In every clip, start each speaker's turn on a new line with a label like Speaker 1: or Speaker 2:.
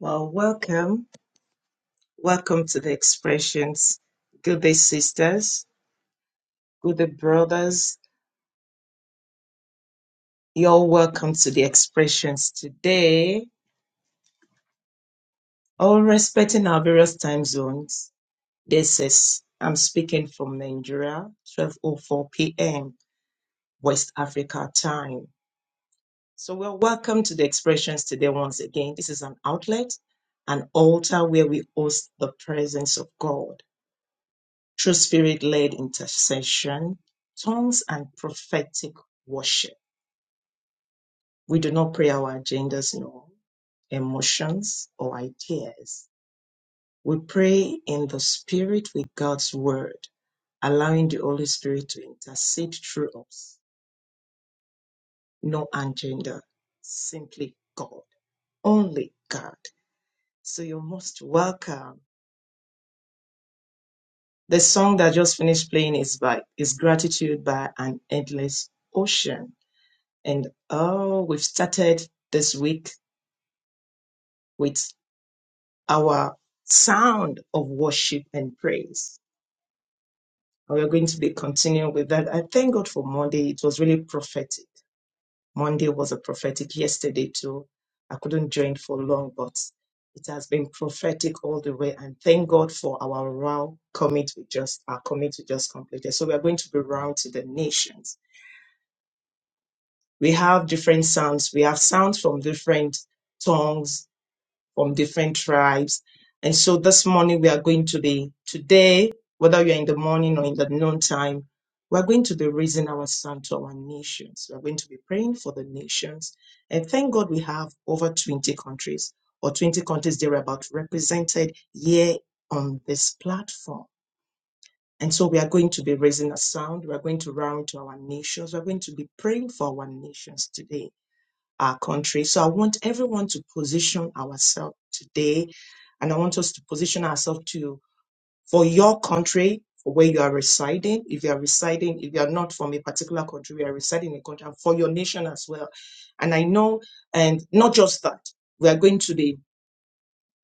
Speaker 1: Well, welcome. Welcome to the expressions. Good day, sisters. Good day, brothers. You're welcome to the expressions today. All respecting our various time zones. This is, I'm speaking from Nigeria, 12.04 p.m. West Africa time. So we're welcome to the expressions today once again. This is an outlet, an altar where we host the presence of God. through spirit led intercession, tongues, and prophetic worship. We do not pray our agendas, no emotions or ideas. We pray in the spirit with God's word, allowing the Holy Spirit to intercede through us. No agenda, simply God, only God. So you're most welcome. The song that just finished playing is by is Gratitude by an Endless Ocean And oh, we've started this week with our sound of worship and praise. And we're going to be continuing with that. I thank God for Monday. It was really prophetic. Monday was a prophetic yesterday too. I couldn't join for long, but it has been prophetic all the way. And thank God for our round commit we just our commit we just completed. So we are going to be round to the nations. We have different sounds. We have sounds from different tongues from different tribes. And so this morning we are going to be today, whether you're in the morning or in the noontime, we're going to be raising our sound to our nations. We're going to be praying for the nations. And thank God we have over 20 countries or 20 countries thereabout represented here on this platform. And so we are going to be raising a sound. We are going to round to our nations. We are going to be praying for our nations today our country. So I want everyone to position ourselves today, and I want us to position ourselves to for your country, for where you are residing. If you are residing, if you are not from a particular country, we are residing in a country, and for your nation as well. And I know, and not just that, we are going to be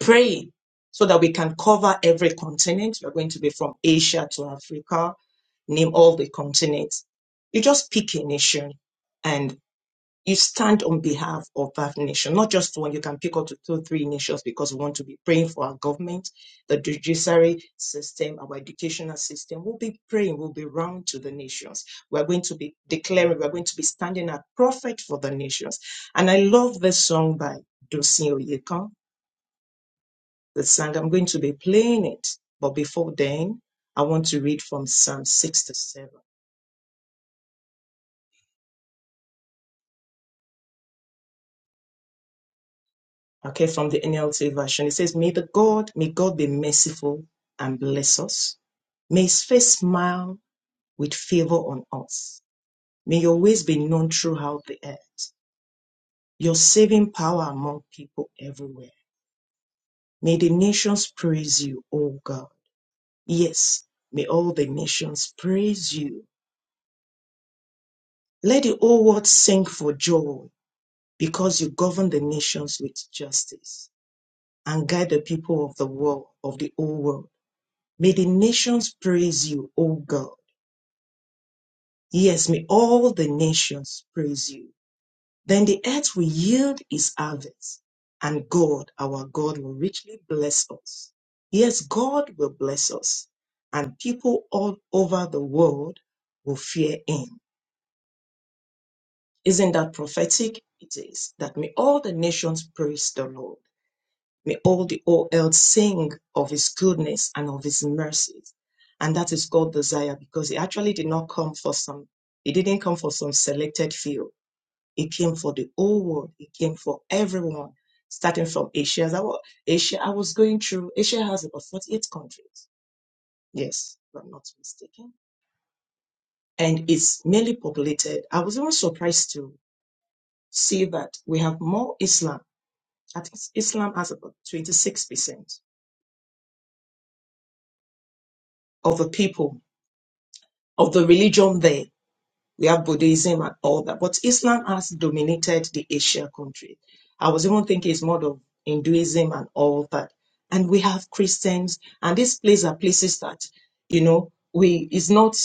Speaker 1: praying so that we can cover every continent. We are going to be from Asia to Africa, name all the continents. You just pick a nation and you stand on behalf of that nation, not just one. You can pick up to two, three nations because we want to be praying for our government, the judiciary system, our educational system. We'll be praying, we'll be round to the nations. We're going to be declaring, we're going to be standing a prophet for the nations. And I love this song by Dosin Oyekan, the song. I'm going to be playing it. But before then, I want to read from Psalm 67. Okay, from the NLT version. It says, May the God, may God be merciful and bless us. May his face smile with favor on us. May your ways be known throughout the earth, your saving power among people everywhere. May the nations praise you, O God. Yes, may all the nations praise you. Let the whole world sing for joy because you govern the nations with justice and guide the people of the world, of the whole world May the nations praise you, O God. Yes, may all the nations praise you. Then the earth will yield its harvest, and God, our God, will richly bless us. Yes, God will bless us, and people all over the world will fear Him. Isn't that prophetic? It is. That may all the nations praise the Lord. May all the old earth sing of his goodness and of his mercies. And that is God's desire because he actually did not come for some, he didn't come for some selected few. He came for the whole world. He came for everyone, starting from Asia. As I wa- Asia, I was going through, Asia has about 48 countries. Yes, if I'm not mistaken. And it's mainly populated. I was even surprised to see that we have more Islam. I think Islam has about 26% of the people of the religion there. We have Buddhism and all that, but Islam has dominated the Asia country. I was even thinking it's more of Hinduism and all that. And we have Christians, and these places are places that, you know, we is not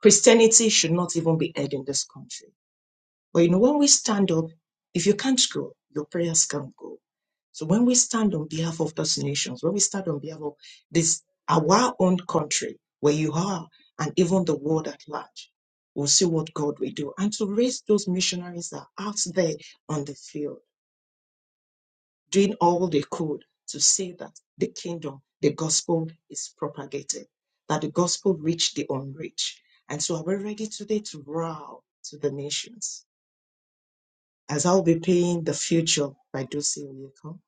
Speaker 1: Christianity should not even be heard in this country. But you know, when we stand up, if you can't go, your prayers can't go so when we stand on behalf of those nations, when we stand on behalf of this our own country where you are, and even the world at large, we'll see what God will do. And to raise those missionaries that are out there on the field, doing all they could to see that the kingdom, the gospel is propagated, that the gospel reach the unreached. And so are we ready today to row to the nations? as I'll be paying the future by Dulce Oyeko.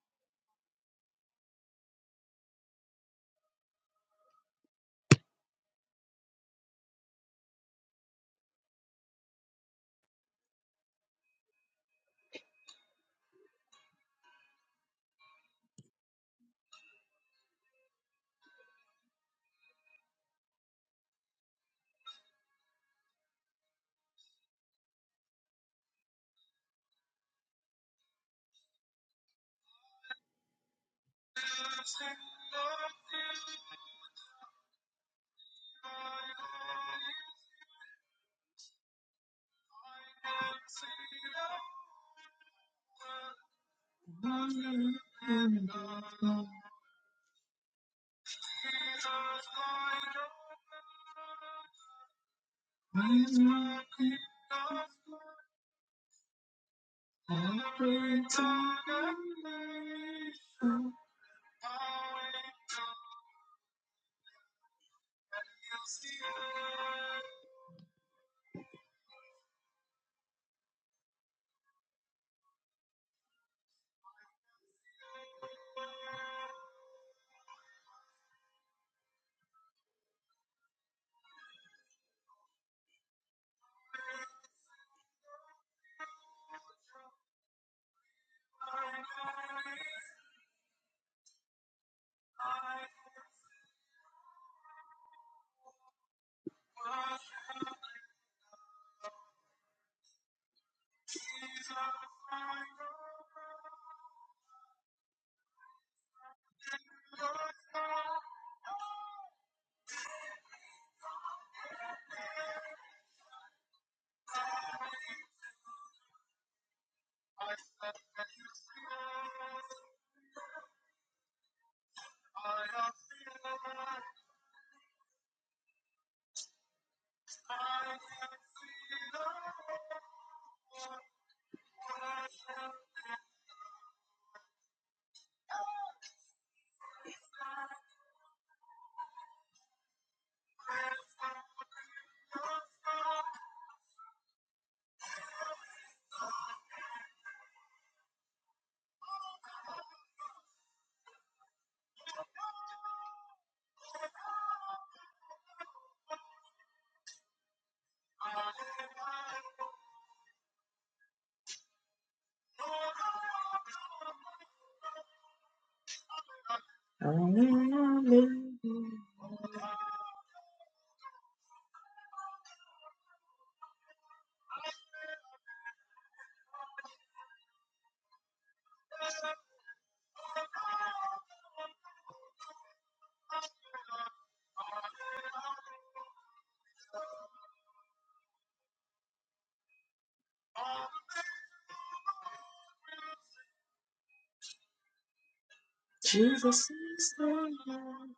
Speaker 1: Jesus is the Lord.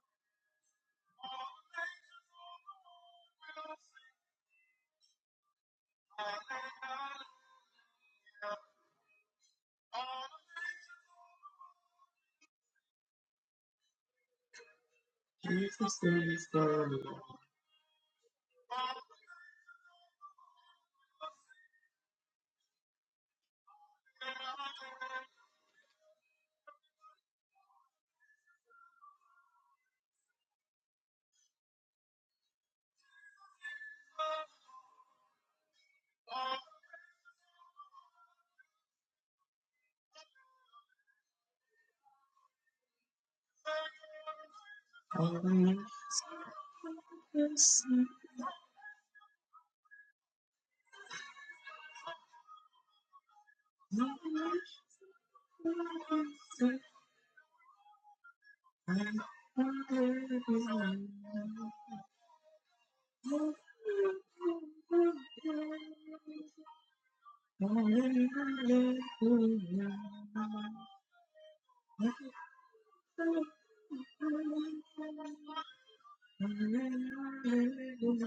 Speaker 1: Almighty, and Hallelujah. Hallelujah. Hallelujah.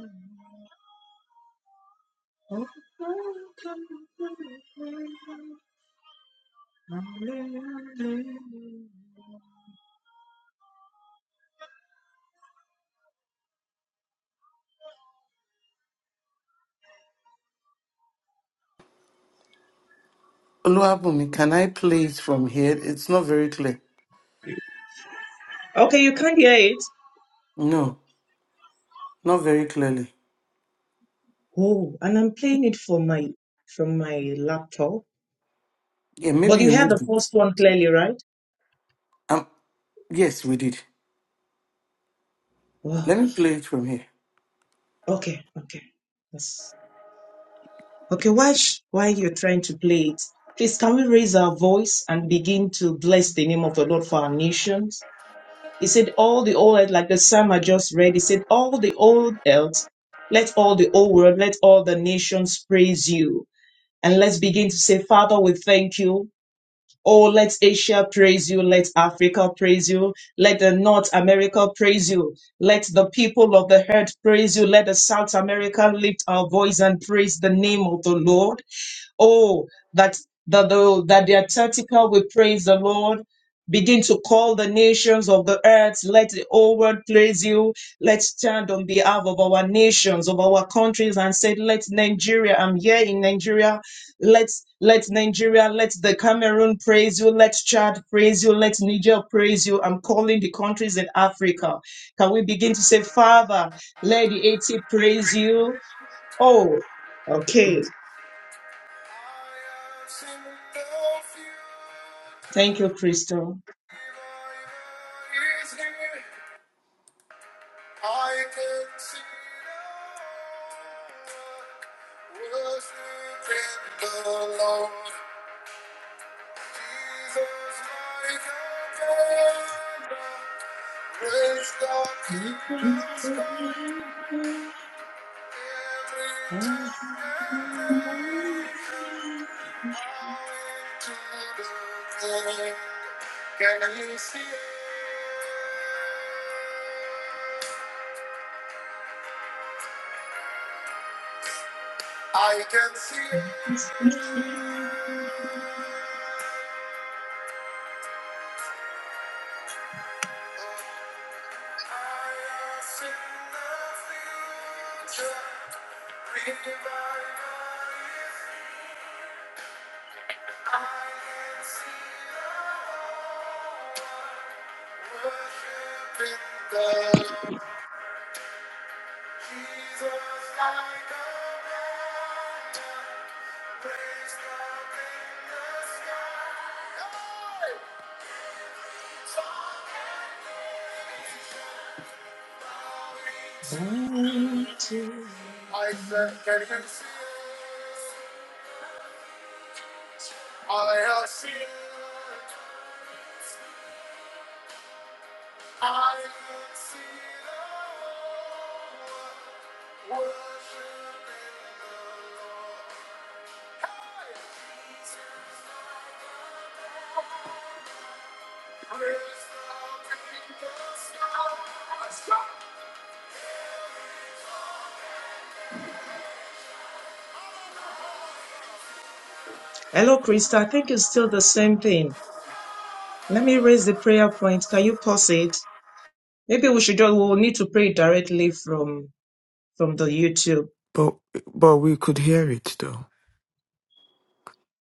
Speaker 2: Oluwabumi, can I play it from here? It's not very clear.
Speaker 1: Okay, you can't hear it.
Speaker 2: No, not very clearly.
Speaker 1: Oh, and I'm playing it from my from my laptop.
Speaker 2: Yeah, maybe
Speaker 1: But
Speaker 2: you
Speaker 1: you heard the
Speaker 2: moved it.
Speaker 1: first one clearly, right?
Speaker 2: Um, yes, we did. Let
Speaker 1: Wow.
Speaker 2: me play it from here.
Speaker 1: Okay, okay. Yes. Okay, why sh- why you're trying to play it? Please, can we raise our voice and begin to bless the name of the Lord for our nations? He said, All the old earth, like the psalm I just read, he said, All the old earth, let all the old world, let all the nations praise you. And let's begin to say, Father, we thank you. Oh, let Asia praise you. Let Africa praise you. Let the North America praise you. Let the people of the earth praise you. Let the South America lift our voice and praise the name of the Lord. Oh, that that the that the Antarctica will praise the Lord. Begin to call the nations of the earth. Let the whole world praise you. Let's stand on behalf of our nations, of our countries, and say, Let Nigeria, I'm here in Nigeria. Let let Nigeria, let the Cameroon praise you, let Chad praise you, let Niger praise you. I'm calling the countries in Africa. Can we begin to say, Father, let the 80 praise you? Oh, okay. Thank you, Crystal.
Speaker 2: Praise God in this every time, and now into the end. Can you see it? I can see it. I see the future. Revival. I can see the ship in the Jesus like a
Speaker 1: Bound to the
Speaker 2: I said,
Speaker 1: King.
Speaker 2: can you see? it? I have seen it. I can see the world worshiping the Lord. Hey! Praise the King
Speaker 1: Hello, Krista. I think it's still the same thing. Let me raise the prayer point. Can you pause it? Maybe we should just, we'll need to pray directly from, from the YouTube.
Speaker 3: But but we could hear it though.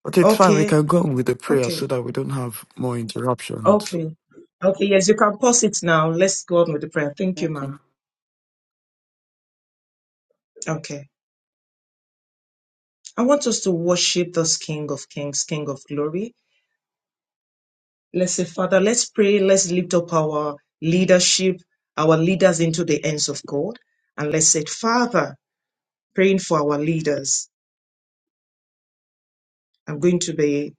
Speaker 3: But it's fine. We
Speaker 1: Okay.
Speaker 3: can go on with the prayer
Speaker 1: Okay.
Speaker 3: so that we don't have more interruptions.
Speaker 1: Okay. Okay. Yes, you can pause it now. Let's go on with the prayer.
Speaker 2: of
Speaker 1: Thank you,
Speaker 2: Stars.
Speaker 1: ma'am. Okay. I want us to worship this King of Kings, King of Glory. Let's say, Father, let's pray. Let's lift up our leadership, our leaders into the hands of God. And let's say, Father, praying for our leaders. I'm going to be,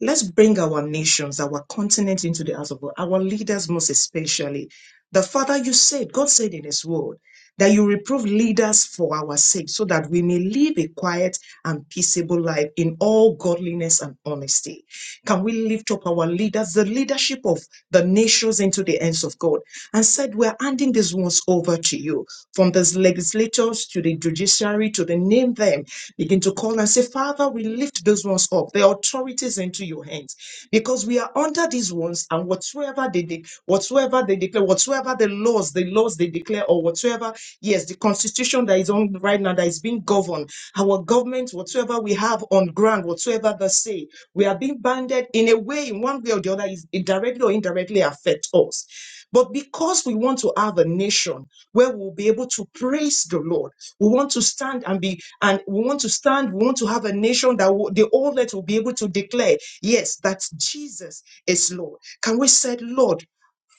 Speaker 1: let's bring our nations, our continent into the house of God, our leaders most especially. The Father, you said, God said in His word, that you reprove leaders for our sake, so that we may live a quiet and peaceable life in all godliness and honesty. Can we lift up our leaders, the leadership of the nations into the hands of God, and said, We're handing these ones over to you, from the legislators to the judiciary to the name them. Begin to call and say, Father, we lift those ones up, the authorities into your hands, because we are under these ones, and whatsoever they de- whatsoever they declare, whatsoever the laws, the laws they declare, or whatsoever, yes, the constitution that is on right now that is being governed, our government, whatsoever we have on ground, whatsoever they say, we are being banded in a way, in one way or the other, is it directly or indirectly affect us. But because we want to have a nation where we'll be able to praise the Lord we want to stand and be, and we want to stand. We want to have a nation that will, the all that will be able to declare, yes, that Jesus is Lord. Can we say, Lord?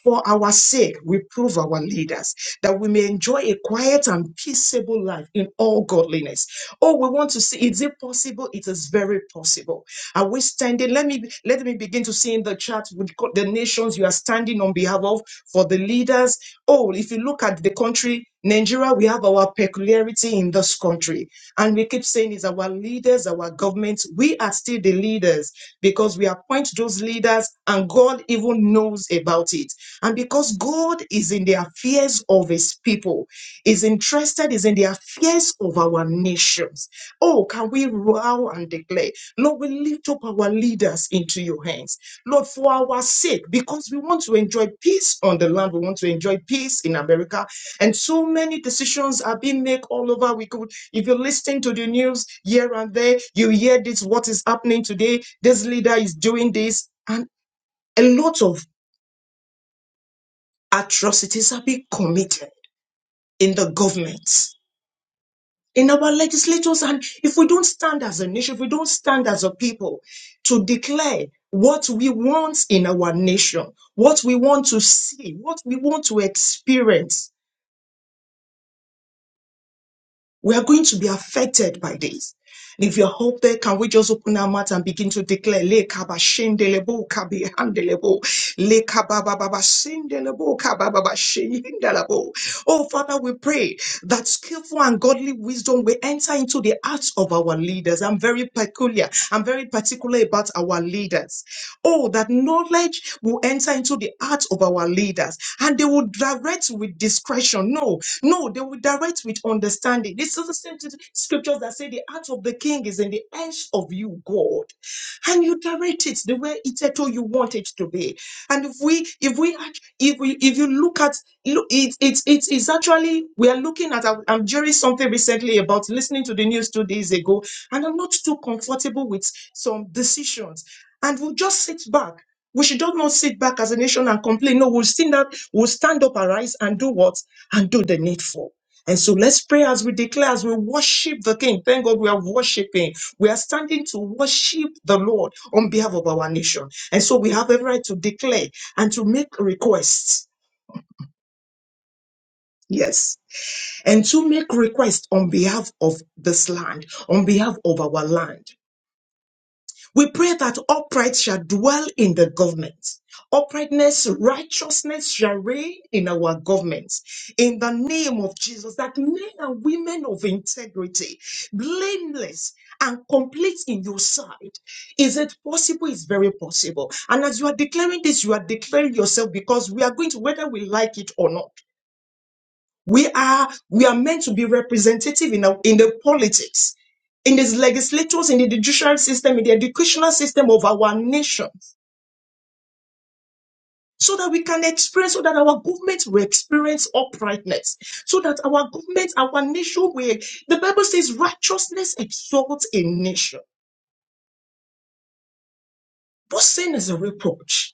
Speaker 1: For our sake, reprove our leaders that we may enjoy a quiet and peaceable life in all godliness. Oh, we want to see is it possible? It is very possible. Are we standing? Let me let me begin to see in the chat with co- the nations you are standing on behalf of for the leaders. Oh, if you look at the country, Nigeria, we have our peculiarity in this country and and we keep saying is our leaders, our governments, we are still the leaders because we appoint those leaders and God even knows about it. And because God is in the affairs of his people, is interested, is in the affairs of our nations. Oh, can we roar and declare, Lord, we lift up our leaders into your hands. Lord, for our sake, because we want to enjoy peace on the land, we want to enjoy peace in America. And so many decisions are being made all over. We could if you're listening to the news here and there, you hear this what is happening today, this leader is doing this, and a lot of atrocities are being committed in the governments, in our legislators. And if we don't stand as a nation, if we don't stand as a people to declare what we want in our nation, what we want to see, what we want to experience, We are going to be affected by this. And if you're up there, can we just open our mouth and begin to declare, Le kaba shendelebo kabi handelebo, le kaba baba ba sendelebo kaba baba shendelebo. Oh Father, we pray that skillful and godly wisdom will enter into the hearts of our leaders. I'm very peculiar. I'm very particular about our leaders. Oh, that knowledge will enter into the hearts of our leaders and they will direct with discretion. No, no, they will direct with understanding. This is the same t- scriptures that say the heart of the king is in the hands of you, God. And you direct it the way it at all you want it to be. And if we if we act- if we if you look at look it it's it's it's actually we are looking at I'm I'm hearing something recently about listening to the news two days ago, and I'm not too comfortable with some decisions and we'll just sit back. We should just not sit back as a nation and complain. No, we'll stand up, we'll stand up, arise, and do what? And do the needful. And so let's pray as we declare, as we worship the King. Thank God we are worshiping. We are standing to worship the Lord on behalf of our nation. And so we have every right to declare and to make requests. Yes. And to make requests on behalf of this land, on behalf of our land. We pray that upright shall dwell in the government. Uprightness, righteousness shall reign in our governments. In the name of Jesus, that men and women of integrity, blameless and complete in your sight. Is it possible? It's very possible. And as you are declaring this, you are declaring yourself because we are going to, whether we like it or not. We are we are meant to be representative in, our, in the politics, in these legislatures, in the judicial system, in the educational system of our nation, so that we can experience, so that our government will experience uprightness, so that our government, our nation will. The Bible says righteousness exalts a nation, but sin is a reproach.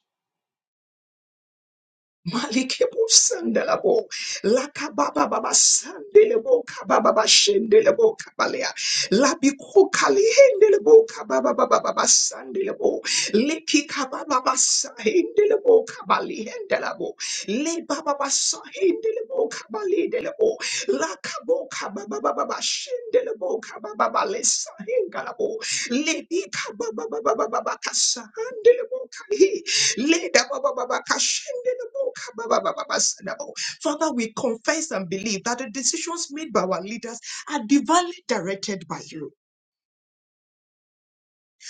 Speaker 1: Malikebo sandelebo, lakababa baba sandelebo, kababa baba shendelebo kabalea, labiko kalihendelebo, kababa baba baba sandelebo, leki kababa baba sahendelebo, kabalihendelebo, le baba baba sahendelebo, kabalihendelebo, lakabo kababa baba baba shendelebo, kababa baba le sahengalabo, lebi kababa baba baba baba kasahandelebo kalihi, Leda ba ba ba ba ka shende le bo ka ba ba ba ba ba sada bo. Father, we confess and believe that the decisions made by our leaders are divinely directed by you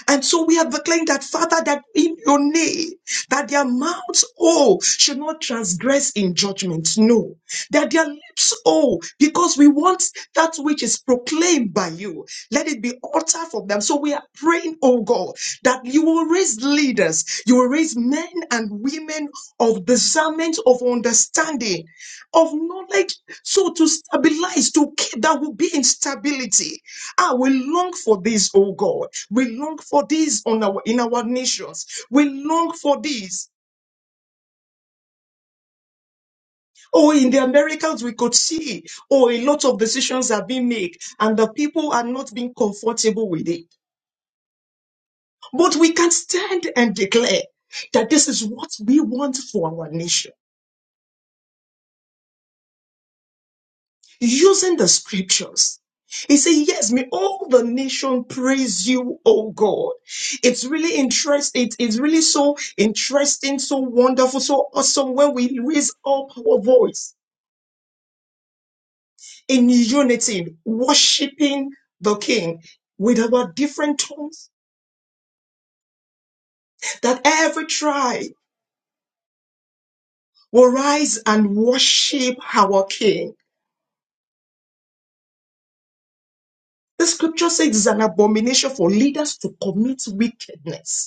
Speaker 1: and so we have declared that, Father, that in your name, that their mouths, oh, should not transgress in judgment. No. That their lips, oh, because we want that which is proclaimed by you. Let it be uttered from them. So we are praying, oh God, that you will raise leaders, you will raise men and women of discernment, of understanding, of knowledge, so to stabilize, to keep that will be in stability Ah, we long for this, oh God. We long for this on our in our nations. We long for this. Oh, in the Americas, we could see, oh, a lot of decisions are being made, and the people are not being comfortable with it. But we can stand and declare that this is what we want for our nation. using the scriptures. He said, Yes, may all the nation praise you, O God. It's really interesting. it's really so interesting, so wonderful, so awesome when we raise up our voice in unity, worshiping the King with our different tongues, that every tribe will rise and worship our King. The scripture says it's an abomination for leaders to commit wickedness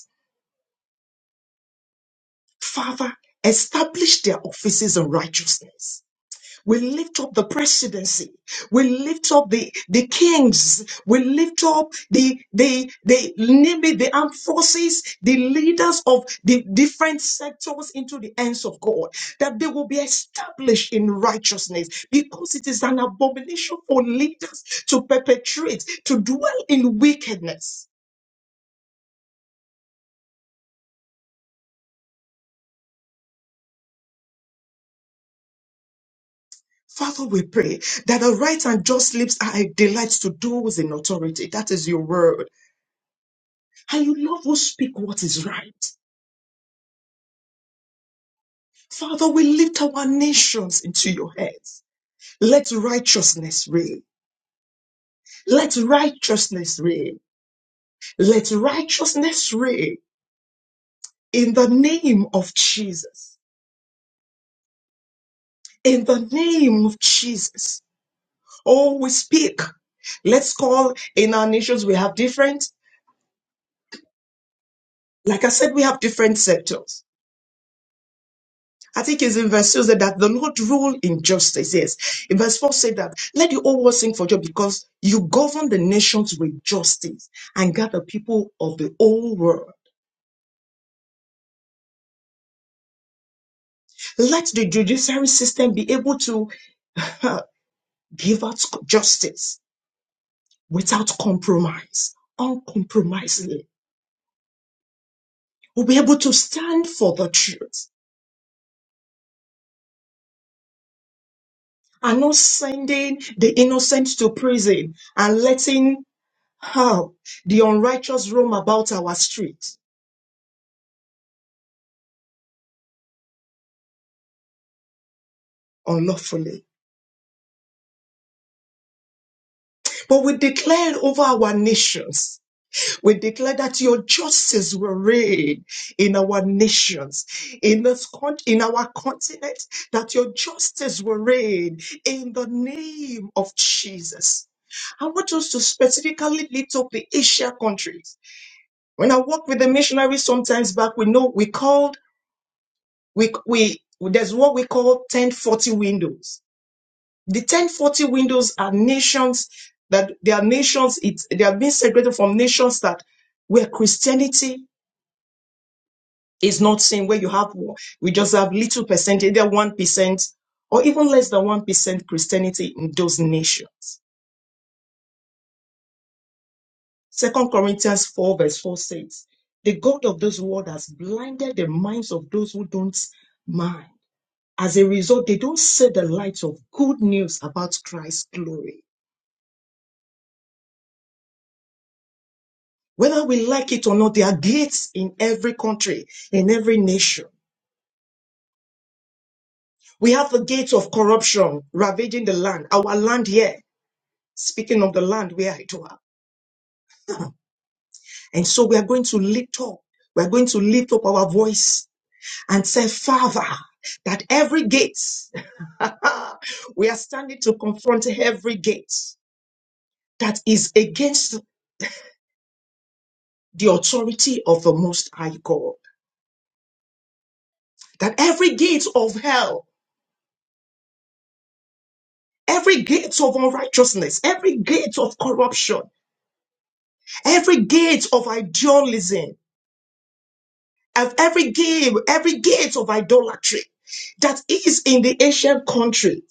Speaker 1: Father, establish their offices in righteousness. We lift up the presidency. We lift up the, the kings. We lift up the, the, the, name it, the armed forces, the leaders of the different sectors into the hands of God, that they will be established in righteousness because it is an abomination for leaders to perpetrate, to dwell in wickedness. Father, we pray that the right and just lips are a delight to those in authority. That is your word. And you love who speak what is right. Father, we lift our nations into your hands. Let righteousness reign. Let righteousness reign. Let righteousness reign in the name of Jesus. In the name of Jesus. Oh, we speak. Let's call in our nations. We have different, like I said, we have different sectors. I think it's in verse 2 said that the Lord rule in justice. Yes. In verse 4 said that, let the whole world sing for joy because you govern the nations with justice and gather people of the whole world. Let the judiciary system be able to give out justice without compromise, uncompromisingly. We'll be able to stand for the truth and not sending the innocent to prison and letting how the unrighteous roam about our streets. unlawfully. But we declare over our nations, we declare that your justice will reign in our nations, in this con- in our continent, that your justice will reign in the name of Jesus. I want us to specifically lift up the Asia countries. When I work with the missionaries sometimes back, we know we called, we, we, there's what we call 1040 windows The 1040 windows are nations that they are nations, it's, they are being segregated from nations that where Christianity is not seen, where you have, we just have little percent, either 1% or even less than 1% Christianity in those nations. Second Corinthians 4 verse 4 says, the God of this world has blinded the minds of those who don't mind. As a result, they don't see the light of good news about Christ's glory. Whether we like it or not, there are gates in every country, in every nation. We have the gates of corruption ravaging the land, our land here. Speaking of the land where I dwell, And so we are going to lift up, we are going to lift up our voice and say, Father, that every gate, we are standing to confront every gate that is against the authority of the Most High God. That every gate of hell Every gate of unrighteousness, every gate of corruption, every gate of idealism, and every gate, every gate of idolatry that is in the ancient country.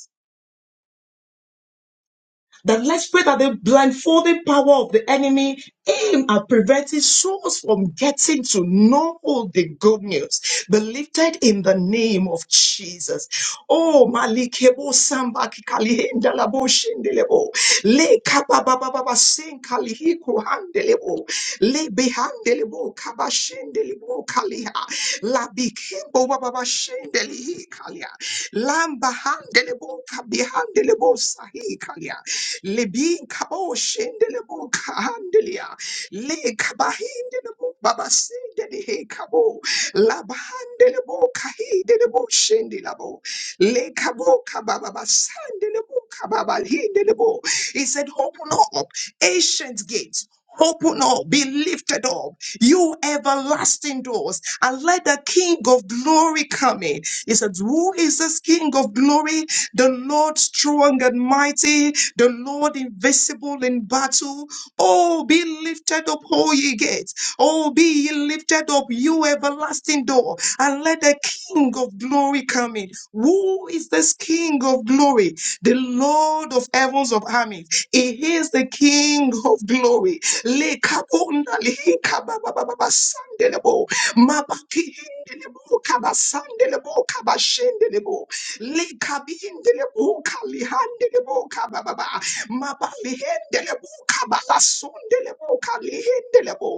Speaker 1: That let's pray that the blindfolding power of the enemy aim at preventing souls from getting to know the good news. Be lifted in the name of Jesus. Oh, Malikebo Samba Kikalihendalabo Shendelebo. Le Kabababa Sin Kalihiko Handelebo. Lebehandelebo kabashendelebo kaliha. Labikimbo bababashendeli kalia. Lamba handelebo kabihandelebo sahi kalia. Lebin kabo shendelebo kahandelia. Le kabahindelebo babasendeli he kabo. Labahandelebo kahidelebo shendelabo. Le kabo kabababasandelebo kababalhindelebo. He said, open up ancient gates Open up, be lifted up, you everlasting doors, and let the King of glory come in. He said, Who is this King of glory? The Lord strong and mighty, the Lord invisible in battle. Oh, be lifted up, O ye gates. Oh, be ye lifted up, you everlasting door, and let the King of glory come in. Who is this King of glory? The Lord of heavens of armies. He is the King of glory. Lekabonda lehikababababa sandelebo. Mabakihindelebo kabasandelebo kabashendelebo. Lekabindelebo kalihandelebo kabababa. Mabalihendelebo kabalasondelebo kalihendelebo.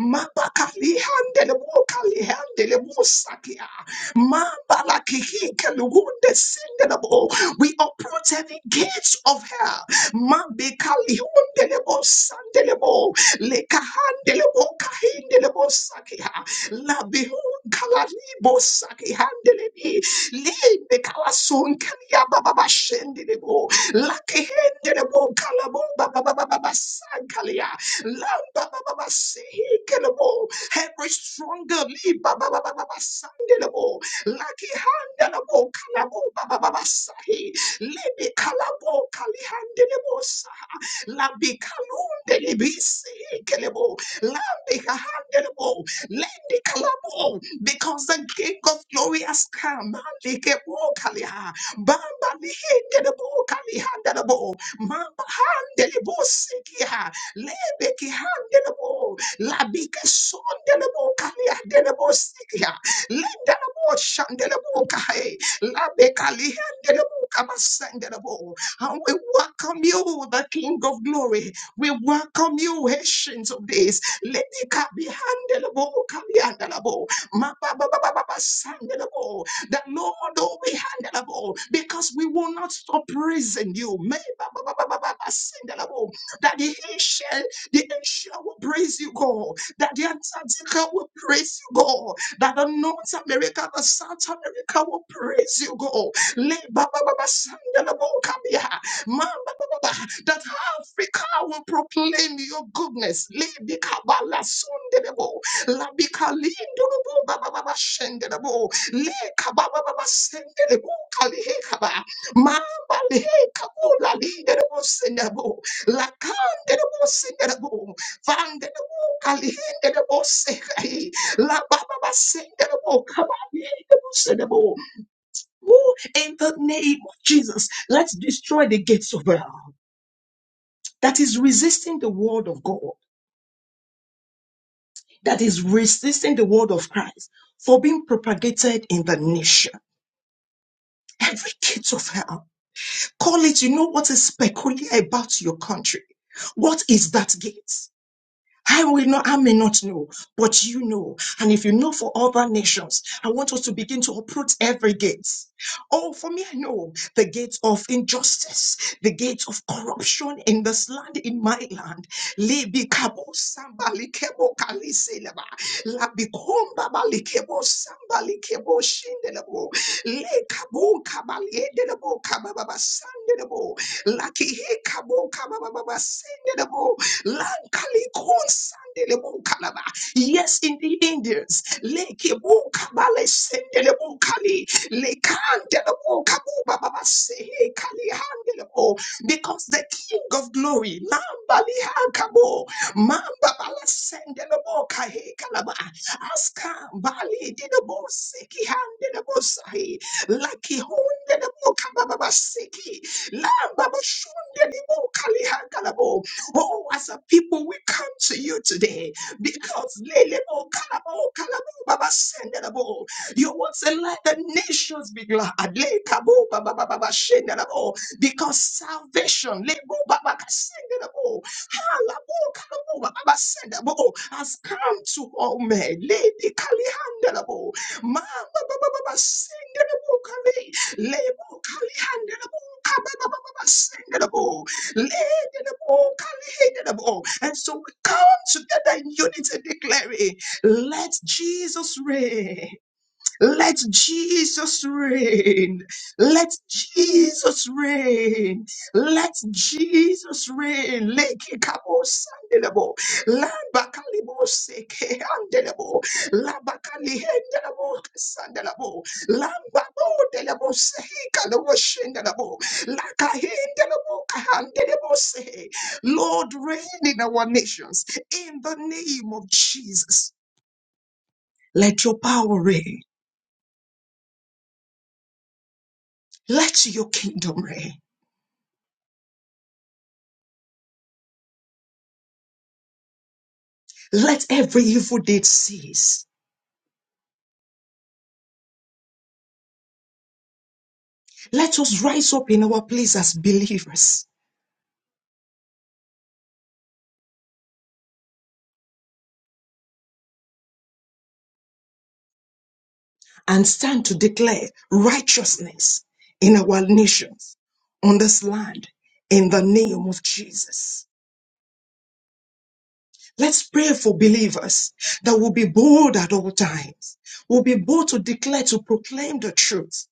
Speaker 1: Mabakalihandelebo kalihandelebo sakia. Mambalakihikeluhundesindelebo. We approach every gates of hell. Mambekalihuundelebo sandelebo. Lekahandelebo kahindelebo sakiha. Labihunkalaribo sakihandelebi. Lindekalasonkaliabababashendelebo. Lakihendelebo kalabobabababasankalia. Lambabababasehikelebo. Every stronger lead, Laki handa la bo kalabo baba baba Lebi kalabo kali hande le sa. Labi kalunde le bi se kelebo. Lambi kahande le Lendi kalabo. Because the King of glory has come. Mandi ke bo kali Bamba li hende kali hande le bo. Mamba hande le bo Lebe ki hande le Labi ke sonde le kali hande le bo Lendelebo shandelebo kahe. Labekali hendelebo kabasendelebo. And we welcome you, the King of Glory. We welcome you, Haitians of days. Let me kabi handelebo kabi handelebo. Ma ba ba ba ba ba ba sandelebo. The Lord will be handelebo because we will not stop praising you. Me ba ba ba ba ba ba That the Haitian, the Haitian will praise you, God. That the Antarctica will praise you, God that the North America, the South America will praise you, God. Le ba ba ba ba sanda la bo kabia. Ma ba ba ba ba. That Africa will proclaim your goodness. Le bi ka ba la sunde de bo. La bi ka li ndu du bo ba ba ba ba shende de bo. Le ka ba ba ba ba sende de bo ka li he ka ba. Ma ba li he ka bo la li de de bo sende de bo. La ka de de bo sende de bo. Van de de bo ka li he de de bo se. ka hi. Klabababasenderebo, kabayenderebo. Who in the name of Jesus, let's destroy the gates of hell that is resisting the word of God, that is resisting the word of Christ for being propagated in the nation. Every gate of hell, call it, you know what is peculiar about your country. What is that gate? I will not, I may not know, but you know. And if you know for other nations, I want us to begin to approach every gate. Oh, for me, I know the gate of injustice, the gate of corruption in this land, in my land. Libi kabo samba likebo kali seleba. Labi komba bali kebo samba likebo shindelebo. Le kabo kabali edelebo kabababa sandelebo. Laki he kabo kabababa sendelebo. Lankalikunsandelebunkalaba. Yes, in the Indians. lake Lekebukabalesendelebukali. Lekandelebukabubababaseheekalihandelebo. Because the King of Glory, Nambali Hakabo, Mamba Bala Sendelaboka kalaba. Aska bali Didabo seki Mambalihakabo, Mambabalasendelebokahekalaba, has come. Balididebosekihandelebusahi. Lakihundelebukabababaseki. Lambabashundelebukalihakabo. Oh, as a people, we come to you today because Lelebo, Kalabo, Kalabo, Baba, Sendelebo. you want to let the nations be glad. Lekabo, Baba, Baba, Baba, Shendelebo. Because salvation Lebo, Baba, Sendelebo. Halabo, Kalabo, Baba, Baba, Sendelebo, has come to all men. Lady Kalihandelebo. Ma, Baba, Baba, Baba, Sendelebo, Kali. Lebo, Kalihandelebo, Kaba, Baba, Baba, Sendelebo unbelievable. And so we come together in unity declaring, let Jesus reign. Let Jesus reign. Let Jesus reign. Let Jesus reign. Leke kabo sandelebo. Lambakalebo seke andelebo. Labakali hendelebo sandelebo. Lambabo delebo sehi kalebo shendelebo. Laka hendelebo kahandelebo sehe. Lord, reign in our nations in the name of Jesus. Let your power reign. Let your kingdom reign. Let every evil deed cease. Let us rise up in our place as believers and stand to declare righteousness in our nations, on this land, in the name of Jesus. Let's pray for believers that will be bold at all times, will be bold to declare, to proclaim the truth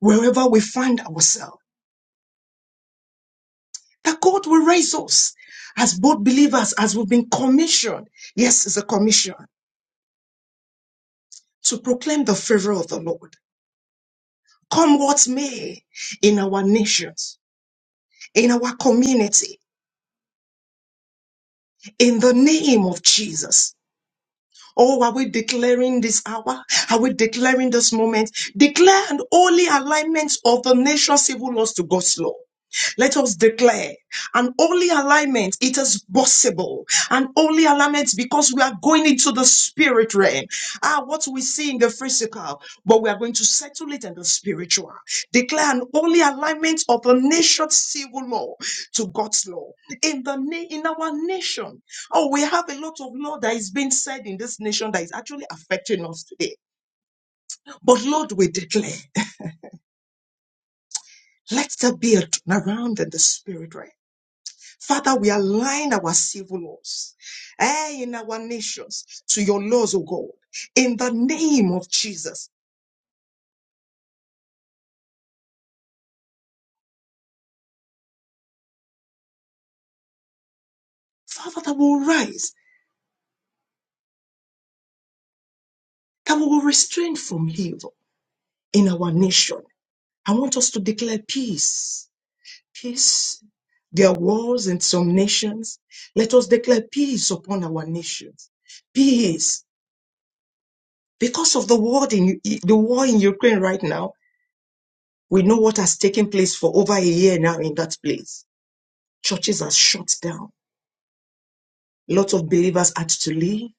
Speaker 1: wherever we find ourselves. That God will raise us as both believers as we've been commissioned. Yes, it's a commission to proclaim the favor of the Lord. Come what may in our nations, in our community, in the name of Jesus. Oh, are we declaring this hour? Are we declaring this moment? Declare an holy alignment of the nation's civil laws to God's law. Let us declare an holy alignment. It is possible. An holy alignment because we are going into the spirit realm. Ah, what we see in the physical, but we are going to settle it in the spiritual. Declare an holy alignment of the nation's civil law to God's law in the na- in our nation. Oh, we have a lot of law that is being said in this nation that is actually affecting us today. But Lord, we declare, let there be a turnaround in the spirit, right? Father, we align our civil laws eh, in our nations to your laws, O God, in the name of Jesus. Father, that will rise, that will restrain from evil in our nation. I want us to declare peace peace. There are wars in some nations. Let us declare peace upon our nations. Peace. Because of the war in the war in Ukraine right now, we know what has taken place for over a year now in that place. Churches are shut down. Lots of believers had to leave.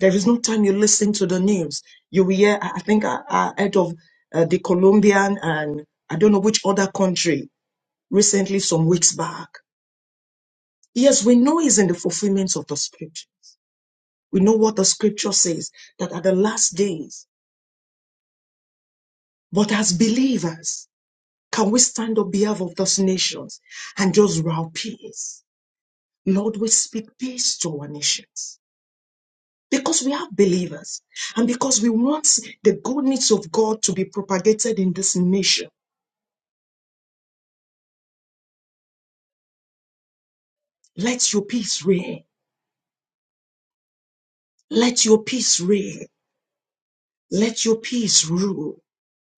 Speaker 1: There is no time you listen to the news. You will hear, I I think, I, I heard of uh, the Colombian and I don't know which other country recently, some weeks back. Yes, we know it's in the fulfillment of the scripture. We know what the scripture says that at the last days, but as believers, can we stand on behalf of those nations and just row peace? Lord, we speak peace to our nations because we are believers and because we want the goodness of God to be propagated in this nation. Let your peace reign. Let your peace reign. Let your peace rule.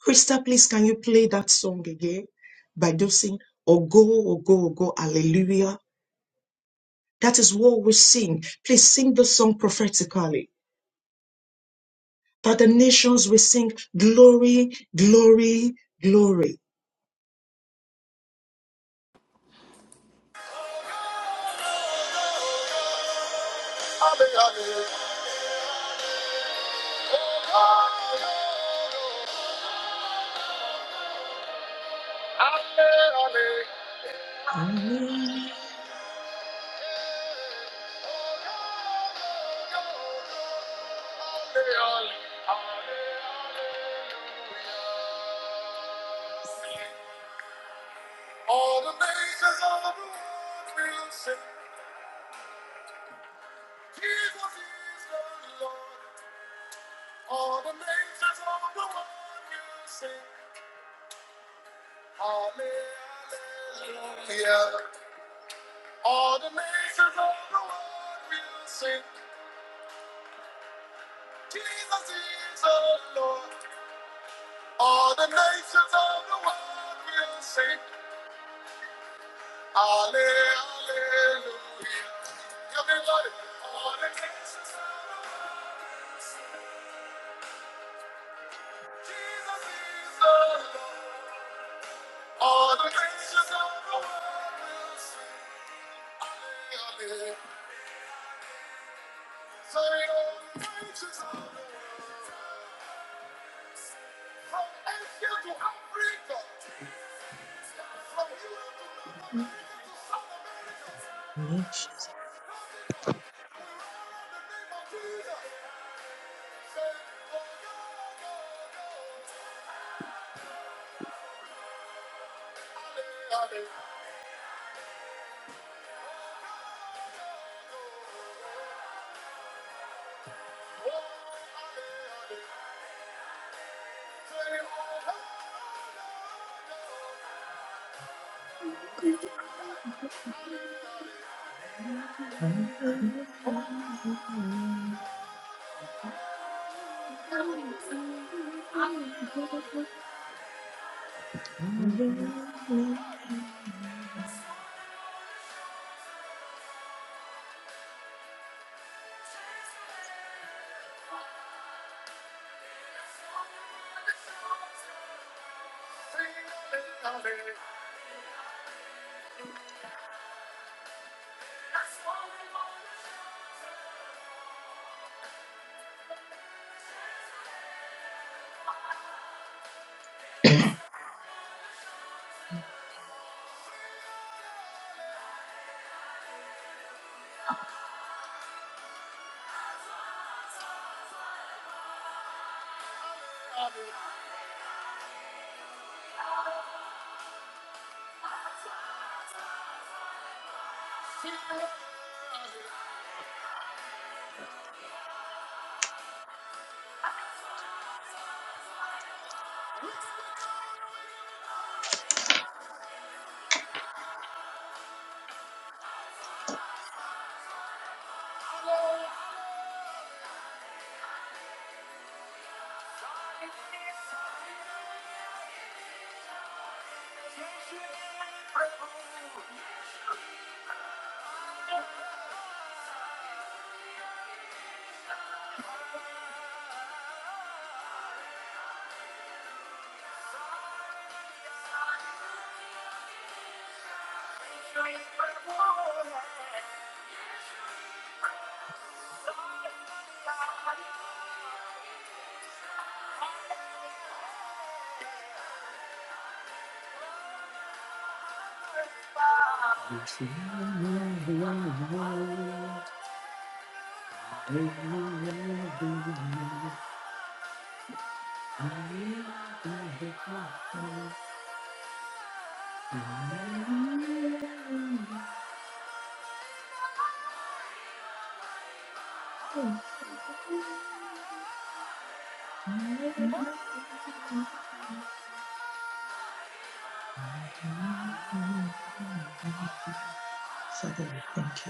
Speaker 1: Krista, please, can you play that song again by Dosing? Ogo, Ogo, Ogo, Hallelujah. That is what we sing. Please sing the song prophetically. That the nations will sing glory, glory, glory.
Speaker 2: All the nations of the
Speaker 1: Hallelujah.
Speaker 2: world will sing. Jesus is the Lord. All the nations of the world will sing. Hallelujah. All the nations of the world will sing. Jesus is the Lord. All the nations of the world will sing. Hallelujah. Everybody. All the nations of the world will sing. Jesus is the Lord. All the nations of the world will sing. Hallelujah. Say, all the nations of the world. From Asia to Africa. From Europe to North America South America. Africa.
Speaker 1: Nations.
Speaker 2: We roar out the name of Jesus. Say, oh, go, go, go. Ale, ale. Oh, ale, ale. Say, oh, go, go, go.
Speaker 1: Hallelujah.
Speaker 2: Sing, ale, ale. Ale. Sing, ale, ale.
Speaker 1: Father, we thank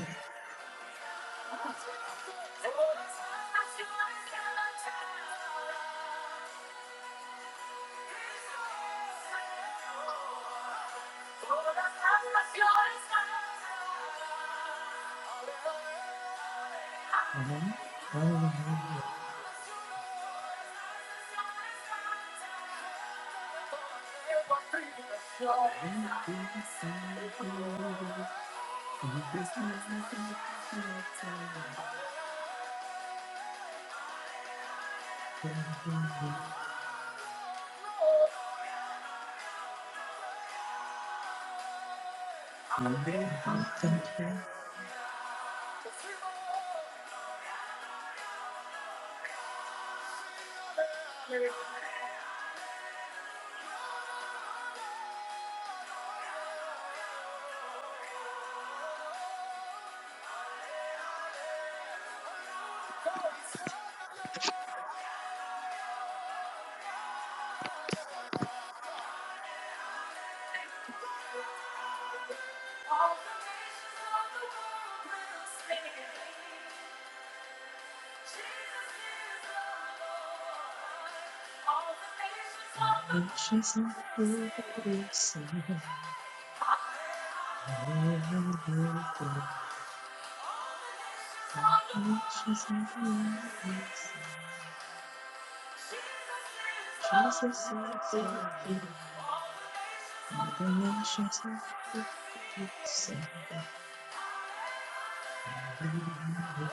Speaker 1: you. Heavenly Father, we thank you. And the nations and people will sing. Hallelujah, hallelujah. The nations and the world will sing. Jesus is the Lord. And the nations and people will sing. Hallelujah, hallelujah.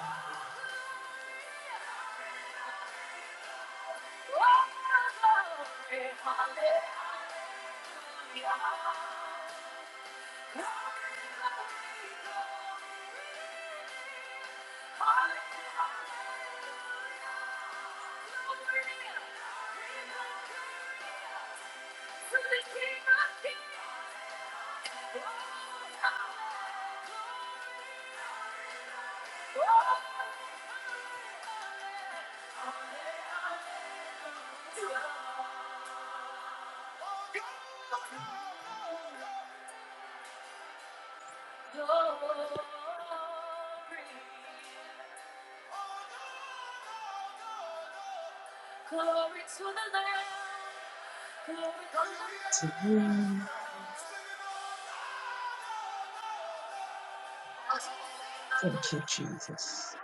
Speaker 1: To you and
Speaker 2: go. It's the sound of
Speaker 1: thank you, Jesus.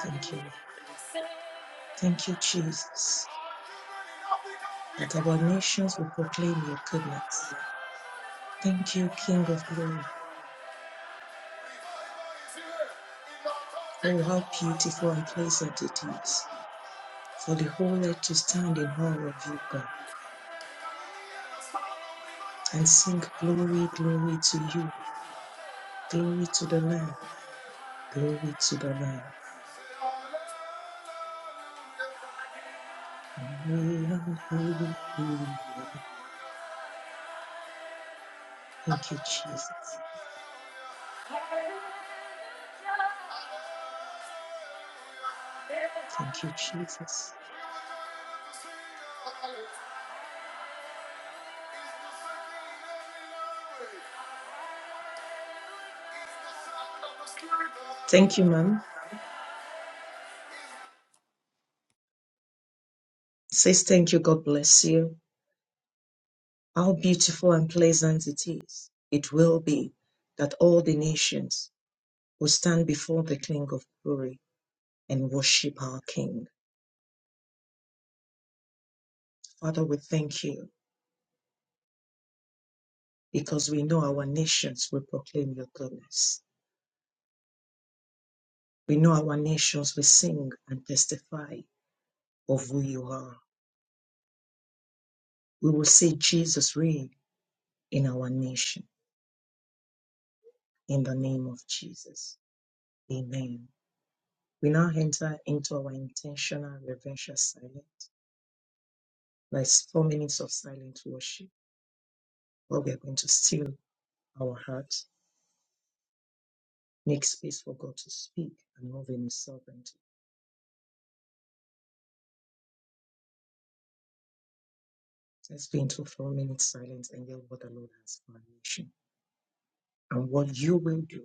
Speaker 1: Thank you, Lord. Thank you, Jesus, that our nations will proclaim your goodness. Thank you, King of glory. Oh, how beautiful and pleasant it is for the whole earth to stand in awe of you, God, and sing glory, glory to you, glory to the Lamb, glory to the Lamb. Hallelujah. Thank you, Jesus. Thank you, Jesus.
Speaker 2: the Spirit of the
Speaker 1: Thank you,
Speaker 2: Lord.
Speaker 1: ma'am. Says thank you, God bless you. How beautiful and pleasant it is. It will be that all the nations will stand before the King of glory and worship our King. Father, we thank you because we know our nations will proclaim your goodness. We know our nations will sing and testify of who you are. We will say Jesus reign in our nation in the name of Jesus. Amen. We now enter into our intentional reverential silence. That's four minutes of silent worship, where we are going to seal our hearts, make space for God to speak and move in His sovereignty. Let's be into four minutes silence and hear what the Lord has for our nation. and what you will do.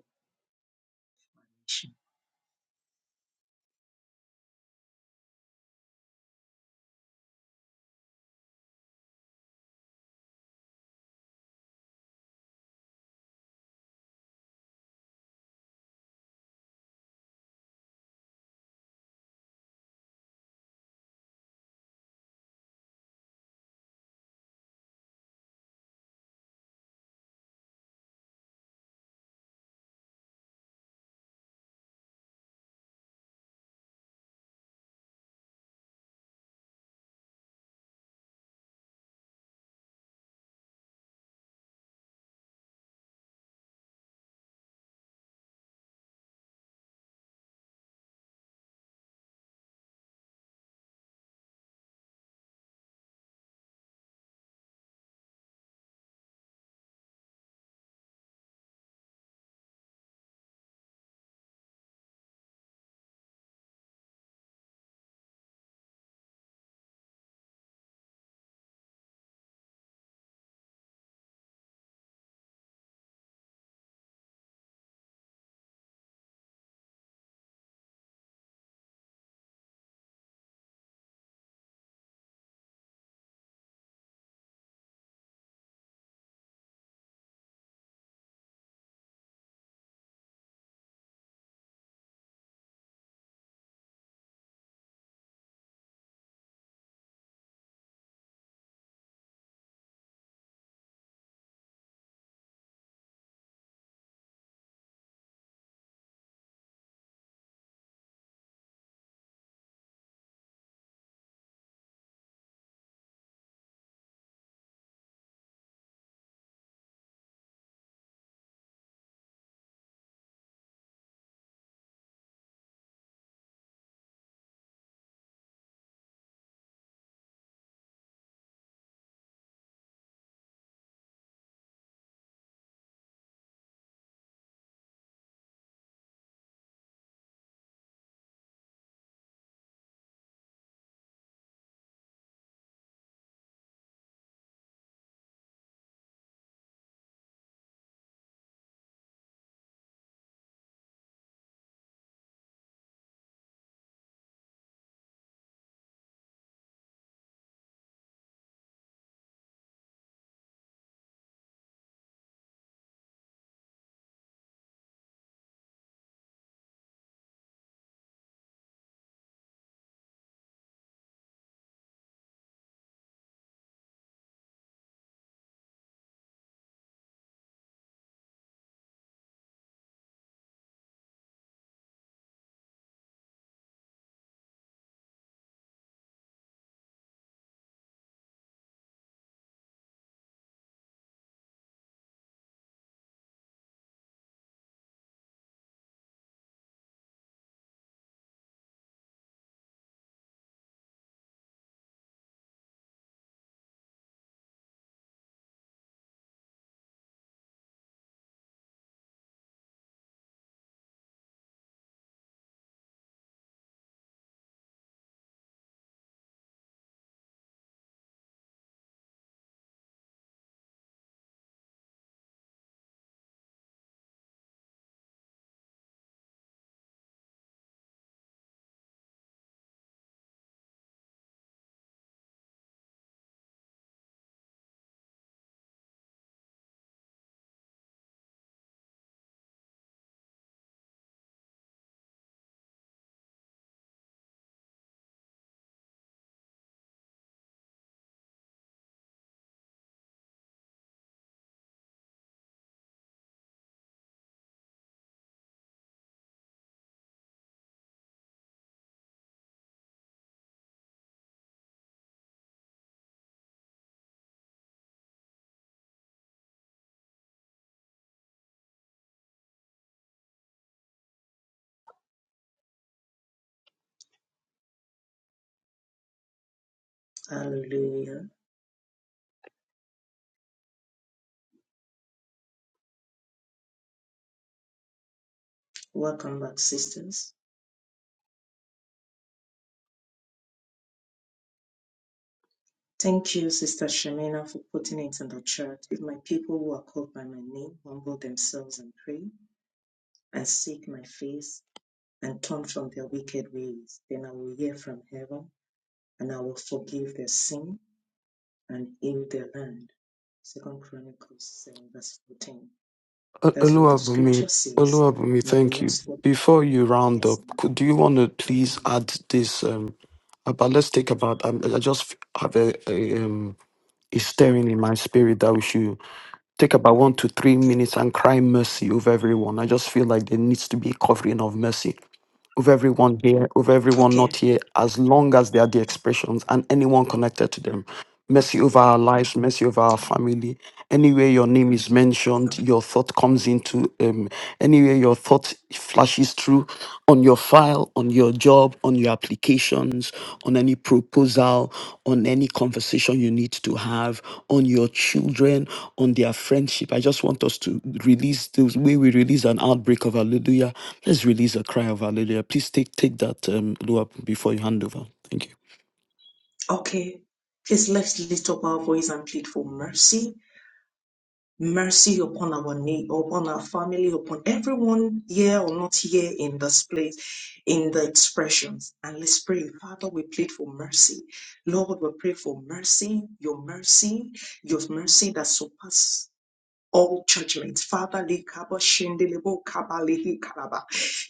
Speaker 1: Hallelujah. Welcome back, sisters. Thank you, Sister Shemina, for putting it in the chat. If my people who are called by my name humble themselves and pray and seek my face and turn from their wicked ways, then I will hear from heaven and I will forgive their sin and heal their land. Second Chronicles 7 verse 14.
Speaker 3: O-
Speaker 1: That's what the
Speaker 3: Oluwabumi,
Speaker 1: scripture says.
Speaker 3: Oluwabumi,
Speaker 1: And will
Speaker 3: thank
Speaker 1: not
Speaker 3: you.
Speaker 1: stop.
Speaker 3: Before you round up,
Speaker 1: Yes,
Speaker 3: could do you want to
Speaker 1: ma'am.
Speaker 3: please add this um about let's take about um, I just have a, a um a stirring in my spirit that we should take about one to three
Speaker 1: Okay.
Speaker 3: minutes and cry mercy over everyone. I just feel like there needs to be a covering of mercy. over everyone here, over everyone
Speaker 1: Okay.
Speaker 3: not here, as long as they are the expressions and anyone connected to them. Mercy over our lives, mercy over our family. Anywhere your name is mentioned, your thought comes into, um, anywhere your thought flashes through on your file, on your job, on your applications, on any proposal, on any conversation you need to have, on your children, on their friendship. I just want us to release the way we release an outbreak of hallelujah Let's release a cry of hallelujah. Please take take that um, low up before you hand over. Thank you.
Speaker 1: Okay. Please let's lift up our voice and plead for mercy. Mercy upon our need, upon our family, upon everyone here or not here in this place, in the expressions. And let's pray. Father, we plead for mercy. Lord, we pray for mercy, your mercy, your mercy that surpasses all judgments. Father, li kabo shindele bo kabali hi kalaba.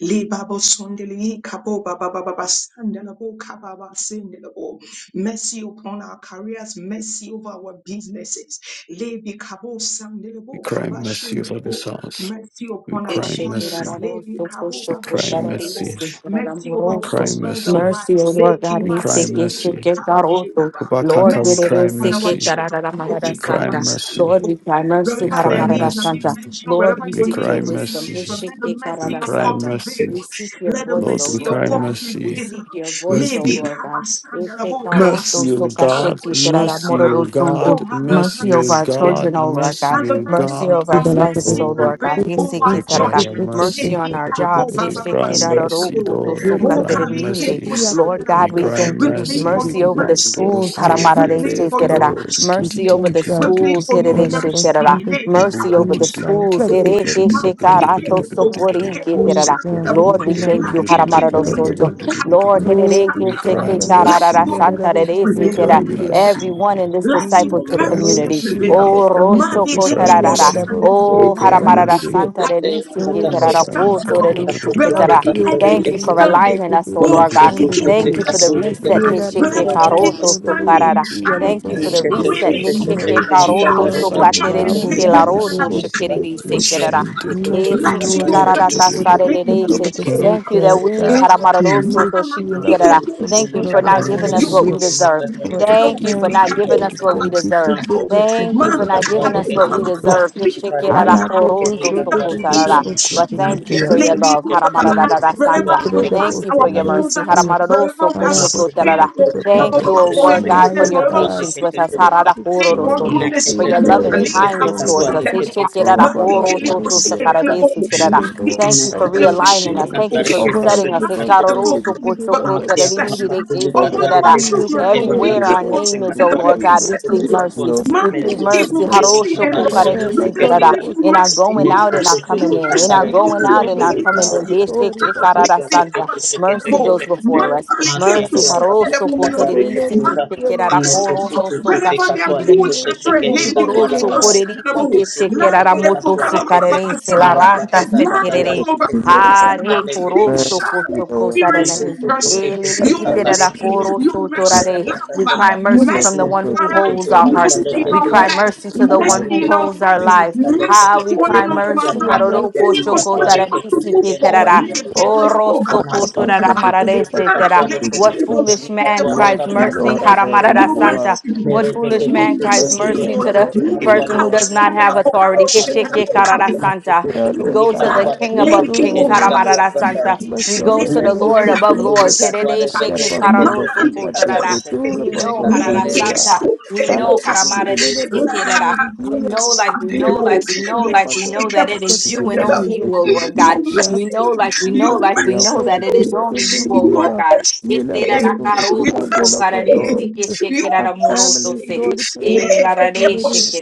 Speaker 1: Li babo sondele hi kabo ba ba ba ba ba sandele bo kababa sindele bo. Mercy upon our careers, mercy over our businesses. Li bi kabo sandele
Speaker 3: We
Speaker 1: bo
Speaker 3: cry
Speaker 1: kaba
Speaker 3: mercy over
Speaker 1: shindele bo.
Speaker 3: this house.
Speaker 1: Mercy
Speaker 3: We
Speaker 1: upon our
Speaker 3: cry mercy.
Speaker 1: families. Li bi kabo
Speaker 3: We
Speaker 1: ba ba
Speaker 3: cry
Speaker 1: shindele bo.
Speaker 3: mercy.
Speaker 1: Mercy over
Speaker 3: We
Speaker 1: our
Speaker 4: Eshekerararosokoshokotararisikararamuroso.
Speaker 3: cry
Speaker 1: husbands and
Speaker 3: mercy.
Speaker 4: Mercy,
Speaker 1: wives.
Speaker 4: O Lord
Speaker 1: Li
Speaker 4: God,
Speaker 1: ki
Speaker 3: We
Speaker 4: he
Speaker 1: ba
Speaker 3: cry
Speaker 4: sick, he
Speaker 1: sindele
Speaker 4: sick,
Speaker 1: bo
Speaker 3: mercy.
Speaker 4: he
Speaker 1: kaba
Speaker 4: got also.
Speaker 1: shindele ba.
Speaker 4: Lord,
Speaker 3: Obakaka,
Speaker 4: he
Speaker 3: we
Speaker 4: did
Speaker 1: Mercy
Speaker 4: it
Speaker 3: cry
Speaker 1: upon
Speaker 4: sick,
Speaker 1: our
Speaker 4: he
Speaker 3: mercy.
Speaker 4: got out
Speaker 1: children.
Speaker 4: of the
Speaker 1: Li
Speaker 4: Marada
Speaker 3: We
Speaker 1: bi
Speaker 3: cry
Speaker 1: kaba
Speaker 4: Santa.
Speaker 1: sandele
Speaker 4: Lord,
Speaker 3: mercy.
Speaker 4: we
Speaker 1: bo.
Speaker 4: cry mercy,
Speaker 3: We
Speaker 1: Wherever their
Speaker 3: cry
Speaker 4: Haramarada
Speaker 1: names are
Speaker 3: mercy.
Speaker 1: being
Speaker 4: Santa.
Speaker 1: mentioned,
Speaker 4: Lord,
Speaker 1: wherever
Speaker 4: we
Speaker 3: We
Speaker 1: your
Speaker 4: seek
Speaker 1: name
Speaker 4: your
Speaker 3: cry
Speaker 1: is being
Speaker 4: wisdom, he
Speaker 3: mercy.
Speaker 1: mentioned,
Speaker 4: sick,
Speaker 1: let the
Speaker 4: he got
Speaker 3: We
Speaker 4: out
Speaker 1: mercy
Speaker 4: of
Speaker 1: of
Speaker 3: cry
Speaker 1: God
Speaker 4: Santa.
Speaker 1: prevail.
Speaker 3: mercy.
Speaker 4: We seek your
Speaker 1: Let the
Speaker 4: voice,
Speaker 3: Lord,
Speaker 4: O
Speaker 3: we
Speaker 1: mercy of
Speaker 4: Lord
Speaker 3: cry
Speaker 1: God
Speaker 4: God. We
Speaker 3: mercy.
Speaker 1: prevail.
Speaker 4: seek your voice, O
Speaker 3: Mercy,
Speaker 1: Levi
Speaker 4: Lord God. Este
Speaker 1: kabasandalaboka,
Speaker 4: caroto
Speaker 3: mercy, O
Speaker 4: so
Speaker 1: asehi
Speaker 3: God,
Speaker 4: kashiki terara
Speaker 1: kalakushandalaba.
Speaker 3: mercy, O
Speaker 4: mororo sundu.
Speaker 1: Oh,
Speaker 3: God,
Speaker 1: ma- ma- ma- ma-
Speaker 4: Mercy
Speaker 3: mercy,
Speaker 4: of
Speaker 3: O
Speaker 4: our children,
Speaker 3: God,
Speaker 4: O
Speaker 1: kasindalabu.
Speaker 4: Lord God.
Speaker 3: mercy,
Speaker 1: and the
Speaker 3: O
Speaker 1: Bible
Speaker 4: Mercy
Speaker 3: God,
Speaker 1: says
Speaker 4: of our
Speaker 1: that
Speaker 4: spouses,
Speaker 1: mercy
Speaker 4: O
Speaker 3: Oh,
Speaker 4: Lord God.
Speaker 5: Jesus,
Speaker 1: prevails
Speaker 3: Lord,
Speaker 1: over
Speaker 3: we
Speaker 4: Hisiki
Speaker 3: cry
Speaker 4: terara.
Speaker 3: your
Speaker 1: judgment.
Speaker 4: Mercy
Speaker 3: mercy.
Speaker 4: on
Speaker 1: Levi
Speaker 4: our
Speaker 1: kabo
Speaker 4: jobs.
Speaker 1: ba-
Speaker 3: We
Speaker 1: ba- ba- ba-
Speaker 3: cry
Speaker 4: Hisiki raroro
Speaker 3: mercy,
Speaker 1: sendalabu.
Speaker 4: kuto
Speaker 3: Lord. We
Speaker 4: suka
Speaker 1: Oh,
Speaker 3: cry
Speaker 1: kali
Speaker 4: teremirire.
Speaker 1: kebo
Speaker 3: mercy.
Speaker 4: Lord
Speaker 3: We
Speaker 4: God,
Speaker 1: sandalabu.
Speaker 4: we
Speaker 3: cry
Speaker 4: thank
Speaker 1: We
Speaker 4: you.
Speaker 1: plead
Speaker 3: mercy.
Speaker 1: for
Speaker 4: Mercy
Speaker 1: your
Speaker 4: over the
Speaker 1: mercy,
Speaker 4: schools.
Speaker 1: Lord.
Speaker 3: Mandoroske
Speaker 1: We
Speaker 4: haramarare
Speaker 1: plead
Speaker 3: vrede
Speaker 4: se
Speaker 1: for your
Speaker 4: terara.
Speaker 3: vredo tu ti
Speaker 1: mercy,
Speaker 3: ti
Speaker 4: Mercy
Speaker 3: ti
Speaker 1: Lord.
Speaker 4: over
Speaker 3: tu
Speaker 4: the
Speaker 3: tu
Speaker 1: We
Speaker 3: tu tu
Speaker 1: plead
Speaker 3: tu
Speaker 4: schools.
Speaker 1: for
Speaker 3: tu tu
Speaker 1: your
Speaker 5: on
Speaker 4: herere
Speaker 3: tu
Speaker 5: the
Speaker 4: se
Speaker 3: tu tu.
Speaker 5: person
Speaker 4: terara.
Speaker 1: mercy.
Speaker 5: to
Speaker 1: Leti
Speaker 3: Ibu
Speaker 4: Mercy over
Speaker 3: budi
Speaker 4: the
Speaker 3: tu
Speaker 5: Jesus,
Speaker 3: ku ti
Speaker 4: schools.
Speaker 5: let
Speaker 3: ku
Speaker 1: kalabosandelabo.
Speaker 3: tu
Speaker 5: it
Speaker 3: ku
Speaker 5: go to
Speaker 4: hereke
Speaker 3: tu tu tu
Speaker 5: the
Speaker 3: tu tu tu
Speaker 4: shekarato
Speaker 5: Jesus,
Speaker 1: Mamakikelebo,
Speaker 4: sokori terara.
Speaker 1: kakebosandelabo.
Speaker 5: we
Speaker 4: Lord, we
Speaker 5: kill a
Speaker 4: thank you.
Speaker 5: person to follow the door.
Speaker 4: Karamararosunto.
Speaker 1: Lakitimundelabo,
Speaker 3: tu
Speaker 4: Lord,
Speaker 3: tu.
Speaker 5: No, we
Speaker 4: hirereke
Speaker 3: We
Speaker 1: kalababasandelabo.
Speaker 5: crown
Speaker 3: cry
Speaker 4: seke
Speaker 5: the mercy,
Speaker 1: Let
Speaker 4: kararara
Speaker 1: your
Speaker 5: and
Speaker 3: mercy,
Speaker 5: the
Speaker 4: santa
Speaker 1: mercy
Speaker 3: we
Speaker 4: rerese
Speaker 5: person to
Speaker 3: cry
Speaker 5: the
Speaker 1: prevail.
Speaker 5: door.
Speaker 4: everyone in
Speaker 3: mercy,
Speaker 4: this
Speaker 1: Let
Speaker 3: we
Speaker 1: your
Speaker 5: Jesus,
Speaker 4: discipleship
Speaker 3: cry
Speaker 1: mercy
Speaker 5: mercy,
Speaker 4: community.
Speaker 5: and
Speaker 1: prevail.
Speaker 3: mercy,
Speaker 5: the
Speaker 4: Oh,
Speaker 5: follow
Speaker 4: Rosho
Speaker 5: upon
Speaker 1: Mami
Speaker 3: we
Speaker 5: the
Speaker 3: cry
Speaker 5: free,
Speaker 1: Jelimo
Speaker 5: and
Speaker 4: Kotarara.
Speaker 5: the
Speaker 3: mercy,
Speaker 1: Sandabo.
Speaker 3: we
Speaker 4: Oh,
Speaker 5: person
Speaker 3: cry
Speaker 5: to
Speaker 4: Haramarara
Speaker 1: Mama
Speaker 5: the
Speaker 3: mercy,
Speaker 5: door.
Speaker 4: Santa
Speaker 6: Thank
Speaker 4: rerese
Speaker 1: Abigabo
Speaker 4: keterara
Speaker 3: Mercy,
Speaker 5: Oh,
Speaker 3: mercy,
Speaker 1: Sandabo.
Speaker 3: mercy,
Speaker 5: Mas
Speaker 1: Wherever
Speaker 4: ketera.
Speaker 1: the
Speaker 5: Deus te
Speaker 1: enemy
Speaker 4: Thank you
Speaker 1: is
Speaker 4: for
Speaker 5: livra, se
Speaker 4: aligning
Speaker 1: standing,
Speaker 5: que te
Speaker 4: us,
Speaker 5: de
Speaker 4: oh
Speaker 1: oh
Speaker 4: Lord God.
Speaker 5: postão de
Speaker 1: Kalikebo
Speaker 4: Thank you
Speaker 5: rede.
Speaker 4: for the
Speaker 5: E
Speaker 4: reset.
Speaker 1: Kasandaba.
Speaker 5: ele
Speaker 4: Hesheke
Speaker 1: Wherever
Speaker 5: abocou
Speaker 1: the enemy is
Speaker 5: postão
Speaker 4: karoto
Speaker 5: de rede,
Speaker 1: standing
Speaker 4: sokarara.
Speaker 5: se ela
Speaker 1: and
Speaker 4: Thank you for the
Speaker 5: conduzou.
Speaker 4: reset.
Speaker 1: screaming
Speaker 5: Mercy,
Speaker 4: Hesheke
Speaker 1: and
Speaker 4: karoto
Speaker 5: Lord,
Speaker 1: shouting for
Speaker 5: over
Speaker 3: mercy,
Speaker 1: judgment,
Speaker 4: sokatereri
Speaker 1: may
Speaker 5: trouble,
Speaker 3: mercy,
Speaker 1: he
Speaker 5: se que te de
Speaker 4: kelaroto
Speaker 3: mercy.
Speaker 1: Kanabo
Speaker 5: postão de
Speaker 4: shekereri
Speaker 1: Kalikebo
Speaker 3: We
Speaker 5: rede.
Speaker 3: shed
Speaker 1: Sandaba.
Speaker 3: it to the
Speaker 5: Mercy,
Speaker 1: Let
Speaker 3: good
Speaker 4: Esiki
Speaker 5: Lord, it
Speaker 1: your
Speaker 5: A
Speaker 3: to
Speaker 5: so
Speaker 4: kararata
Speaker 5: good
Speaker 3: the
Speaker 5: to
Speaker 1: mercy, let
Speaker 5: take us
Speaker 1: it be
Speaker 5: over
Speaker 4: sarerese.
Speaker 5: the day,
Speaker 4: Thank you that
Speaker 5: care,
Speaker 4: we
Speaker 3: mercy.
Speaker 6: you.
Speaker 4: haramararoso to
Speaker 1: Mama
Speaker 5: Mercy,
Speaker 4: shiki
Speaker 5: ela
Speaker 6: Thank
Speaker 4: kerera.
Speaker 5: postão de
Speaker 4: Thank you
Speaker 5: cura,
Speaker 4: for
Speaker 1: Kalikebo
Speaker 4: not
Speaker 5: postão
Speaker 4: giving
Speaker 5: de
Speaker 1: you
Speaker 4: us what we
Speaker 5: rede.
Speaker 4: deserve.
Speaker 1: receive
Speaker 5: Over
Speaker 1: the
Speaker 5: the
Speaker 4: Thank
Speaker 1: Lord,
Speaker 4: you for
Speaker 1: pray,
Speaker 4: not
Speaker 5: transit
Speaker 4: giving
Speaker 1: couple, with
Speaker 4: us
Speaker 1: the
Speaker 4: what we
Speaker 5: system, se
Speaker 1: others,
Speaker 5: que
Speaker 1: and
Speaker 4: deserve.
Speaker 1: the
Speaker 5: te de
Speaker 1: Lord.
Speaker 4: Thank
Speaker 5: de
Speaker 4: you
Speaker 1: Man,
Speaker 4: for
Speaker 5: cura,
Speaker 4: not giving
Speaker 5: postão
Speaker 1: couple,
Speaker 4: us what we
Speaker 1: couple,
Speaker 5: de rede.
Speaker 4: deserve. But
Speaker 1: Speak on our
Speaker 5: Ala
Speaker 1: behalf.
Speaker 5: conduzou,
Speaker 1: In the
Speaker 5: te de
Speaker 1: name of
Speaker 5: postão de
Speaker 1: Jesus,
Speaker 4: thank you
Speaker 5: rede.
Speaker 4: for your
Speaker 1: let me
Speaker 4: love.
Speaker 1: go, but,
Speaker 5: He
Speaker 1: but, but,
Speaker 5: he is
Speaker 1: wherever
Speaker 4: Santa.
Speaker 5: to
Speaker 1: we
Speaker 5: the
Speaker 4: Thank
Speaker 1: pass
Speaker 4: you for
Speaker 1: our
Speaker 4: your mercy.
Speaker 1: proposals, wherever we are seeking for, but,
Speaker 4: Thank
Speaker 1: but, but,
Speaker 4: you,
Speaker 5: bottom
Speaker 1: but,
Speaker 4: O
Speaker 5: of
Speaker 1: for a
Speaker 4: Lord God, for
Speaker 1: goodness,
Speaker 5: Malaya
Speaker 4: your
Speaker 1: wherever we are
Speaker 5: God.
Speaker 4: patience with
Speaker 1: seeking
Speaker 4: us.
Speaker 1: for,
Speaker 5: Book is
Speaker 4: For
Speaker 1: nothing
Speaker 5: full of
Speaker 1: more
Speaker 5: a
Speaker 1: goodness for
Speaker 5: safety
Speaker 4: your
Speaker 1: the
Speaker 5: and
Speaker 4: loving
Speaker 5: I was
Speaker 4: kindness towards
Speaker 5: stoned.
Speaker 4: us. Thank
Speaker 1: Lord.
Speaker 4: you for
Speaker 5: Oh, Baba
Speaker 1: Mandike
Speaker 5: Sunday
Speaker 1: libo
Speaker 5: did the
Speaker 1: sekala
Speaker 6: you.
Speaker 1: bo,
Speaker 5: bottom. He didn't know
Speaker 1: mandike
Speaker 5: what
Speaker 1: sakala bo
Speaker 4: realigning
Speaker 5: mercy.
Speaker 4: us.
Speaker 1: shekala bo
Speaker 4: Thank you for
Speaker 1: kina,
Speaker 5: Over
Speaker 4: resetting
Speaker 5: the
Speaker 1: mandike the bo kali bo
Speaker 6: Maxia
Speaker 1: bakasana.
Speaker 6: Costa
Speaker 1: Upon
Speaker 6: Publicatare
Speaker 1: our
Speaker 4: us.
Speaker 6: Tedesca
Speaker 5: not
Speaker 1: children, Lord,
Speaker 6: Chemica
Speaker 4: Everywhere
Speaker 1: mandike
Speaker 4: our
Speaker 1: bo
Speaker 6: Costa
Speaker 5: Oh,
Speaker 4: name is, oh
Speaker 1: sakala bo
Speaker 6: Secatore
Speaker 4: Lord God, we
Speaker 6: Tedesca
Speaker 4: plead
Speaker 1: kina.
Speaker 6: Secatore
Speaker 4: mercy.
Speaker 1: Man,
Speaker 4: We plead
Speaker 6: Mesu
Speaker 1: you keep
Speaker 4: mercy.
Speaker 1: on kissing the
Speaker 4: Haroshoko
Speaker 6: Publicatare
Speaker 1: Lord. We
Speaker 4: karebisi
Speaker 1: thank
Speaker 4: terara.
Speaker 1: you,
Speaker 5: No,
Speaker 6: Tedesca
Speaker 1: your
Speaker 4: In our
Speaker 1: mercy,
Speaker 4: going
Speaker 6: Mara
Speaker 1: your
Speaker 6: da
Speaker 4: out and our
Speaker 1: mercy,
Speaker 4: coming
Speaker 1: your
Speaker 4: in. In
Speaker 1: mercy,
Speaker 4: our
Speaker 5: Thank
Speaker 1: your
Speaker 6: da
Speaker 4: going
Speaker 5: you.
Speaker 4: out
Speaker 1: mercy,
Speaker 4: and
Speaker 5: Over
Speaker 4: our
Speaker 1: your
Speaker 5: this
Speaker 4: coming in.
Speaker 5: house,
Speaker 1: mercy. Ah,
Speaker 5: sorry,
Speaker 4: Hesheke
Speaker 5: but
Speaker 1: we
Speaker 5: that's
Speaker 4: karara
Speaker 1: thank
Speaker 5: a
Speaker 1: you,
Speaker 4: santa.
Speaker 1: our
Speaker 4: Mercy goes
Speaker 1: Savior. Man,
Speaker 4: before us.
Speaker 1: we keep on
Speaker 4: Mercy.
Speaker 1: standing up,
Speaker 4: Haroshoko
Speaker 1: okay,
Speaker 4: tererisi
Speaker 1: Man, we keep
Speaker 4: kekekerara
Speaker 1: on standing up.
Speaker 4: koroso soka
Speaker 1: Wherever they are poor
Speaker 4: shikirimi.
Speaker 1: children, they can be
Speaker 4: Ugoroso
Speaker 1: on stand
Speaker 4: korerisi
Speaker 1: up. Land
Speaker 4: kekekerara
Speaker 1: they can
Speaker 4: moto
Speaker 1: come up, up, up,
Speaker 4: sokarerese
Speaker 1: stand
Speaker 4: la
Speaker 1: up.
Speaker 4: rata
Speaker 6: da
Speaker 1: Land they
Speaker 6: da
Speaker 1: can
Speaker 4: sekerere.
Speaker 1: come up, up, up,
Speaker 4: Hare
Speaker 6: da da,
Speaker 1: up,
Speaker 4: koroso
Speaker 1: stand
Speaker 4: koto
Speaker 6: मेरे
Speaker 1: experience your
Speaker 4: kotarani.
Speaker 6: देखे में सुसे सुसे
Speaker 1: mercy,
Speaker 4: Elili
Speaker 6: सुसे
Speaker 1: your
Speaker 6: सत्वाले
Speaker 4: kitera
Speaker 6: के
Speaker 1: mercy,
Speaker 6: सुसे
Speaker 1: your
Speaker 4: koroso
Speaker 1: mercy,
Speaker 4: torare. We
Speaker 1: love,
Speaker 4: cry mercy from the
Speaker 1: mercy on
Speaker 4: one who
Speaker 1: our
Speaker 4: holds
Speaker 1: lives,
Speaker 4: our hearts.
Speaker 1: mercy in
Speaker 5: Divine
Speaker 4: We
Speaker 1: our
Speaker 4: cry
Speaker 1: lives,
Speaker 4: mercy
Speaker 5: partnership
Speaker 4: to the
Speaker 1: mercy
Speaker 4: one
Speaker 6: सत्वाले
Speaker 4: who
Speaker 6: के
Speaker 5: connected
Speaker 1: in
Speaker 5: to
Speaker 1: our
Speaker 4: holds our
Speaker 1: homes,
Speaker 4: lives.
Speaker 5: ministry.
Speaker 4: Ah,
Speaker 1: mercy
Speaker 4: we
Speaker 5: Lord,
Speaker 1: falling
Speaker 4: cry
Speaker 1: off our
Speaker 4: mercy.
Speaker 6: सुसे
Speaker 5: for
Speaker 1: back,
Speaker 6: सुसे
Speaker 5: mercy
Speaker 4: Haroroko
Speaker 1: telling
Speaker 6: दिखा
Speaker 1: us,
Speaker 4: shoko
Speaker 5: upon
Speaker 6: पारे
Speaker 1: watching
Speaker 6: के
Speaker 1: us to
Speaker 4: tararisi
Speaker 1: move
Speaker 6: सुसे
Speaker 1: forward.
Speaker 4: keterara.
Speaker 1: Let it take us over,
Speaker 4: Oroso
Speaker 1: pass on
Speaker 4: kotorara mararese
Speaker 1: Ah,
Speaker 4: tera.
Speaker 1: let it
Speaker 4: What
Speaker 1: take us
Speaker 4: foolish
Speaker 1: over the
Speaker 4: man
Speaker 1: bush,
Speaker 5: Mercy,
Speaker 4: cries mercy?
Speaker 5: Lord, over every
Speaker 4: Haramarara
Speaker 1: Your
Speaker 5: war.
Speaker 4: santa.
Speaker 1: mercy,
Speaker 4: What
Speaker 1: Lord.
Speaker 4: foolish
Speaker 1: Your
Speaker 4: man cries
Speaker 5: Mercy,
Speaker 1: mercy,
Speaker 4: mercy
Speaker 5: Lord,
Speaker 1: Lord.
Speaker 4: to the
Speaker 5: over
Speaker 1: Let it
Speaker 5: every
Speaker 4: person who does
Speaker 5: war.
Speaker 1: pass
Speaker 4: not
Speaker 1: on
Speaker 4: have
Speaker 1: the book of the
Speaker 4: authority?
Speaker 1: ocean, the
Speaker 4: Keshike
Speaker 1: book of
Speaker 4: karara Santa.
Speaker 5: prayer,
Speaker 4: We
Speaker 5: Lord
Speaker 4: go to the
Speaker 5: God.
Speaker 4: King above
Speaker 1: Leke
Speaker 5: Lord, in
Speaker 4: kings.
Speaker 5: the
Speaker 6: निकाल
Speaker 5: name of
Speaker 4: Haramarara
Speaker 6: रहा
Speaker 5: Jesus,
Speaker 1: okabasida.
Speaker 4: Santa.
Speaker 6: है
Speaker 4: We
Speaker 5: myself,
Speaker 4: go
Speaker 1: Leke
Speaker 4: to
Speaker 5: every
Speaker 4: the
Speaker 6: Nesu
Speaker 5: word
Speaker 4: Lord above
Speaker 5: speaker,
Speaker 4: lords. Herede
Speaker 1: okabasanda.
Speaker 5: that
Speaker 4: sheke
Speaker 1: Man,
Speaker 4: kararo
Speaker 5: bastando
Speaker 4: soko
Speaker 5: flipa
Speaker 1: leke
Speaker 5: que
Speaker 4: tarara.
Speaker 5: se tola
Speaker 4: We
Speaker 1: okabasida.
Speaker 4: know
Speaker 5: pando
Speaker 4: harara
Speaker 6: katwale.
Speaker 1: Leke
Speaker 5: suleria,
Speaker 4: Santa.
Speaker 1: kesunde
Speaker 4: We
Speaker 5: para
Speaker 4: know
Speaker 5: con
Speaker 1: okasi.
Speaker 4: we
Speaker 5: sulera
Speaker 1: La,
Speaker 5: bostino di
Speaker 1: leke
Speaker 5: dia,
Speaker 4: know, like we
Speaker 1: kasande
Speaker 5: y le
Speaker 4: know,
Speaker 1: lebo.
Speaker 5: damos
Speaker 4: like we
Speaker 5: su
Speaker 4: know,
Speaker 5: cuna
Speaker 4: like we
Speaker 5: pando
Speaker 1: Leke
Speaker 4: know that
Speaker 5: con
Speaker 4: it
Speaker 5: tu
Speaker 4: is you
Speaker 1: kebusunde
Speaker 4: and
Speaker 5: dinera,
Speaker 4: only
Speaker 1: lebo.
Speaker 5: es
Speaker 4: you, O
Speaker 5: un
Speaker 4: Lord
Speaker 1: You
Speaker 4: God.
Speaker 5: de
Speaker 1: must
Speaker 5: dia,
Speaker 4: We know,
Speaker 1: see.
Speaker 4: like we know,
Speaker 1: You
Speaker 4: like
Speaker 5: mercy
Speaker 4: we
Speaker 5: of
Speaker 1: must
Speaker 4: know that
Speaker 5: every
Speaker 4: it is only
Speaker 5: Christian
Speaker 4: you,
Speaker 1: mercy. You
Speaker 4: O Lord
Speaker 5: believer,
Speaker 4: God.
Speaker 1: must
Speaker 5: y le
Speaker 1: mercy.
Speaker 5: bostino tu
Speaker 1: You
Speaker 5: crepan de lo
Speaker 1: must
Speaker 5: con
Speaker 1: mercy.
Speaker 5: todos,
Speaker 1: You
Speaker 5: our
Speaker 1: must
Speaker 5: families, Lord, y
Speaker 1: mercy.
Speaker 5: para con tu
Speaker 1: Leke
Speaker 5: dinera,
Speaker 1: posse.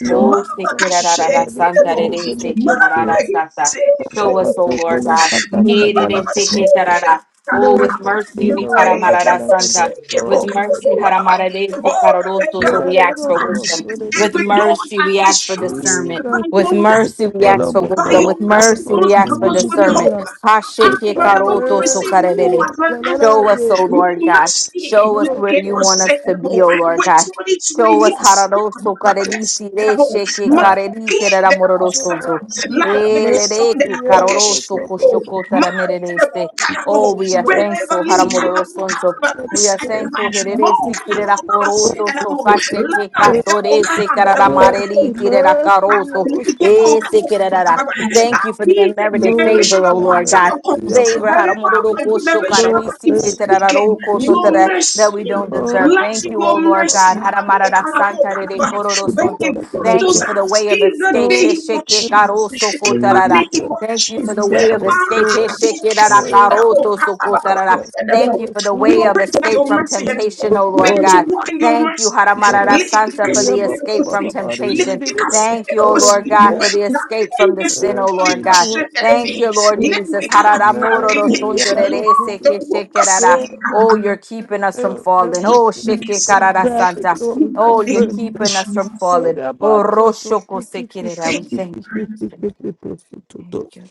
Speaker 5: Lord,
Speaker 4: Oh, se
Speaker 1: Mama
Speaker 5: but
Speaker 4: quiera
Speaker 5: for
Speaker 1: kashe.
Speaker 5: so
Speaker 4: rara
Speaker 5: many
Speaker 4: santa,
Speaker 5: persons
Speaker 4: rere, se
Speaker 5: connected
Speaker 1: Mama
Speaker 4: quiera
Speaker 5: to us.
Speaker 4: rara santa.
Speaker 1: ise.
Speaker 4: Show us, O Lord
Speaker 5: Apostokala
Speaker 4: God.
Speaker 1: Mama
Speaker 5: patastakala
Speaker 1: mama
Speaker 5: popos.
Speaker 1: soke.
Speaker 4: Erereceketarara. Oh, with
Speaker 5: Mercy,
Speaker 4: mercy,
Speaker 1: Mama
Speaker 5: Lord,
Speaker 1: eke
Speaker 4: Rikaramarara
Speaker 5: balance on
Speaker 1: posse.
Speaker 4: Santa.
Speaker 5: those
Speaker 4: With
Speaker 5: souls.
Speaker 4: mercy,
Speaker 1: Oh, thank
Speaker 4: Haramaradesikararoso. So
Speaker 1: God.
Speaker 5: Yela
Speaker 4: we
Speaker 5: la
Speaker 4: ask
Speaker 5: bo
Speaker 4: for
Speaker 5: bo bo
Speaker 4: wisdom.
Speaker 5: sole di
Speaker 4: With
Speaker 5: di
Speaker 1: Every
Speaker 5: ya.
Speaker 1: door
Speaker 4: mercy, we ask for
Speaker 1: admission
Speaker 4: discernment.
Speaker 1: by
Speaker 5: Jesus,
Speaker 4: With
Speaker 1: your i
Speaker 4: mercy,
Speaker 5: kita
Speaker 4: we ask
Speaker 5: follow
Speaker 4: for
Speaker 5: bo
Speaker 1: by
Speaker 4: wisdom.
Speaker 5: bo
Speaker 1: your
Speaker 4: With
Speaker 5: de
Speaker 1: mercy,
Speaker 4: mercy,
Speaker 5: bo
Speaker 1: those
Speaker 4: we ask
Speaker 5: sole
Speaker 4: for
Speaker 1: doors
Speaker 5: di
Speaker 1: will
Speaker 5: di
Speaker 1: be
Speaker 5: di
Speaker 4: discernment.
Speaker 5: ya.
Speaker 1: open.
Speaker 5: Take
Speaker 1: And
Speaker 5: for
Speaker 1: Wherever we
Speaker 4: Hashekekaroto
Speaker 1: receive
Speaker 5: mercy,
Speaker 1: you
Speaker 4: sokarerere.
Speaker 5: ya
Speaker 1: as an
Speaker 5: la la la
Speaker 4: Show
Speaker 5: ye
Speaker 4: us, oh
Speaker 1: answer, you
Speaker 5: ye
Speaker 4: Lord God.
Speaker 1: mercy,
Speaker 4: Show
Speaker 5: do
Speaker 4: us
Speaker 1: you
Speaker 5: do
Speaker 4: where you
Speaker 5: so.
Speaker 1: cannot
Speaker 4: want us
Speaker 1: say
Speaker 4: to
Speaker 1: the
Speaker 4: be,
Speaker 1: more.
Speaker 4: oh Lord
Speaker 1: Wait
Speaker 4: God.
Speaker 1: till it's we turn
Speaker 4: Show
Speaker 1: it to
Speaker 4: us
Speaker 1: a yes.
Speaker 4: hararoso carerisi reshe que
Speaker 1: Ma-
Speaker 5: Ta
Speaker 4: carerite
Speaker 1: ki- de- mo-
Speaker 5: no,
Speaker 1: sa-
Speaker 4: ramoroso.
Speaker 5: take
Speaker 1: la-
Speaker 5: for
Speaker 1: de- ke-
Speaker 4: Ele
Speaker 1: so-
Speaker 4: de
Speaker 5: mercy,
Speaker 1: de-
Speaker 4: que
Speaker 5: ya
Speaker 1: la- o- ke-
Speaker 5: la bo
Speaker 1: sh-
Speaker 4: caroroso
Speaker 1: de-
Speaker 5: bo bo
Speaker 1: o.
Speaker 5: bo.
Speaker 4: cochocota
Speaker 1: Ma- de- de- mo-
Speaker 4: merereste.
Speaker 1: ka- la- mo.
Speaker 4: Oh, we are thankful,
Speaker 1: Wherever Lee
Speaker 5: Mercy, Lord,
Speaker 1: Calabo Mo
Speaker 4: Haramorosonso.
Speaker 1: Calabo
Speaker 5: every
Speaker 4: We are
Speaker 5: person
Speaker 4: thankful,
Speaker 5: that
Speaker 1: Sandabo,
Speaker 5: is
Speaker 4: Hereresi Kirera Coroto, so Cacheche
Speaker 1: La
Speaker 5: mercy,
Speaker 1: de
Speaker 4: Catorese
Speaker 1: Mokan, the
Speaker 5: mercy,
Speaker 4: Cararamareri
Speaker 1: Mokan.
Speaker 4: Tirera
Speaker 5: mercy,
Speaker 1: I
Speaker 5: ye
Speaker 4: Caroto,
Speaker 5: bo
Speaker 1: need
Speaker 4: Ese Kirera.
Speaker 1: to
Speaker 4: Thank you for the
Speaker 1: be the
Speaker 4: unmerited
Speaker 5: Lord, we
Speaker 4: favor,
Speaker 1: generational
Speaker 4: O
Speaker 5: clap
Speaker 4: Lord
Speaker 1: pattern
Speaker 5: mercy
Speaker 4: God
Speaker 1: of homes.
Speaker 5: of our
Speaker 4: favor
Speaker 1: Wherever
Speaker 5: nation.
Speaker 1: my
Speaker 4: Haramoroko
Speaker 1: generational
Speaker 5: Lord,
Speaker 4: Shokararisi
Speaker 1: pattern
Speaker 5: mercy,
Speaker 1: is speaking,
Speaker 4: Keteraroko
Speaker 1: your
Speaker 5: Jesus.
Speaker 4: Sotara, that we
Speaker 1: mercy,
Speaker 4: don't deserve.
Speaker 5: Oh,
Speaker 1: let
Speaker 4: Thank
Speaker 5: ba, ba,
Speaker 4: you,
Speaker 1: your
Speaker 4: O
Speaker 5: ba,
Speaker 4: Lord
Speaker 5: ba, ba,
Speaker 4: God.
Speaker 5: ba.
Speaker 1: mercy, Abi
Speaker 4: Haramarara
Speaker 1: Kalabo
Speaker 4: Santa Rere
Speaker 1: Kalaba,
Speaker 4: Kororo
Speaker 1: bring
Speaker 4: Sonto.
Speaker 1: it from
Speaker 4: Thank you
Speaker 1: those
Speaker 4: for the
Speaker 1: out
Speaker 4: way of
Speaker 1: in the
Speaker 4: escape.
Speaker 5: Lord,
Speaker 1: name of
Speaker 4: Hesheke
Speaker 5: mercy,
Speaker 1: Jesus.
Speaker 4: Karoso
Speaker 1: In the
Speaker 4: Kotarara.
Speaker 1: name
Speaker 5: Jesus.
Speaker 1: of
Speaker 4: Thank you
Speaker 5: My
Speaker 4: for the
Speaker 1: Jesus.
Speaker 4: way of
Speaker 5: travels,
Speaker 4: escape.
Speaker 5: Lord,
Speaker 4: Hesheke Rara
Speaker 1: Ah, we
Speaker 5: mercy,
Speaker 4: Karoto
Speaker 5: Jesus.
Speaker 4: Sokotarara. Thank you for the way
Speaker 1: will
Speaker 4: of
Speaker 1: pray
Speaker 5: mercy,
Speaker 1: tonight
Speaker 4: escape
Speaker 1: your
Speaker 4: from
Speaker 1: mercy has
Speaker 4: temptation, O
Speaker 1: We
Speaker 4: Lord
Speaker 5: Lord,
Speaker 1: begin to
Speaker 4: God.
Speaker 1: walk in your
Speaker 4: Thank you,
Speaker 1: mercy.
Speaker 4: Haramarara
Speaker 1: Lift the
Speaker 4: Santa,
Speaker 5: mercy,
Speaker 4: for the
Speaker 1: cushion,
Speaker 5: ba,
Speaker 4: escape
Speaker 5: ba,
Speaker 4: from
Speaker 5: ba, ba, di, di, di,
Speaker 1: lift
Speaker 4: temptation.
Speaker 5: di,
Speaker 1: the
Speaker 5: di,
Speaker 4: Thank you, O Lord God,
Speaker 5: ah.
Speaker 4: for the
Speaker 1: cushion, not
Speaker 4: escape from
Speaker 1: playing
Speaker 4: the
Speaker 1: the
Speaker 4: sin, O
Speaker 1: food,
Speaker 4: Lord
Speaker 5: mercy,
Speaker 4: God.
Speaker 5: Lord,
Speaker 1: emotion,
Speaker 4: Thank
Speaker 5: Jesus.
Speaker 4: you,
Speaker 1: enemy.
Speaker 4: Lord
Speaker 1: Let
Speaker 4: Jesus.
Speaker 1: me come attacking
Speaker 4: Hararamororo
Speaker 1: it.
Speaker 5: Mercy, I
Speaker 1: be consumed. Lord,
Speaker 4: sunturere
Speaker 1: the
Speaker 4: seke
Speaker 1: walk of
Speaker 4: shekerara.
Speaker 1: saying,
Speaker 4: Oh, you're keeping us from
Speaker 5: Fill them
Speaker 4: falling.
Speaker 1: let
Speaker 5: up
Speaker 4: Oh,
Speaker 1: me
Speaker 4: sheke
Speaker 5: with
Speaker 1: see.
Speaker 4: karara
Speaker 5: traffic,
Speaker 4: Santa.
Speaker 1: In
Speaker 5: Lord.
Speaker 1: the
Speaker 5: We
Speaker 4: Oh,
Speaker 5: cry
Speaker 4: you're
Speaker 1: name of
Speaker 5: mercy.
Speaker 4: keeping us from
Speaker 1: Jesus.
Speaker 5: And
Speaker 4: falling. Oh,
Speaker 5: about to- to-
Speaker 4: roshoko
Speaker 5: to- to- to-
Speaker 4: sekerera. We
Speaker 1: Thank
Speaker 5: to-
Speaker 1: you,
Speaker 4: thank
Speaker 5: to-
Speaker 4: you.
Speaker 1: Lord.
Speaker 4: We
Speaker 5: to-
Speaker 4: Thank
Speaker 5: to- to-
Speaker 4: you.
Speaker 5: to- to- to- to- to- to-
Speaker 4: Thank you.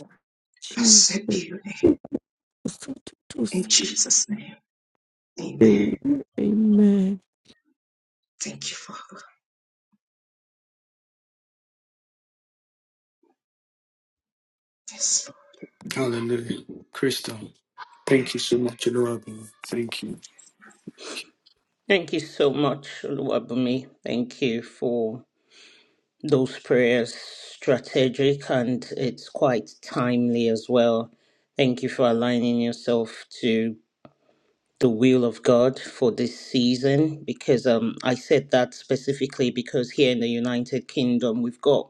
Speaker 5: Jesus.
Speaker 1: Blessed be your name.
Speaker 5: To- to- to- to-
Speaker 1: In Jesus' name, amen.
Speaker 5: to- Amen.
Speaker 1: Thank you, Father. Yes,
Speaker 3: Hallelujah. Crystal.
Speaker 1: Lord.
Speaker 3: Thank you so much, Oluwabi. Thank you.
Speaker 6: Thank you so much, Oluwabumi. Thank you for those prayers, strategic and it's quite timely as well. Thank you for aligning yourself to the will of God for this season because um, I said that specifically because here in the United Kingdom we've got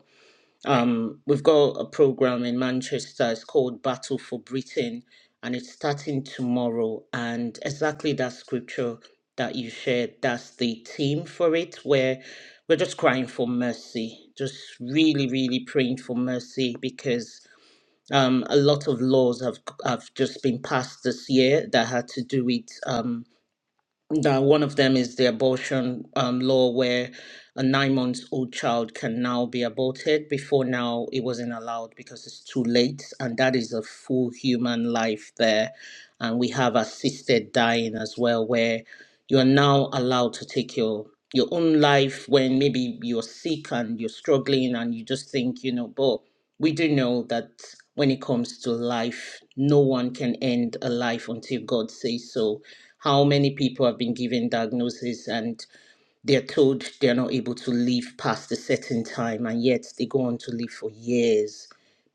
Speaker 6: Um, we've got a program in Manchester. It's called Battle for Britain, and it's starting tomorrow. And exactly that scripture that you shared, that's the theme for it, where we're just crying for mercy, just really, really praying for mercy because um, a lot of laws have have just been passed this year that had to do with. um, now, one of them is the abortion um, law, where a nine months old child can now be aborted. Before now, it wasn't allowed because it's too late, and that is a full human life there. And we have assisted dying as well, where you are now allowed to take your your own life when maybe you're sick and you're struggling and you just think, you know, but we do know that when it comes to life, no one can end a life until God says so. How many people have been given diagnoses and they're told they're not able to leave past a certain time, and yet they go on to live for years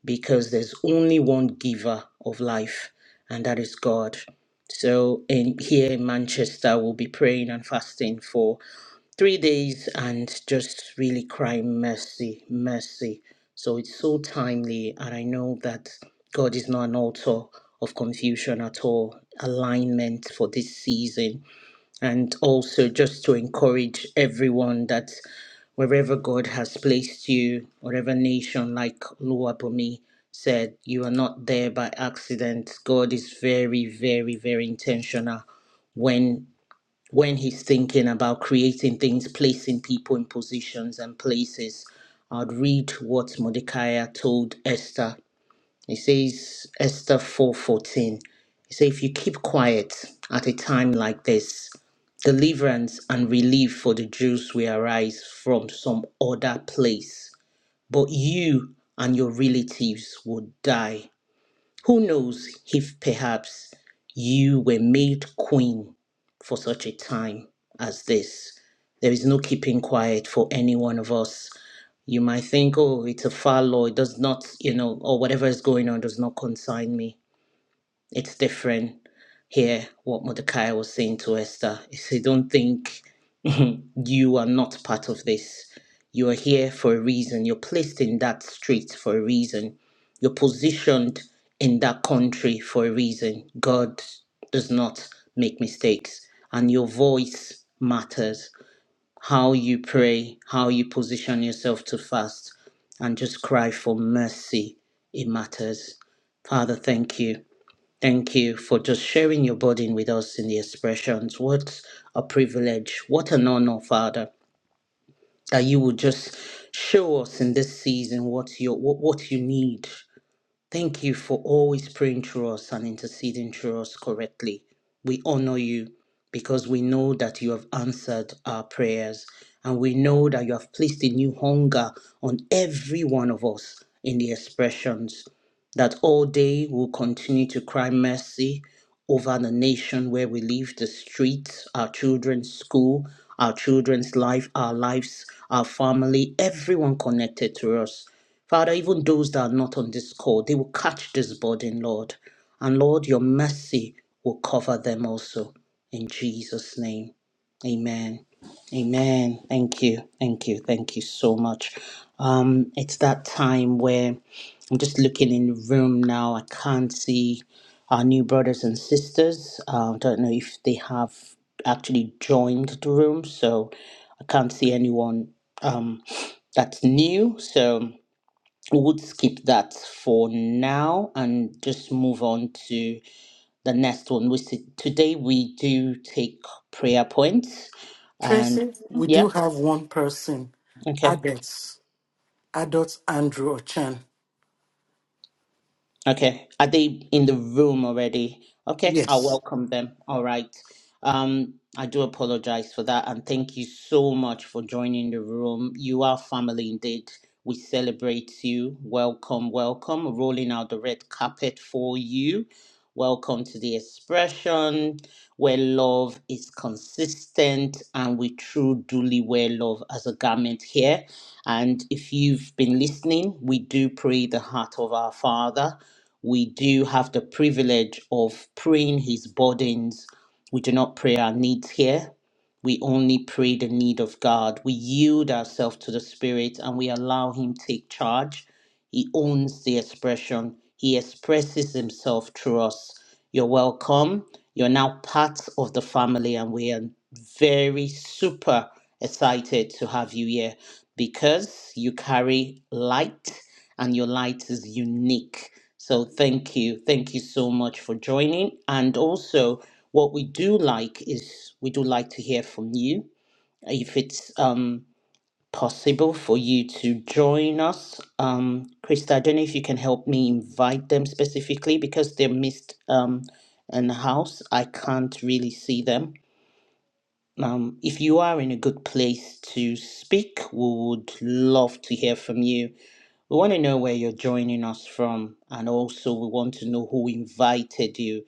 Speaker 6: because there's only one giver of life, and that is God. So, in, here in Manchester, we'll be praying and fasting for three days and just really crying mercy, mercy. So it's so timely, and I know that God is not an author of confusion at all. Alignment for this season and also just to encourage everyone that wherever God has placed you, whatever nation, like Luwabomi said, you are not there by accident. God is very, very, very intentional when when he's thinking about creating things, placing people in positions and places. I'd read what Mordecai told Esther he says Esther 4:14. He says if you keep quiet at a time like this, deliverance and relief for the Jews will arise from some other place, but you and your relatives will die. Who knows if perhaps you were made queen for such a time as this. There is no keeping quiet for any one of us you might think, oh, it's a foul law. It does not, you know, or whatever is going on does not concern me. It's different here, what Mordecai was saying to Esther. He said, don't think you are not part of this. You are here for a reason. You're placed in that street for a reason. You're positioned in that country for a reason. God does not make mistakes, and your voice matters how you pray, how you position yourself to fast, and just cry for mercy. It matters. Father, thank you. Thank you for just sharing your burden with us in the expressions. What a privilege. What an honor, Father, that you would just show us in this season what you what, what you need. Thank you for always praying through us and interceding through us correctly. We honor you because we know that you have answered our prayers and we know that you have placed a new hunger on every one of us in the expressions. That all day we'll continue to cry mercy over the nation where we live, the streets, our children's school, our children's life, our lives, our family, everyone connected to us. Father, even those that are not on this call, they will catch this burden, Lord. And Lord, your mercy will cover them also. In Jesus' name. Amen. Amen. Thank you. Thank you. Thank you so much. Um, it's that time where I'm just looking in the room now. I can't see our new brothers and sisters. Uh, I don't know if they have actually joined the room, so I can't see anyone um, that's new. So would skip that for now and just move on to the next one. We see, today we do take prayer points, and
Speaker 2: Tracy, we
Speaker 6: yeah,
Speaker 2: do have one person,
Speaker 6: okay.
Speaker 2: adults, adults Andrew Ochan.
Speaker 6: Okay. Are they in the room already? Okay, I'll
Speaker 2: Yes,
Speaker 6: welcome them. All right. Um, I do apologize for that and thank you so much for joining the room. You are family indeed. We celebrate you. Welcome, welcome. Rolling out the red carpet for you. Welcome to the expression where love is consistent and we truly duly wear love as a garment here. And if you've been listening, we do pray the heart of our Father we do have the privilege of praying his burdens. We do not pray our needs here. We only pray the need of God. We yield ourselves to the Spirit and we allow him take charge. He owns the expression. He expresses himself through us. You're welcome. You're now part of the family and we are very super excited to have you here because you carry light and your light is unique. So thank you. Thank you so much for joining. And also, what we do like is we do like to hear from you. If it's um, possible for you to join us, um, Krista, I don't know if you can help me invite them specifically because they're missed um, in the house. I can't really see them. Um, if you are in a good place to speak, we would love to hear from you we want to know where you're joining us from, and also we want to know who invited you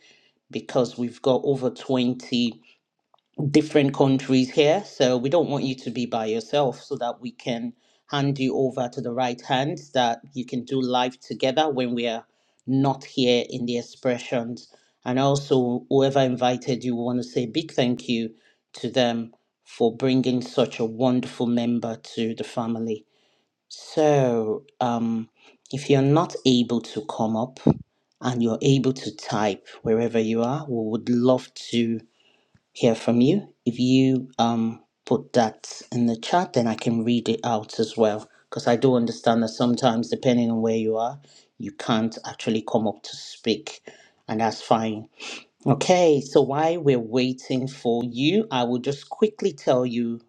Speaker 6: because we've got over 20 different countries here. So we don't want you to be by yourself so that we can hand you over to the right hand that you can do life together when we are not here in the expressions. And also, whoever invited you, we want to say a big thank you to them for bringing such a wonderful member to the family. So, um, if you're not able to come up and you're able to type wherever you are, we would love to hear from you. If you um, put that in the chat, then I can read it out as well. Because I do understand that sometimes, depending on where you are, you can't actually come up to speak, and that's fine. Okay, so while we're waiting for you, I will just quickly tell you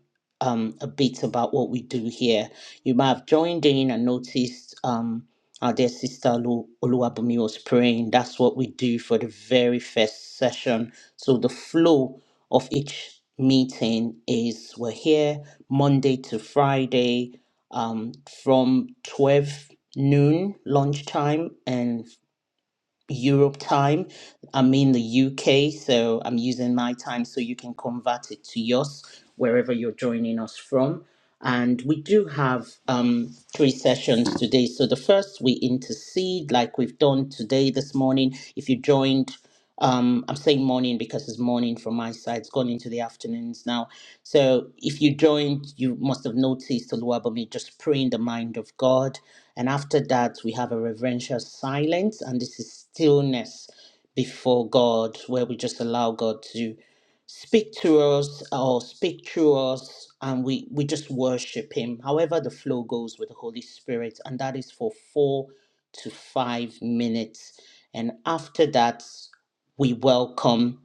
Speaker 6: um, a bit about what we do here. You might have joined in and noticed um, our dear sister Olu- Oluwabumi was praying. That's what we do for the very first session. So the flow of each meeting is we're here Monday to Friday um, from 12 noon lunchtime and Europe time. I'm in the UK, so I'm using my time so you can convert it to yours wherever you're joining us from. And we do have um, three sessions today. So the first, we intercede like we've done today, this morning. If you joined, um, I'm saying morning because it's morning from my side, it's gone into the afternoons now. So if you joined, you must have noticed Oluwabami just praying the mind of God. And after that, we have a reverential silence, and this is stillness before God, where we just allow God to speak to us or speak through us and we we just worship him however the flow goes with the holy spirit and that is for 4 to 5 minutes and after that we welcome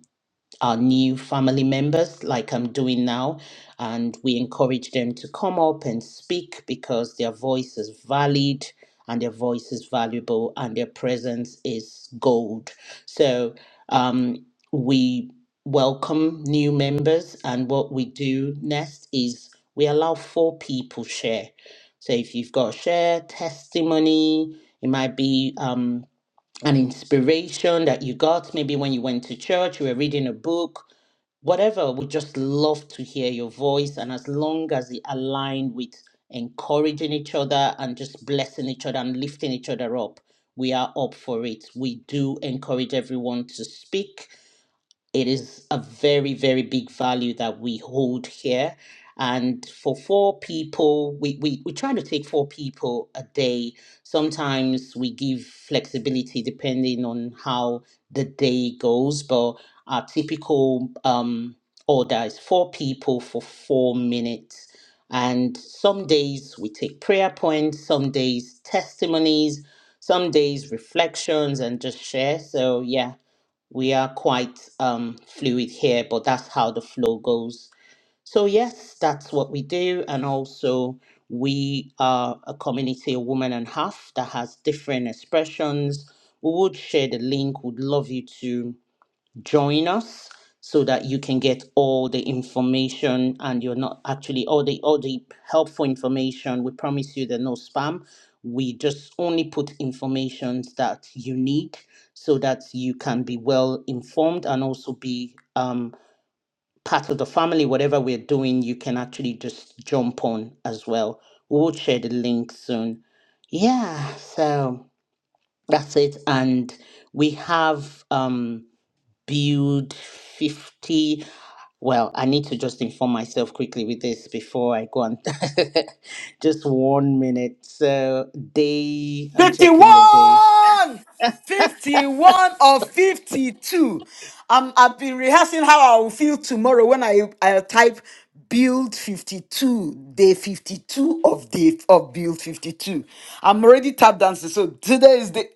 Speaker 6: our new family members, like I'm doing now, and we encourage them to come up and speak because their voice is valid and their voice is valuable and their presence is gold. So um, we welcome new members, and what we do next is we allow four people share. So if you've got share testimony, it might be. Um, an inspiration that you got, maybe when you went to church, you were reading a book, whatever. We just love to hear your voice. And as long as it aligned with encouraging each other and just blessing each other and lifting each other up, we are up for it. We do encourage everyone to speak it is a very very big value that we hold here and for four people we, we we try to take four people a day sometimes we give flexibility depending on how the day goes but our typical um order is four people for four minutes and some days we take prayer points some days testimonies some days reflections and just share so yeah we are quite um, fluid here, but that's how the flow goes. So, yes, that's what we do. And also, we are a community, a woman and half, that has different expressions. We would share the link, would love you to join us so that you can get all the information and you're not actually all the all the helpful information we promise you there's no spam we just only put information that you need so that you can be well informed and also be um, part of the family whatever we're doing you can actually just jump on as well we'll share the link soon yeah so that's it and we have um build 50 well i need to just inform myself quickly with this before i go on just one minute so day i'm checking the day
Speaker 3: 51 51 or 52 um, i've been rehearsing how i will feel tomorrow when i i type build 52 day 52 of day of build 52 i'm already tap dancing so today is the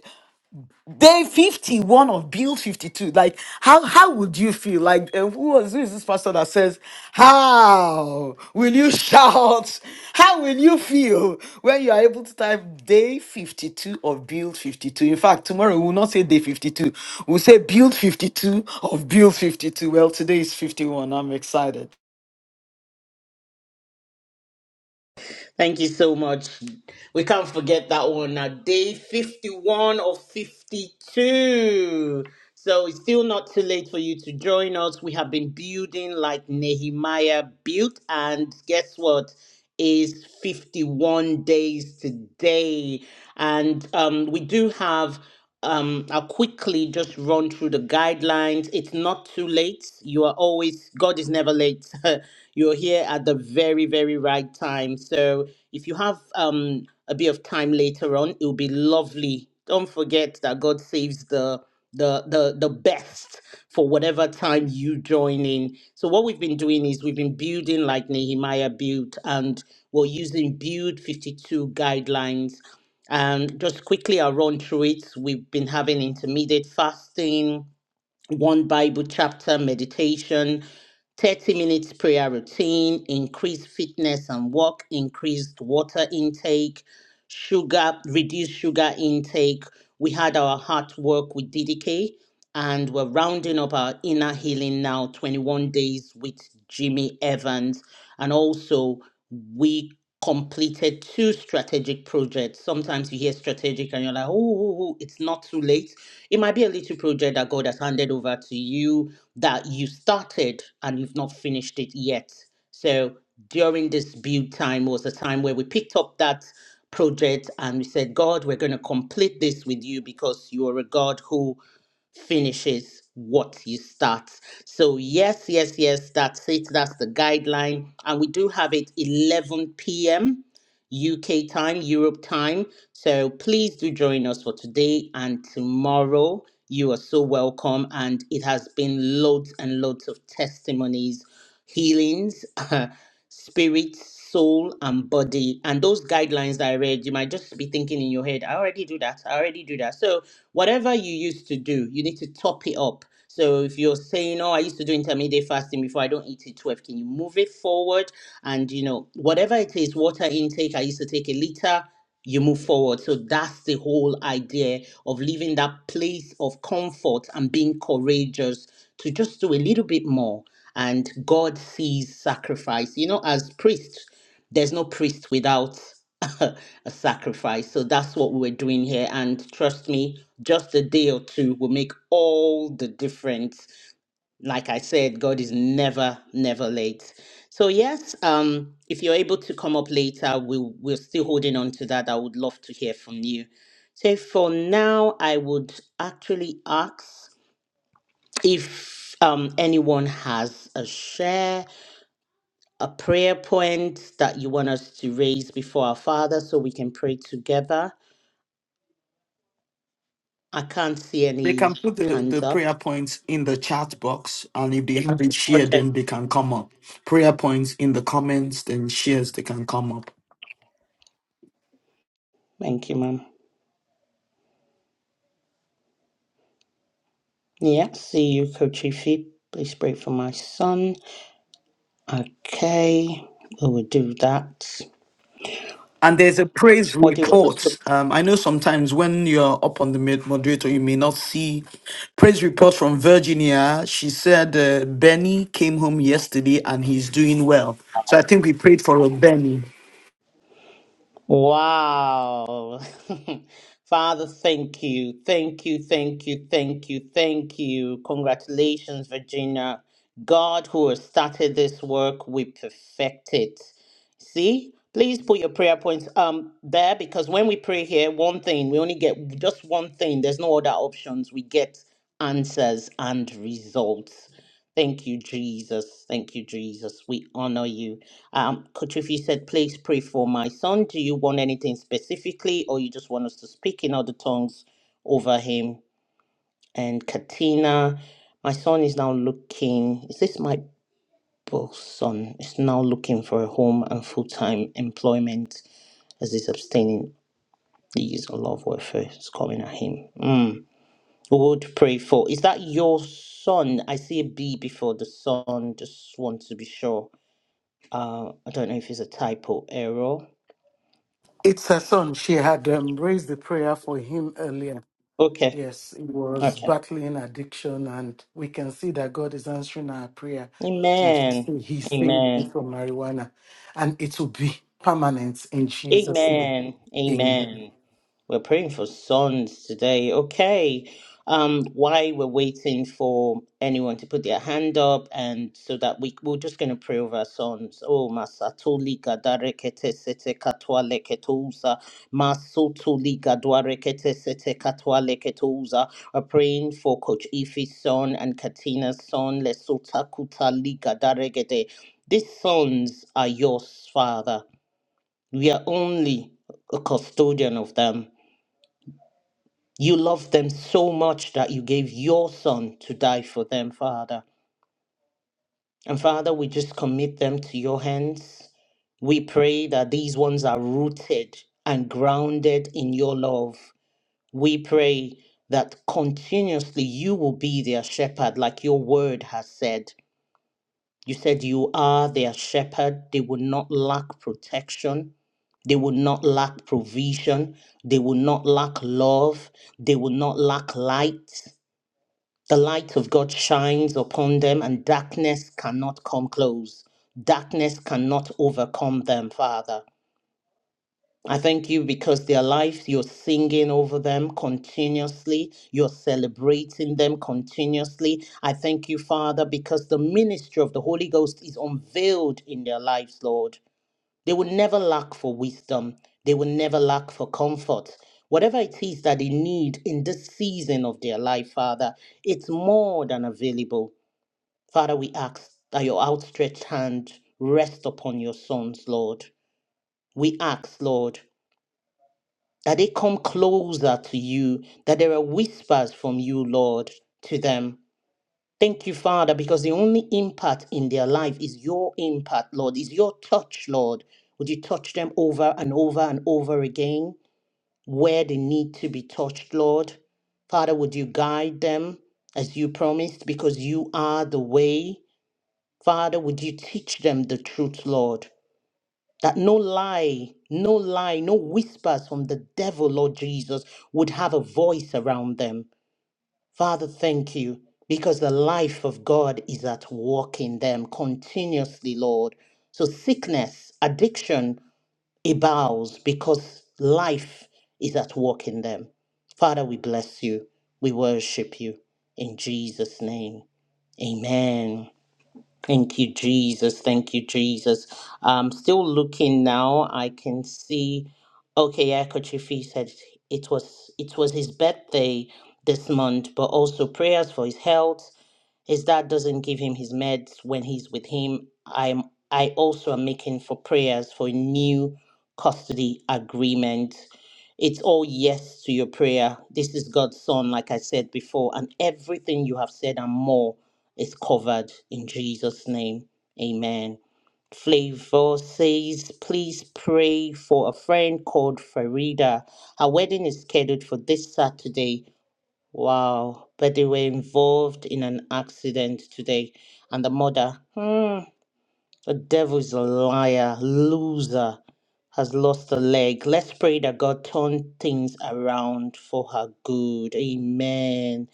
Speaker 3: Day 51 of Build 52. Like, how how would you feel? Like, uh, who was who is this pastor that says, How will you shout? How will you feel when you are able to type day 52 of Build 52?" In fact, tomorrow we will not say day 52, we'll say Build 52 of Build 52. Well, today is 51. I'm excited.
Speaker 6: thank you so much we can't forget that one now day 51 of 52 So it's still not too late for you to join us. We have been building like Nehemiah built, and guess what? Is 51 days today. And um, we do have, um, I'll quickly just run through the guidelines. It's not too late. You are always, God is never late. You're here at the very, very right time. So if you have um, a bit of time later on, it will be lovely. Don't forget that God saves the the the the best for whatever time you join in. So what we've been doing is we've been building like Nehemiah built, and we're using Build 52 guidelines. And just quickly, I'll run through it. We've been having intermediate fasting one Bible chapter meditation, 30 minutes prayer routine, increased fitness and walk, increased water intake, sugar, reduced sugar intake. We had our heart work with DDK and we're rounding up our inner healing now, 21 days with Jimmy Evans. And also, we completed two strategic projects. Sometimes you hear strategic and you're like, oh, oh, oh, it's not too late it might be a little project that God has handed over to you that you started and you've not finished it yet. So during this build time was a time where we picked up that project and we said, God, we're going to complete this with you because you are a God who finishes what you start. So, yes, yes, yes, that's it. That's the guideline. And we do have it 11 p.m. UK time, Europe time. So please do join us for today and tomorrow. You are so welcome. And it has been loads and loads of testimonies, healings, spirit, soul, and body. And those guidelines that I read, you might just be thinking in your head, I already do that. I already do that. So whatever you used to do, you need to top it up. So if you're saying, oh, I used to do intermediate fasting before I don't eat it 12, can you move it forward? And, you know, whatever it is, water intake, I used to take a liter, you move forward. So that's the whole idea of leaving that place of comfort and being courageous to just do a little bit more. And God sees sacrifice. You know, as priests, there's no priest without a sacrifice. So that's what we're doing here. And trust me, just a day or two will make all the difference like I said, God is never, never late. So yes, um, if you're able to come up later, we we're still holding on to that. I would love to hear from you. So for now, I would actually ask if um, anyone has a share, a prayer point that you want us to raise before our Father, so we can pray together. I can't see
Speaker 3: They can
Speaker 6: any
Speaker 3: put the, the
Speaker 6: hands up.
Speaker 3: prayer points in the chat box, and if they haven't shared,
Speaker 6: Okay.
Speaker 3: then they can come up. Prayer points in the comments, then shares, they can come up.
Speaker 6: Thank you, ma'am. Yeah. See you, Coach Ify. Please pray for my son. Okay. We will do that.
Speaker 3: And there's a praise
Speaker 6: What do you want us to?
Speaker 3: report. Um, I know sometimes when you're up on the mod- moderator, you may not see praise report from Virginia. She said uh, Benny came home yesterday and he's doing well. So I think we prayed for a Benny.
Speaker 6: Wow. Father, thank you. Thank you, thank you, thank you, thank you. Congratulations, Virginia. God who has started this work, we perfect it. See? Please put your prayer points um there because when we pray here, one thing, we only get just one thing. There's no other options. We get answers and results. Thank you, Jesus. Thank you, Jesus. We honor you. Um, Coach, if you said, please pray for my son, do you want anything specifically, or you just want us to speak in other tongues over him? And Katina, my son is now looking, is this my boss son? Is now looking for a home and full time employment as he's abstaining the use of love warfare is coming at him. Mm. We Would pray for. Is that your son? I see a B before the son. Just want to be sure. Uh, I don't know if it's a typo error.
Speaker 2: it's her son. She had um, raised the prayer for him earlier.
Speaker 6: Okay,
Speaker 2: Yes, he was
Speaker 6: okay.
Speaker 2: battling addiction, and we can see that God is answering our prayer. And she
Speaker 6: Amen.
Speaker 2: say he's staying
Speaker 6: Amen.
Speaker 2: away from marijuana, and it will be permanent in Jesus' name.
Speaker 6: Amen.
Speaker 2: Amen.
Speaker 6: Amen. We're praying for sons today. Okay. Um, while we're waiting for anyone to put their hand up, and so that we we're just going to pray over our sons. Oh, masatoli gadarekete sete katwale ketuza, masutuli gadware sete katwale ketuza. We're praying for Coach Ife's son and Katina's son. Lesota kutali gadare gede. These sons are yours, Father. We are only a custodian of them. You love them so much that you gave your son to die for them, Father. And Father, we just commit them to your hands. We pray that these ones are rooted and grounded in your love. We pray that continuously you will be their shepherd, like your word has said. You said you are their shepherd. They will not lack protection. They will not lack provision. They will not lack love. They will not lack light. The light of God shines upon them, and darkness cannot come close. Darkness cannot overcome them, Father. I thank you because their lives, you're singing over them continuously. You're celebrating them continuously. I thank you, Father, because the ministry of the Holy Ghost is unveiled in their lives, Lord. They will never lack for wisdom, they will never lack for comfort. Whatever it is that they need in this season of their life, Father, it's more than available. Father, we ask that your outstretched hand rest upon your sons, Lord. We ask, Lord that they come closer to you, that there are whispers from you, Lord, to them. Thank you, Father, because the only impact in their life is your impact, Lord, is your touch, Lord. Would you touch them over and over and over again where they need to be touched, Lord? Father, would you guide them as you promised because you are the way? Father, would you teach them the truth, Lord? that no lie, no lie, no whispers from the devil, Lord Jesus, would have a voice around them. Father, thank you because the life of God is at work in them continuously, Lord. So sickness, addiction, it bows because life is at work in them. Father, we bless you. We worship you. In Jesus' name, amen. Thank you, Jesus. Thank you, Jesus. I'm still looking now. I can see. Okay, Akochifi said it was it was his birthday this month, but also prayers for his health his dad doesn't give him his meds when he's with him i'm i also am making for prayers for a new custody agreement it's all yes to your prayer this is god's son like i said before and everything you have said and more is covered in jesus name amen Flavor says, please pray for a friend called Farida. Her wedding is scheduled for this Saturday Wow. But they were involved in an accident today. And the mother, hmm, the devil's a liar, loser, has lost a leg. Let's pray that God turn things around for her good. Amen.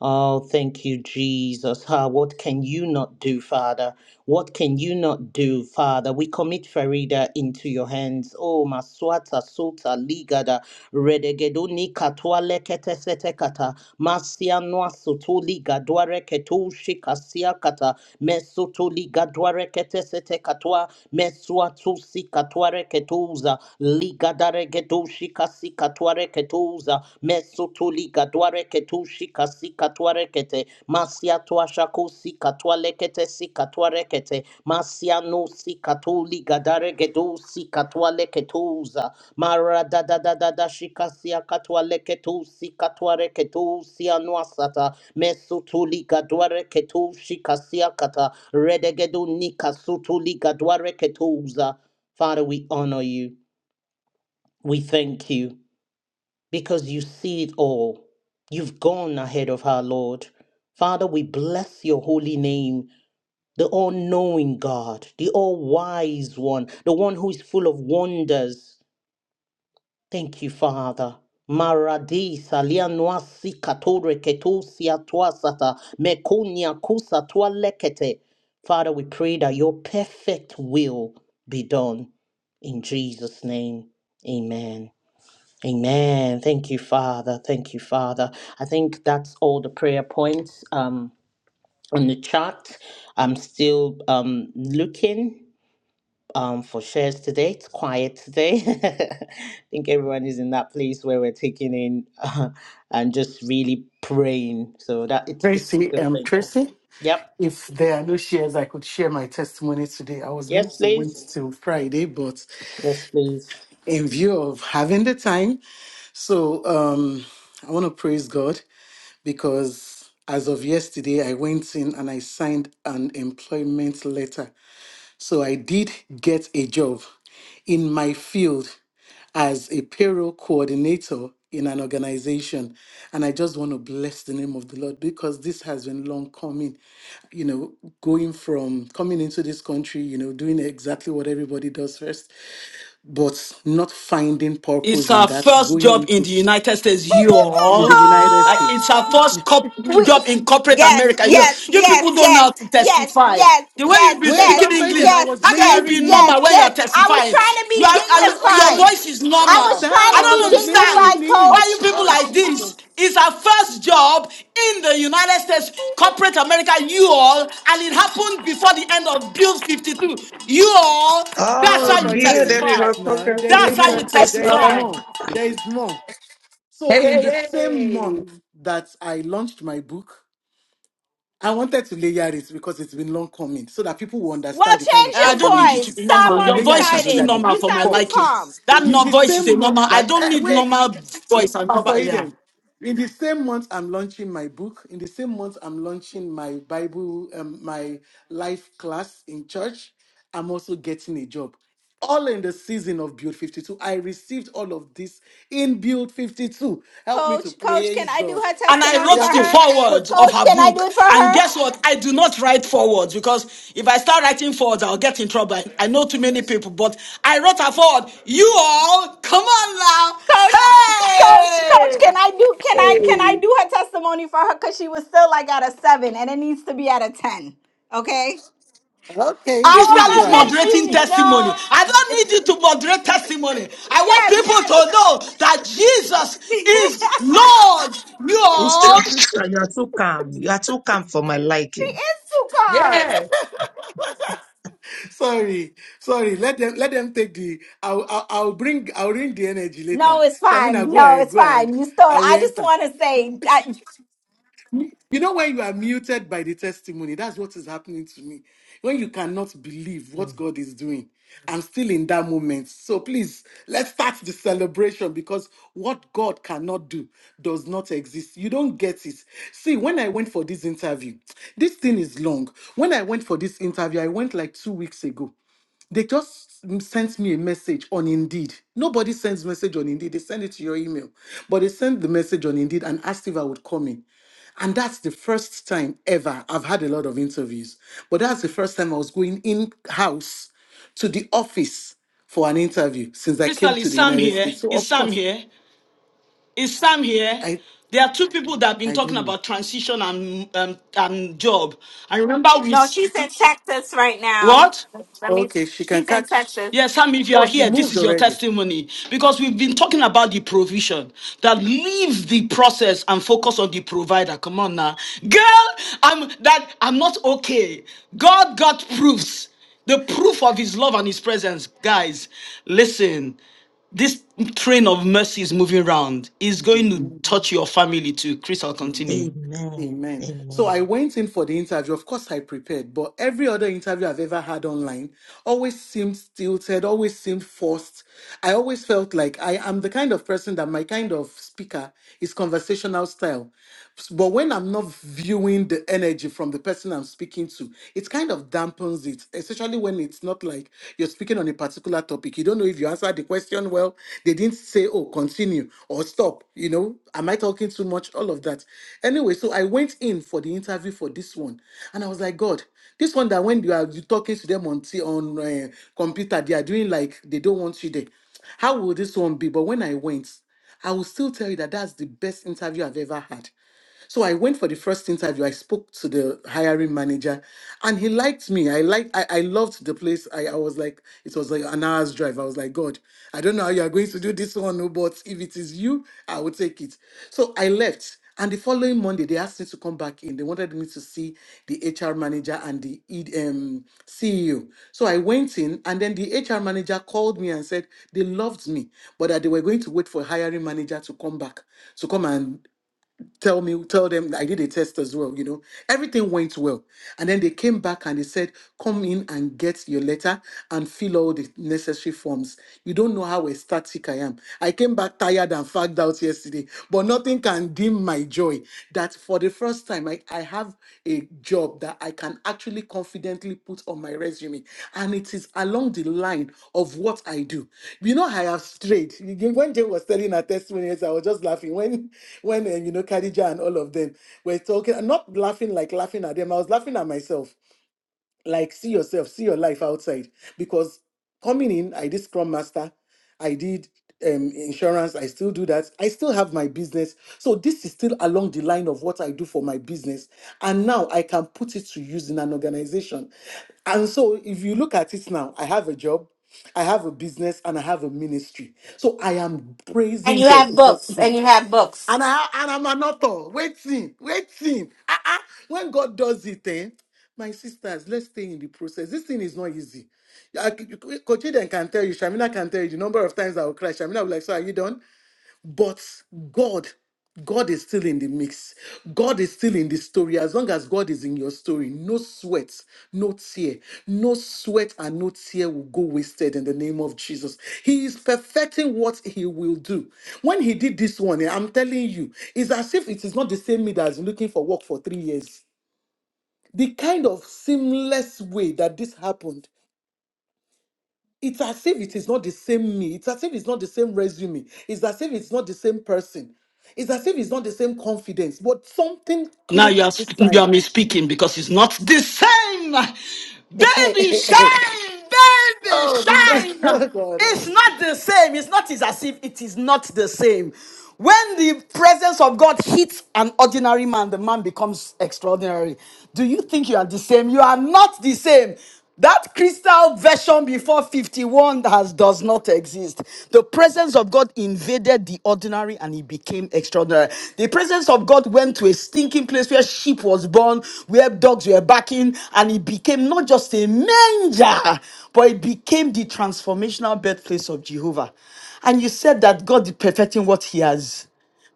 Speaker 6: Oh, thank you, Jesus. Ah, what can you not do, Father? What can you not do, Father? We commit Farida into your hands. Oh, Maswata, Sota, Ligada redegeduni katwa lekete sete kata masia noa sutuli gadware ketushi kasia kata mesutuli gadware kete sete katwa mesua tusi katware ketuza ligadare gedushi kasi katware ketuza mesutuli gadware ketushi kasi katware kete masia tuashaku sikatwa lekete sikatwa rekete masiano sikatuli gadare gedu sikatwa leketuza mara da da da da da shikasia katwa leketu sikatwa reketu sianwa sata mesutuli gadwa reketu shikasia kata redegedu nika sutuli gadwa reketuza Father, we honor you. We thank you because you see it all. You've gone ahead of our Lord. Father, we bless your holy name the all knowing God, the all wise one, the one who is full of wonders. Thank you, Father. Maradi salianwa sikatore ketusia tuasata mekunia kusa tua lekete. Father, we pray that your perfect will be done. In Jesus' name, amen. Amen. Thank you, Father. Thank you, Father. I think that's all the prayer points um, on the chart. I'm still um, looking um, for shares today. It's quiet today. I think everyone is in that place where we're taking in uh, and just really praying. So that it's it's
Speaker 2: Tracy, um,
Speaker 6: different.
Speaker 2: Tracy,
Speaker 6: Yep.
Speaker 2: if there are no shares, I could share my testimony today. I was going
Speaker 6: Yes,
Speaker 2: to wait
Speaker 6: please.
Speaker 2: till Friday, but
Speaker 6: Yes, please.
Speaker 2: in view of having the time. So um, I want to praise God because as of yesterday, I went in and I signed an employment letter. So I did get a job in my field as a payroll coordinator in an organization. And I just want to bless the name of the Lord because this has been long coming. You know, going from coming into this country, you know, doing exactly what everybody does first but not finding
Speaker 3: It's
Speaker 2: purpose in
Speaker 3: her
Speaker 2: that,
Speaker 3: first
Speaker 2: going
Speaker 3: job in
Speaker 2: into
Speaker 3: the United States, you
Speaker 2: the
Speaker 3: all.
Speaker 2: United
Speaker 3: Like it's
Speaker 2: States.
Speaker 3: her first cop-
Speaker 4: We,
Speaker 3: job in corporate
Speaker 4: yes,
Speaker 3: America. You,
Speaker 4: yes,
Speaker 3: you
Speaker 4: yes,
Speaker 3: people don't know
Speaker 4: yes,
Speaker 3: how to
Speaker 4: yes,
Speaker 3: testify.
Speaker 4: yes,
Speaker 3: The way you
Speaker 4: yes,
Speaker 3: be
Speaker 2: Wait,
Speaker 4: yes,
Speaker 3: speaking
Speaker 2: that's why then
Speaker 3: English,
Speaker 2: I
Speaker 4: yes,
Speaker 2: was
Speaker 3: how can you
Speaker 4: yes,
Speaker 3: be
Speaker 2: layering it.
Speaker 4: yes,
Speaker 3: normal when you
Speaker 4: yes.
Speaker 3: are
Speaker 4: I was
Speaker 3: testifying?
Speaker 4: trying to
Speaker 3: You
Speaker 4: be
Speaker 3: are,
Speaker 2: I, I,
Speaker 3: are you-
Speaker 2: I
Speaker 3: your
Speaker 2: was
Speaker 4: dignified.
Speaker 3: voice is
Speaker 4: I
Speaker 2: calm
Speaker 3: normal.
Speaker 4: was
Speaker 3: I
Speaker 4: trying
Speaker 2: down.
Speaker 4: to
Speaker 2: I
Speaker 4: be
Speaker 3: don't
Speaker 2: was
Speaker 3: understand
Speaker 2: layering
Speaker 4: dignified,
Speaker 3: why
Speaker 2: it.
Speaker 4: coach.
Speaker 3: you people
Speaker 2: Oh
Speaker 3: like this.
Speaker 2: Jesus.
Speaker 3: It's her first job in the United States, corporate America, you all, and it happened before the end of Bill 52. You all, that's
Speaker 1: Oh,
Speaker 3: how
Speaker 2: Pastor
Speaker 3: you
Speaker 2: Eden, wait
Speaker 3: testify.
Speaker 1: beautiful.
Speaker 2: now. There is
Speaker 3: That's how
Speaker 2: more.
Speaker 3: you
Speaker 1: Congratulations,
Speaker 2: There is
Speaker 3: testify.
Speaker 1: Crystal.
Speaker 2: more. There is more. So
Speaker 5: Hey,
Speaker 2: in the same
Speaker 5: hey,
Speaker 2: month that I launched my book, I wanted to layer it because it's been long coming, so that people will
Speaker 4: Well,
Speaker 2: understand the kind
Speaker 4: change
Speaker 2: of
Speaker 3: And I
Speaker 4: your
Speaker 3: don't
Speaker 2: testimony
Speaker 3: need you
Speaker 2: this
Speaker 3: to
Speaker 4: voice.
Speaker 2: is.
Speaker 3: be
Speaker 2: But
Speaker 4: Sound
Speaker 3: normal.
Speaker 2: we'll
Speaker 4: more
Speaker 3: Your
Speaker 2: layer
Speaker 3: voice
Speaker 2: it
Speaker 3: is too
Speaker 2: another
Speaker 4: excited.
Speaker 2: day.
Speaker 3: normal
Speaker 4: You
Speaker 3: for my
Speaker 4: sound
Speaker 2: But
Speaker 4: too
Speaker 3: liking.
Speaker 4: calm.
Speaker 3: That
Speaker 2: it's
Speaker 3: no
Speaker 2: the
Speaker 3: voice is
Speaker 2: same
Speaker 3: a normal.
Speaker 2: month
Speaker 3: I
Speaker 2: that
Speaker 3: don't
Speaker 2: eh,
Speaker 3: need
Speaker 2: wait,
Speaker 3: normal voice and
Speaker 2: Pastor
Speaker 3: normal. Yeah.
Speaker 2: Eden. In the same month, I'm launching my book. In the same month, I'm launching my Bible, um, my life class in church. I'm also getting a job. All in the season of Build 52. I received all of this in Build 52. Help me to
Speaker 4: Coach, coach, can
Speaker 2: praise
Speaker 4: I do
Speaker 2: God.
Speaker 4: her
Speaker 3: And I
Speaker 4: testimony for
Speaker 2: Yeah,
Speaker 3: wrote the
Speaker 4: her?
Speaker 2: coach.
Speaker 3: foreword
Speaker 2: Coach.
Speaker 3: of
Speaker 4: Coach,
Speaker 3: her
Speaker 4: can I
Speaker 3: book.
Speaker 4: do it for
Speaker 3: And
Speaker 4: her?
Speaker 3: guess what? I do not write forewords because if I start writing forwards, I'll get in trouble. I, I know too many people, but I wrote her foreword. You all, come on now.
Speaker 4: coach coach coach
Speaker 3: Hey!
Speaker 4: can i do
Speaker 5: hey.
Speaker 4: can i can i
Speaker 5: Yay.
Speaker 4: do her testimony for her because she was still like at a seven and it needs to be at a ten okay
Speaker 2: Okay,
Speaker 4: i
Speaker 2: please
Speaker 4: want
Speaker 3: Crystal
Speaker 2: go
Speaker 4: to
Speaker 3: is
Speaker 2: ahead.
Speaker 4: let
Speaker 3: moderating
Speaker 4: you
Speaker 3: testimony.
Speaker 4: know
Speaker 3: I don't need you to moderate testimony. I want
Speaker 4: yes
Speaker 3: people to know that
Speaker 4: she
Speaker 3: Jesus
Speaker 4: is
Speaker 3: is Lord. Your
Speaker 4: too calm
Speaker 5: Yes.
Speaker 2: Sorry, sorry. Let them let them take the. I'll I'll, I'll bring I'll bring the energy
Speaker 4: no
Speaker 2: later.
Speaker 4: it's fine
Speaker 2: Shamina, go
Speaker 4: no
Speaker 2: ahead,
Speaker 4: it's
Speaker 2: go ahead.
Speaker 4: fine you still
Speaker 2: I will
Speaker 4: i just
Speaker 2: enter.
Speaker 4: want to say that
Speaker 2: You know, when you are muted by the testimony, that's what is happening to me. When you cannot believe what God is doing, I'm still in that moment. So please, let's start the celebration because what God cannot do does not exist. You don't get it. See, when I went for this interview, this thing is long. When I went for this interview, I went like two weeks ago. They just m- sent me a message on Indeed. Nobody sends message on Indeed. They send it to your email. But they sent the message on Indeed and asked if I would come in. And that's the first time ever I've had a lot of interviews. But that's the first time I was going in house to the office for an interview since I came
Speaker 3: Crystal
Speaker 2: to
Speaker 3: is
Speaker 2: the
Speaker 3: Sam
Speaker 2: United
Speaker 3: here.
Speaker 2: States. So
Speaker 3: Is
Speaker 2: of
Speaker 3: Sam
Speaker 2: course,
Speaker 3: here? Is Sam here?
Speaker 2: I
Speaker 3: There are two people that have been
Speaker 2: I don't
Speaker 3: talking
Speaker 2: know.
Speaker 3: about transition and um, and job. I remember we
Speaker 4: no she's in texas right now
Speaker 3: what?
Speaker 4: let me
Speaker 2: Okay, she can
Speaker 4: she's in
Speaker 2: catch.
Speaker 4: texas
Speaker 3: Yes, Sam, if you
Speaker 2: Oh,
Speaker 3: are
Speaker 2: she
Speaker 3: here, this
Speaker 2: moved
Speaker 3: is your
Speaker 2: already.
Speaker 3: testimony. Because we've been talking about the provision that leaves the process and focus on the provider. Come on now. Girl, I'm that I'm not okay. God got proofs. The proof of his love and his presence. Guys, listen, this train of mercy is moving around. It's going to
Speaker 2: Mm-hmm.
Speaker 3: touch your family too. Chris, I'll continue.
Speaker 2: Amen. So I went in for the interview. Of course, I prepared, but every other interview I've ever had online, always seemed stilted, always seemed forced. I always felt like I am the kind of person that my kind of speaker is conversational style. But when I'm not viewing the energy from the person I'm speaking to, it kind of dampens it, especially when it's not like you're speaking on a particular topic. You don't know if you answered the question well, they didn't say, oh, continue or stop. You know, am I talking too much? All of that. Anyway, so I went in for the interview for this one, and I was like, God. This one that when you are you talking to them on t- on uh, computer, they are doing like they don't want you there. How will this one be? But when I went, I will still tell you that that's the best interview I've ever had. So I went for the first interview. I spoke to the hiring manager, and he liked me. I like I, I loved the place. I, I was like, it was like an hour's drive. I was like, God, I don't know how you are going to do this one, oh, but if it is you, I will take it. So I left. And the following Monday, they asked me to come back in. They wanted me to see the HR manager and the E- um, CEO. So I went in, and then the HR manager called me and said they loved me, but that they were going to wait for hiring manager to come back to come and tell me, tell them I did a test as well, you know. Everything went well. And then they came back and they said, come in and get your letter and fill all the necessary forms. You don't know how ecstatic I am. I came back tired and fagged out yesterday, but nothing can dim my joy that for the first time I, I I have a job that I can actually confidently put on my resume. And it is along the line of what I do. You know, I have strayed. When Jane was telling her testimonies, I was just laughing. When, when uh, you know, Khadija and all of them were talking, not laughing like laughing at them, I was laughing at myself like see yourself see your life outside because coming in i did scrum master i did um, insurance i still do that i still have my business so this is still along the line of what i do for my business and now i can put it to use in an organization and so if you look at it now i have a job I have a business and I have a ministry. So I am
Speaker 4: and
Speaker 2: praising
Speaker 4: you
Speaker 2: God
Speaker 4: have
Speaker 2: because
Speaker 4: books and you have books
Speaker 2: And I and I'm an author. Waiting, waiting. Ah, ah. When God does it, eh? My sisters, let's stay in the process. This thing is not easy. Kochiden can tell you, Shamina can tell you the number of times I will cry. Shamina will be like, so are you done? But God, God is still in the mix. God is still in the story. As long as God is in your story, no sweat, no tear, no sweat and no tear will go wasted in the name of Jesus. He is perfecting what he will do. When he did this one, I'm telling you, it's as if it is not the same me that is looking for work for three years the kind of seamless way that this happened it's as if it is not the same me. It's as if it's not the same resume. It's as if it's not the same person. It's as if it's not the same confidence. But something
Speaker 3: Now you
Speaker 2: clicks
Speaker 3: are,
Speaker 2: this
Speaker 3: you are
Speaker 2: time.
Speaker 3: misspeaking because it's not the same. Baby, shine! Baby,
Speaker 2: oh, because
Speaker 3: shine!
Speaker 2: oh God,
Speaker 3: It's not the same. It's not it's as if it is not the same. When the presence of God hits an ordinary man, the man becomes extraordinary. Do you think you are the same? You are not the same. That crystal version before 51 has does not exist. The presence of of God invaded the ordinary and he became extraordinary. The presence of God went to a stinking place where sheep was born, where dogs were barking, and it became not just a manger, but it became the transformational birthplace of Jehovah. And you said that God is perfecting what he has.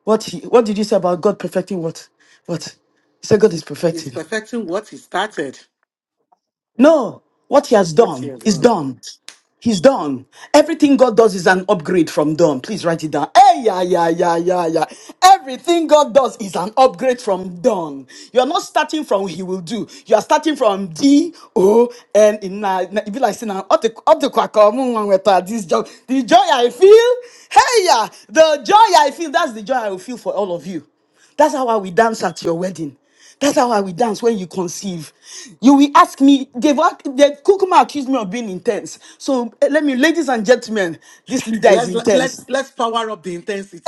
Speaker 3: What he, what did you say about God perfecting what? What? You said God is
Speaker 2: he's
Speaker 3: perfecting.
Speaker 2: perfecting what he started.
Speaker 3: No, what he has
Speaker 2: What's your
Speaker 3: done is
Speaker 2: everyone?
Speaker 3: done. He's done. Everything God does is an upgrade from done. Please write it down. Hey, yeah, yeah, yeah, yeah, yeah. Everything God does is an upgrade from done. You're not starting from He will do. You are starting from D O N. In na, na- if you like saying up the up the quack, oh, mm, mm, with, uh, this joy, the joy I feel. Hey, yeah, the joy I feel. That's the joy I will feel for all of you. That's how I will dance at your wedding. That's how I will dance when you conceive. You will ask me, they've, ac- they've Kukuma accused me of being intense. So eh, let me, ladies and gentlemen, this leader is
Speaker 2: Let's let's
Speaker 3: intense.
Speaker 2: let's power up the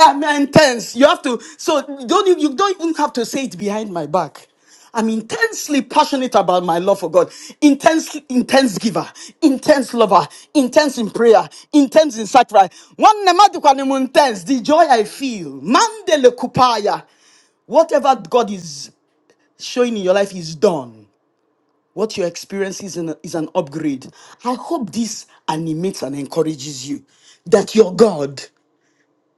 Speaker 3: Yeah, I'm intense. You have to, so you don't, e- you don't even have to say it behind my back. I'm intensely passionate about my love for God. Intense, intense giver, intense lover, intense in prayer, intense in sacrifice. One nemadu kwa nemu intense, the joy I feel. Mandele kupaya. Whatever God is showing in your life is done. What you're experiencing is an, is an upgrade. I hope this animates and encourages you that your God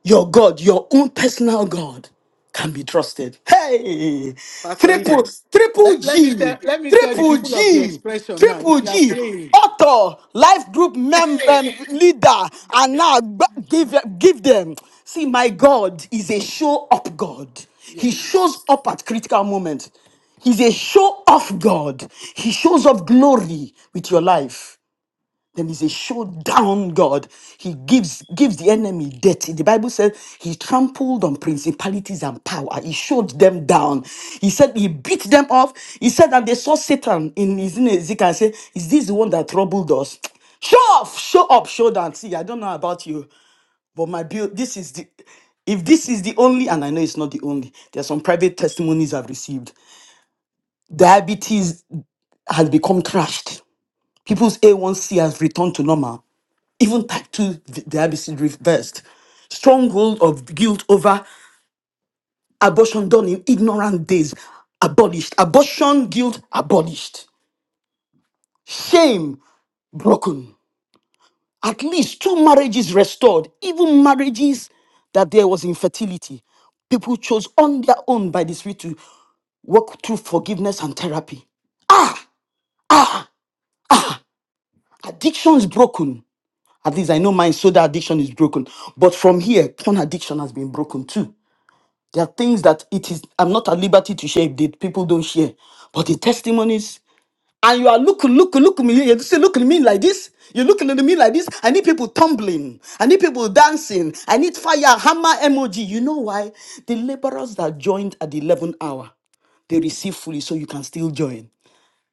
Speaker 3: your God, your own personal God, can be trusted. Hey,
Speaker 2: Pastor
Speaker 3: triple,
Speaker 2: Eden.
Speaker 3: triple
Speaker 2: Let, let me tell
Speaker 3: G,
Speaker 2: let me tell the
Speaker 3: triple
Speaker 2: people of the
Speaker 3: G,
Speaker 2: expression now. If
Speaker 3: triple
Speaker 2: you are
Speaker 3: G,
Speaker 2: praying,
Speaker 3: author, life group member, leader, and now gba- give, give them. See, my God is a show up God. He
Speaker 2: yes.
Speaker 3: shows up at critical moments. He's a show off God. He shows off glory with your life. He's a showdown God. He gives gives the enemy death. The Bible says he trampled on principalities and power. He showed them down. He said he beat them off. He said, and they saw Satan in his in Ezekiel and say, Is this the one that troubled us? Show off, show up, show down. See, I don't know about you, but my build this is the if this is the only, and I know it's not the only, there are some private testimonies I've received. Diabetes has become crashed. People's A1C has returned to normal even type 2 di- diabetes reversed, stronghold of guilt over abortion done in ignorant days abolished, abortion guilt abolished, shame broken, at least two marriages restored, even marriages that there was infertility. People chose on their own by the Spirit to walk through forgiveness and therapy. Addictions broken. At least I know my soda addiction is broken. But from here, porn addiction has been broken too. There are things that it is I'm not at liberty to share if the people don't share. But the testimonies, and you are looking, looking, looking me. You're looking at me like this. You're looking at me like this. I need people tumbling. I need people dancing. I need fire, hammer emoji. You know why? The laborers that joined at the 11th hour, they receive fully, so you can still join.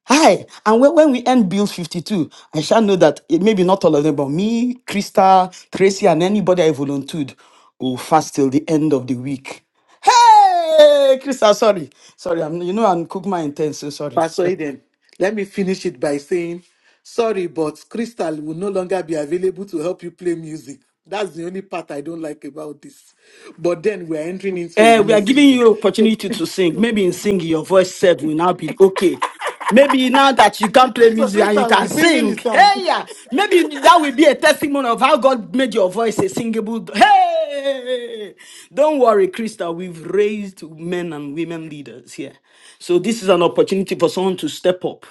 Speaker 3: Hi. And when, when we end Bill 52, I shall know that it maybe not all of them, but me, Krista, Tracy, and anybody I volunteered will fast till the end of the week. Hey, Krista, sorry. Sorry, I'm, you know, I'm Kukma intense, so sorry.
Speaker 2: Pastor Eden, let me finish it by saying, sorry, but Crystal will no longer be available to help you play music. That's the only part I don't like about this. But then we're entering into a
Speaker 3: Eh, we
Speaker 2: new
Speaker 3: are giving
Speaker 2: season.
Speaker 3: you
Speaker 2: So,
Speaker 3: opportunity to sing. Maybe in singing, your voice said will now be okay. Maybe now that you can play
Speaker 2: so
Speaker 3: music and you
Speaker 2: Crystal will be
Speaker 3: can
Speaker 2: singing the
Speaker 3: sing,
Speaker 2: song.
Speaker 3: hey, yeah. Maybe that will be a testimony of how God made your voice a singable. Hey, don't worry, Krista. We've raised men and women leaders here, so this is an opportunity for someone to step up.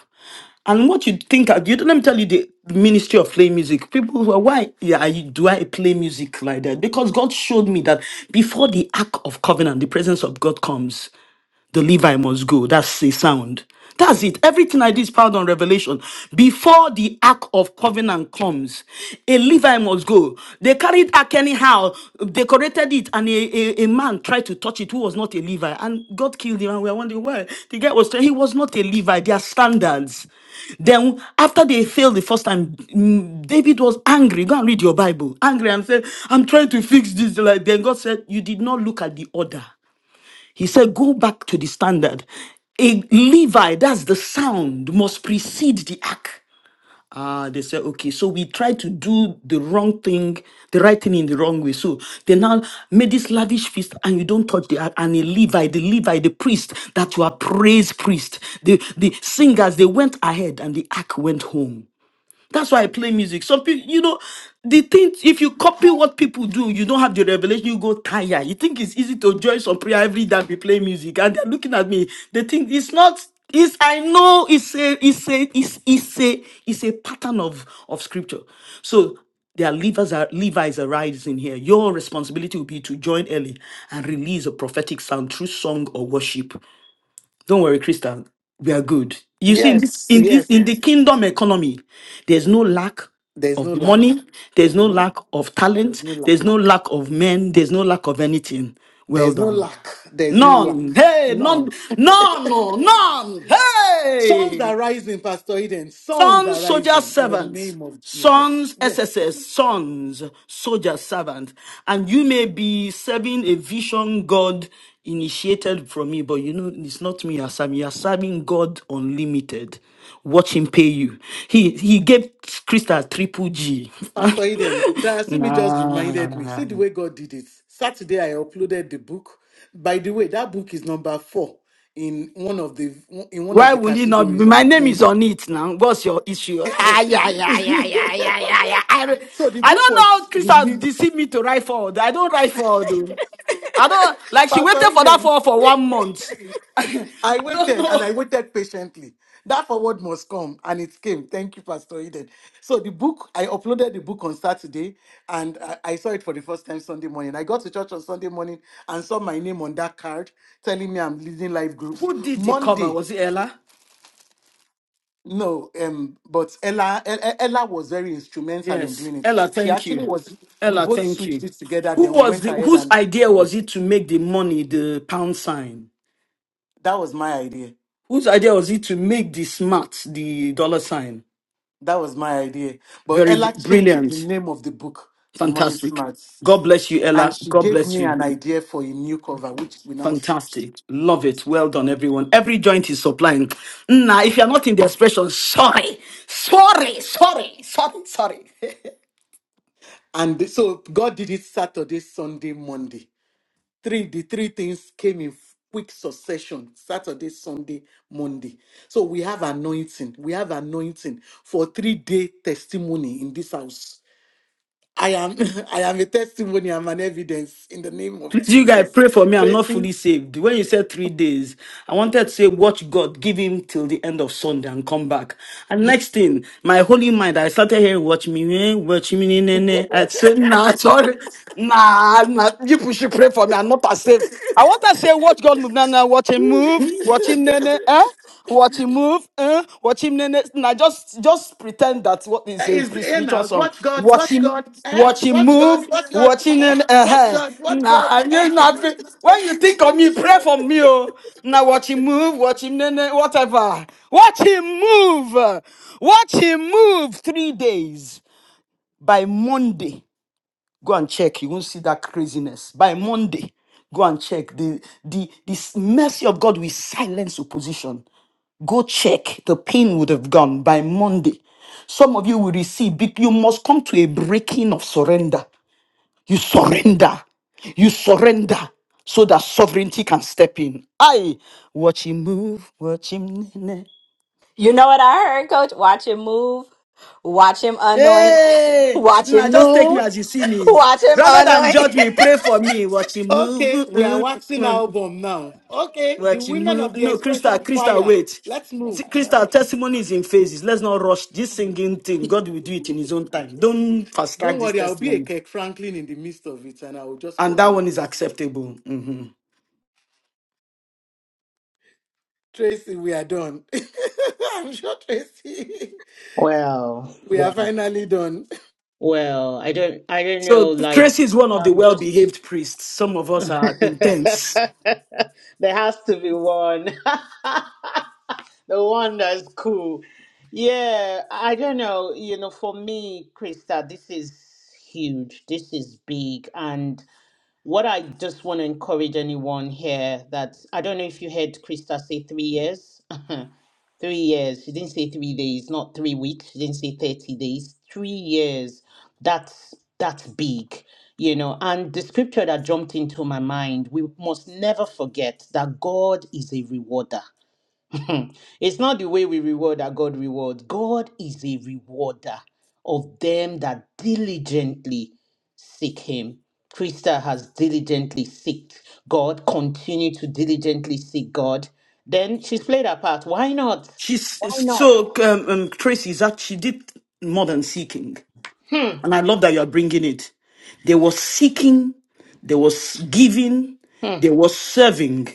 Speaker 3: And what you think, of- you, let me tell you the ministry of play music. People who are, why yeah, I- do I play music like that? Because God showed me that before the act of covenant, the presence of God comes the Levi must go. That's a sound. That's it. Everything I do is powered on revelation. Before the Ark of Covenant comes, a Levi must go. They carried Ark anyhow, decorated it, and a, a, a man tried to touch it who was not a Levi. And God killed him, and we are wondering why. The guy was, he was not a Levi. Their standards. Then, after they failed the first time, mm, David was angry. Go and read your Bible. Angry and said, I'm trying to fix this. Like, then God said, You did not look at the order. He said, Go back to the standard. A Levi, that's the sound, must precede the ark. Ah, they said, okay, so we tried to do the wrong thing, the right thing in the wrong way. So they now made this lavish feast, and you don't touch the ark. And a Levi, the Levi, the priest, that you are praise priest, the, the singers, they went ahead, and the ark went home. That's why I play music. Some people, you know, the thing, if you copy what people do, you don't have the revelation, you go tired. You think it's easy to join some prayer every day and be playing music. And they're looking at me. They think it's not, it's, I know it's a, it's a, it's, it's a, it's a pattern of, of scripture. So their Levi's are, Levi's are rising here. Your responsibility will be to join early and release a prophetic sound through song or worship. Don't worry, Krista. We are good. You see, in this
Speaker 2: Yes,
Speaker 3: in this
Speaker 2: yes.
Speaker 3: in the kingdom economy, there's no lack
Speaker 2: There's no
Speaker 3: of
Speaker 2: lack.
Speaker 3: money, there's no
Speaker 2: Mhm.
Speaker 3: lack of
Speaker 2: There's
Speaker 3: talent,
Speaker 2: no
Speaker 3: there's
Speaker 2: lack.
Speaker 3: no lack of men, there's no lack of anything. Well
Speaker 2: There's no
Speaker 3: done.
Speaker 2: lack. There's no lack.
Speaker 3: None. Hey, none,
Speaker 2: None.
Speaker 3: none, oh, none.
Speaker 2: Sons are
Speaker 3: Hey.
Speaker 2: rising, Pastor Eden. Sons are
Speaker 3: Sons, soldier
Speaker 2: rising in the
Speaker 3: servants.
Speaker 2: name of Jesus.
Speaker 3: Sons, SSS,
Speaker 2: Yes.
Speaker 3: sons, soldier servant. And you may be serving a vision God initiated from me, but you know, it's not me you're serving. You're serving God unlimited. Watch him pay you. He he gave Krista triple G.
Speaker 2: Pastor Eden, Diasimi just reminded me.
Speaker 3: nah.
Speaker 2: See the way God did it. Saturday, I uploaded the book. By the way, that book is number four in one of the in one of
Speaker 3: Why
Speaker 2: the
Speaker 3: would it not
Speaker 2: categories
Speaker 3: be?
Speaker 2: on
Speaker 3: My name is
Speaker 2: Kindle.
Speaker 3: on it now. What's your issue? Ah, yeah, yeah, yeah, yeah, yeah, yeah, yeah. I, re-
Speaker 2: so the
Speaker 3: I
Speaker 2: book
Speaker 3: don't know how
Speaker 2: was
Speaker 3: Crystal
Speaker 2: released.
Speaker 3: deceived me to write forward. I don't write forward. oh. I don't, like, she waited
Speaker 2: Pastor
Speaker 3: for that
Speaker 2: Eden.
Speaker 3: forward for one month. I
Speaker 2: I
Speaker 3: don't
Speaker 2: waited and
Speaker 3: know
Speaker 2: I waited patiently. That forward must come, and it came. Thank you, Pastor Eden. So the book, I uploaded the book on Saturday, and I, I saw it for the first time Sunday morning. I got to church on Sunday morning and saw my name on that card telling me I'm leading life groups.
Speaker 3: who did the cover.
Speaker 2: Monday,
Speaker 3: Was it Ella?
Speaker 2: no, um, but Ella, E- E- Ella was very instrumental in
Speaker 3: Yes.
Speaker 2: doing it.
Speaker 3: Ella,
Speaker 2: She
Speaker 3: thank
Speaker 2: actually
Speaker 3: you.
Speaker 2: was. We
Speaker 3: Ella,
Speaker 2: both
Speaker 3: thank
Speaker 2: switched
Speaker 3: you.
Speaker 2: it together.
Speaker 3: Who
Speaker 2: Then we
Speaker 3: was
Speaker 2: went
Speaker 3: the,
Speaker 2: ahead
Speaker 3: whose
Speaker 2: and
Speaker 3: idea was it to make the money the pound sign?
Speaker 2: that was my idea.
Speaker 3: Whose idea was it to make the smart the dollar sign?
Speaker 2: That was my idea. But
Speaker 3: Very br-
Speaker 2: Ella changed the
Speaker 3: brilliant.
Speaker 2: name of the book to Money
Speaker 3: Fantastic.
Speaker 2: Smarts.
Speaker 3: God bless you,
Speaker 2: And
Speaker 3: Ella.
Speaker 2: she
Speaker 3: God
Speaker 2: gave
Speaker 3: bless
Speaker 2: me
Speaker 3: you.
Speaker 2: an idea for a new cover, which we now see.
Speaker 3: Fantastic. Love it. Well done, everyone. Every joint is supplying. Now, if you're not in the expression, sorry, sorry, sorry, sorry, sorry.
Speaker 2: And th- so God did it Saturday, Sunday, Monday. Three, the three things came in quick succession Saturday, Sunday, Monday. So we have anointing. We have anointing for three day testimony in this house. I am I am a testimony, I'm an evidence in the name of
Speaker 3: Please, you guys,
Speaker 2: Jesus.
Speaker 3: pray for me. I'm not
Speaker 2: Tracy.
Speaker 3: fully saved. When you said three days, I wanted to say, watch God, give him till the end of Sunday and come back. And next thing, my holy mind, I started hearing, watch me, eh, watch me, ne, ne, ne. I said, nah, sorry. Nah, nah, you should pray for me. I'm not as saved. I want to say, watch God move. Now, now, watch him move. Watch him, nene, eh? Watch him move. Eh? Watch him, nene. Now, just, just pretend that what
Speaker 2: Eh,
Speaker 3: is a
Speaker 2: Is
Speaker 3: pre
Speaker 2: you
Speaker 3: spiritual
Speaker 2: know
Speaker 3: song.
Speaker 2: watch God,
Speaker 3: Watch
Speaker 2: watch
Speaker 3: him,
Speaker 2: God, eh?
Speaker 3: watch him
Speaker 2: Watch God,
Speaker 3: move.
Speaker 2: watch God,
Speaker 3: Watch him,
Speaker 2: eh?
Speaker 3: nene,
Speaker 2: Watch
Speaker 3: eh?
Speaker 2: God, watch
Speaker 3: Now,
Speaker 2: God,
Speaker 3: I
Speaker 2: eh?
Speaker 3: know nothing. When you think of me, pray for me, oh. Now, watch him move. Watch him, nene, whatever. Watch him move. Watch him move three days by Monday. Go and check. You won't see that craziness. By Monday, go and check. The, the, the mercy of God will silence opposition. Go check. The pain would have gone by Monday. Some of you will receive. big- You must come to a breaking of surrender. You surrender. You surrender so that sovereignty can step in. I watch him move, watch him. nene.
Speaker 4: You know what I heard, coach? Watch him move. Watch him anoint.
Speaker 3: Hey,
Speaker 4: Watch
Speaker 3: nah,
Speaker 4: him
Speaker 3: just take me
Speaker 4: move.
Speaker 3: as you see me.
Speaker 4: Watch him anoint.
Speaker 3: Rather than judge me, pray for me. Watch him
Speaker 2: Okay, we are waxing
Speaker 3: move.
Speaker 2: album now. Okay, the women of
Speaker 3: Wechimu.
Speaker 2: the
Speaker 3: No, Krista,
Speaker 2: expression
Speaker 3: Krista,
Speaker 2: choir.
Speaker 3: wait.
Speaker 2: Let's move.
Speaker 3: See, Krista, testimony is in phases. Let's not rush this singing thing. God will do it in His own time. Don't fast
Speaker 2: Don't
Speaker 3: track this
Speaker 2: worry, I'll be a
Speaker 3: testimony.
Speaker 2: Kirk Franklin in the midst of it and I will just
Speaker 3: And that one
Speaker 2: coordinate.
Speaker 3: is acceptable. Mhm.
Speaker 2: Tracy, we are done. I'm sure Tracy,
Speaker 6: Well,
Speaker 2: we are
Speaker 6: well,
Speaker 2: finally done.
Speaker 6: well. I don't. I don't
Speaker 3: So,
Speaker 6: know. Like,
Speaker 3: Tracy is one of the
Speaker 6: I'm
Speaker 3: well
Speaker 6: just.
Speaker 3: behaved priests. Some of us are intense.
Speaker 6: there has to be one. The wonder it's cool. Yeah, I don't know. You know, for me, Krista, this is huge. This is big. And what I just want to encourage anyone here that I don't know if you heard Krista say three years. three years. She didn't say three days, not three weeks. She didn't say 30 days. Three years. That's that's big. You know, and the scripture that jumped into my mind, we must never forget that God is a rewarder. Hmm. It's not the way we reward that God rewards. God is a rewarder of them that diligently seek Him. Krista has diligently seeked God, continue to diligently seek God. Then she's played her part. Why not?
Speaker 3: She's
Speaker 6: Why not?
Speaker 3: so, um, um, Tracy is actually did more than seeking.
Speaker 6: Hmm.
Speaker 3: And I love that you are bringing it. There was seeking, there was giving,
Speaker 6: Hmm.
Speaker 3: there was serving.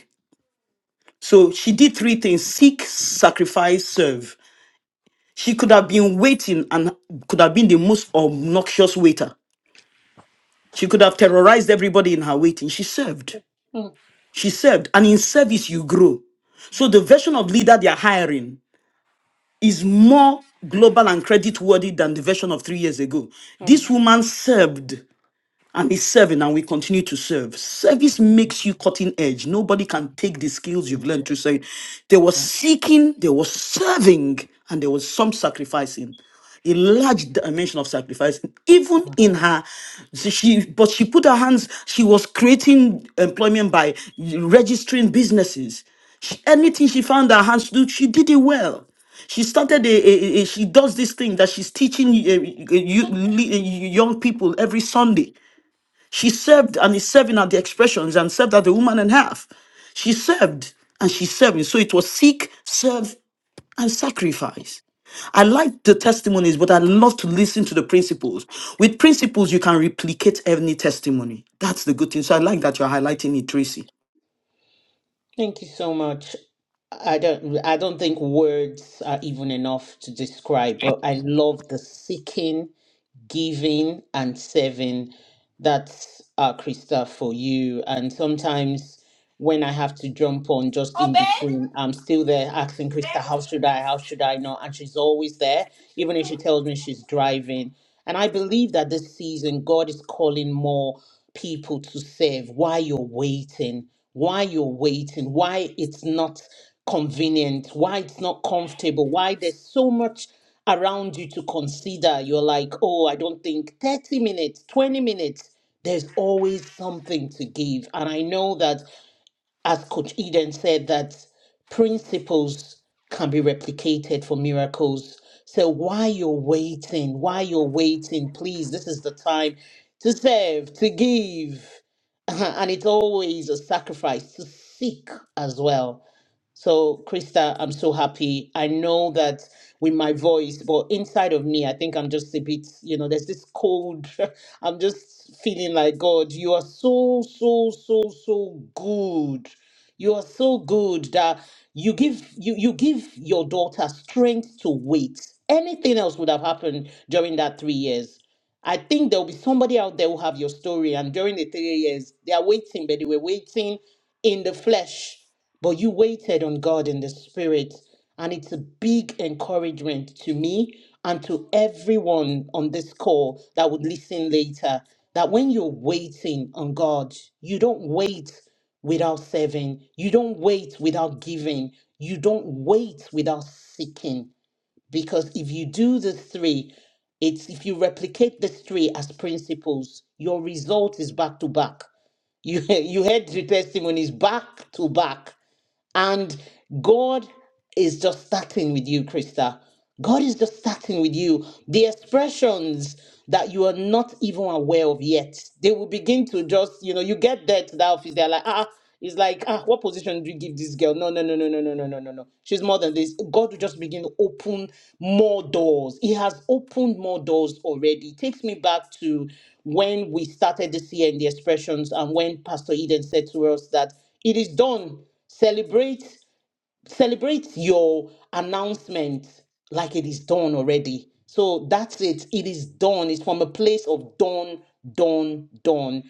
Speaker 3: So she did three things seek, sacrifice, serve. She could have been waiting and could have been the most obnoxious waiter. She could have terrorized everybody in her waiting. She served.
Speaker 6: Hmm.
Speaker 3: She served. And in service, you grow. So the version of leader they are hiring is more global and credit worthy than the version of three years ago.
Speaker 6: Hmm.
Speaker 3: This woman served and is serving and we continue to serve. Service makes you cutting edge. Nobody can take the skills you've learned to
Speaker 6: Jesus.
Speaker 3: say. There was seeking, there was serving, and there was some sacrificing. A large dimension of sacrifice, even in her, so she but she put her hands. She was creating employment by registering businesses. She- anything she found her hands to do, she did it well. She started a, a- a- a- she does this thing that she's teaching uh, uh, you, young people every Sunday. She served and is serving at the expressions and served at the woman and half. She served and she's serving. So it was seek, serve, and sacrifice. I like the testimonies, but I love to listen to the principles. With principles, you can replicate any testimony. That's the good thing. So I like that you're highlighting it, Tracy.
Speaker 6: Thank you so much. I don't I don't think words are even enough to describe, but I love the seeking, giving and serving. That's uh Krista for you. And sometimes when I have to jump on just in between, I'm still there asking Krista, how should I? How should I not? And she's always there, even if she tells me she's driving. And I believe that this season God is calling more people to serve, why you're waiting, why you're waiting, why it's not convenient, why it's not comfortable, why there's so much around you to consider. You're like, oh, I don't think 30 minutes, 20 minutes, there's always something to give. And I know that as Coach Eden said, that principles can be replicated for miracles. So while you're waiting, while you're waiting, please, this is the time to serve, to give. And it's always a sacrifice to seek as well so, Krista, I'm so happy. I know that with my voice, but inside of me, I think I'm just a bit, you know, there's this cold. I'm just feeling like, God, you are so, so, so, so good. You are so good that you give you you give your daughter strength to wait. Anything else would have happened during that three years I think there'll be somebody out there who have your story. And during the three years, they are waiting, but they were waiting in the flesh. But you waited on God in the spirit. And it's a big encouragement to me and to everyone on this call that would listen later that when you're waiting on God, you don't wait without serving, you don't wait without giving, you don't wait without seeking because if you do the three, it's if you replicate the three as principles, your result is back to back. You you heard the testimonies back to back and God is just starting with you, Krista. God is just starting with you. The expressions that you are not even aware of yet, they will begin to just, you know, you get there to that office, they're like, ah, it's like, ah, what position do you give this girl? No, no, no, no, no, no, no, no, no, no. She's more than this. God will just begin to open more doors. He has opened more doors already. It takes me back to when we started this year in the expressions and when Pastor Eden said to us that it is done celebrate celebrate your announcement like it is done already so that's it it is done it's from a place of done done done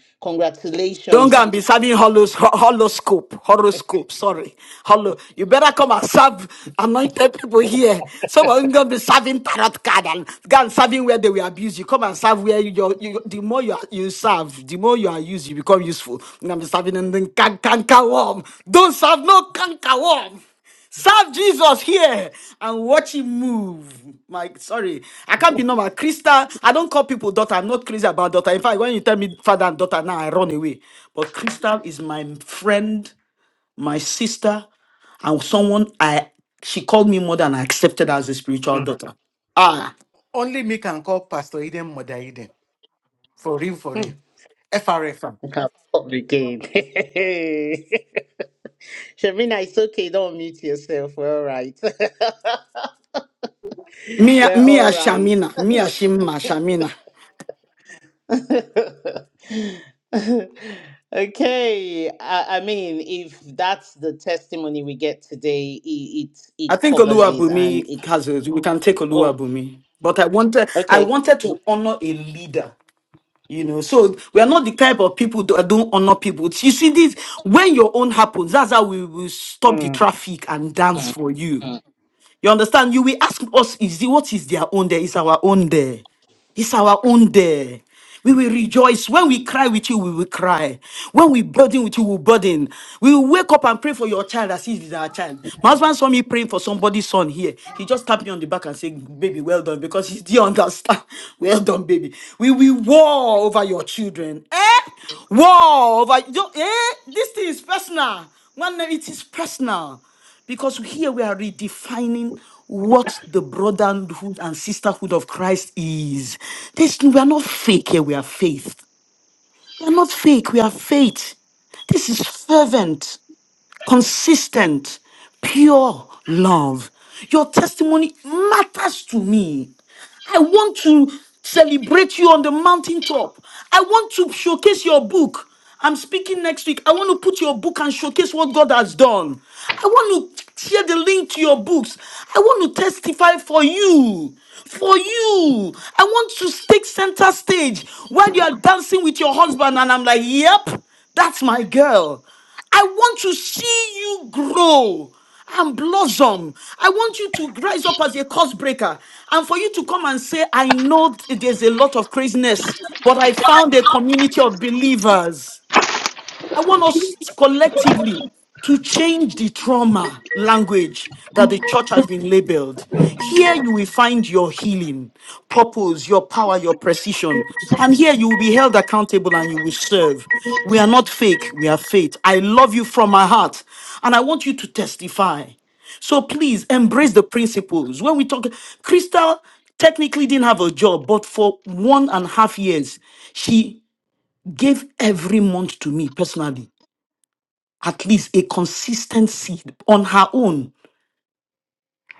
Speaker 3: Don't
Speaker 6: congratulations
Speaker 3: go and
Speaker 6: and
Speaker 3: be serving holos, ho- horoscope, horoscope, sorry. Holo. You better come and serve anointed people here. Some of them going to be serving tarot card and go and serving where they will abuse you. Come and serve where you, you, you the more you, are- you serve, the more you are used, you become useful. You're going to be serving in the canker worm. Don't serve no canker worm. Serve Jesus here and watch him move. My sorry, I can't be normal. Krista, I don't call people daughter. I'm not crazy about daughter. In fact, when you tell me father and daughter now, I run away. But Krista is my friend, my sister, and someone I she called me mother and I accepted her as a spiritual
Speaker 6: Mm,
Speaker 3: daughter. Ah,
Speaker 2: Only me can call Pastor Eden Mother Eden. For real, for real. FRFM.
Speaker 6: I can't stop again. Shamina, it's okay. Don't mute yourself. We're all right.
Speaker 3: Mia
Speaker 6: We're
Speaker 3: Mia
Speaker 6: all right.
Speaker 3: Shamina, Mia Shima Shamina.
Speaker 6: okay. I, I mean, if that's the testimony we get today, it it,
Speaker 3: I
Speaker 6: it
Speaker 3: think
Speaker 6: covers it, and
Speaker 3: Oluwabumi
Speaker 6: it's.
Speaker 3: has a, we can take
Speaker 6: oh,
Speaker 3: Oluwabumi. But I wanted I
Speaker 6: Okay.
Speaker 3: wanted to honor a leader You know, so we are not the type of people that don't honor people. You see, this when your own happens, that's how we will stop the
Speaker 6: Mm,
Speaker 3: traffic and dance
Speaker 6: mm,
Speaker 3: for you.
Speaker 6: mm.
Speaker 3: You understand? You will ask us, is it what is their own there? Is our own there? It's our own there. We will rejoice. When we cry with you, we will cry. When we burden with you, we will burden. We will wake up and pray for your child as if it's our child. My husband saw me praying for somebody's son here. He just tapped me on the back and said, Baby, well done, because he didn't understand. Well done, baby. We will war over your children. Eh? War over. you- Eh? This thing is personal. Man, it is personal. Because here we are redefining what the brotherhood and sisterhood of Christ is. This, we are not fake here, we are faith. We are not fake, we are faith. This is fervent consistent, pure love. Your testimony matters to me. I want to celebrate you on the mountaintop. I want to showcase your book. I'm speaking next week. I want to put your book and showcase what God has done. I want to share the link to your books. I want to testify for you. For you. I want to take center stage while you are dancing with your husband. And I'm like, yep, that's my girl. I want to see you grow and blossom. I want you to rise up as a curse breaker and for you to come and say, I know there's a lot of craziness, but I found a community of believers. I want us collectively to change the trauma language that the church has been labeled. Here you will find your healing, purpose, your power, your precision. And here you will be held accountable and you will serve. We are not fake, we are faith. I love you from my heart. And I want you to testify. So please embrace the principles. When we talk, Crystal technically didn't have a job, but for one and a half years, she gave every month to me personally at least a consistency on her own.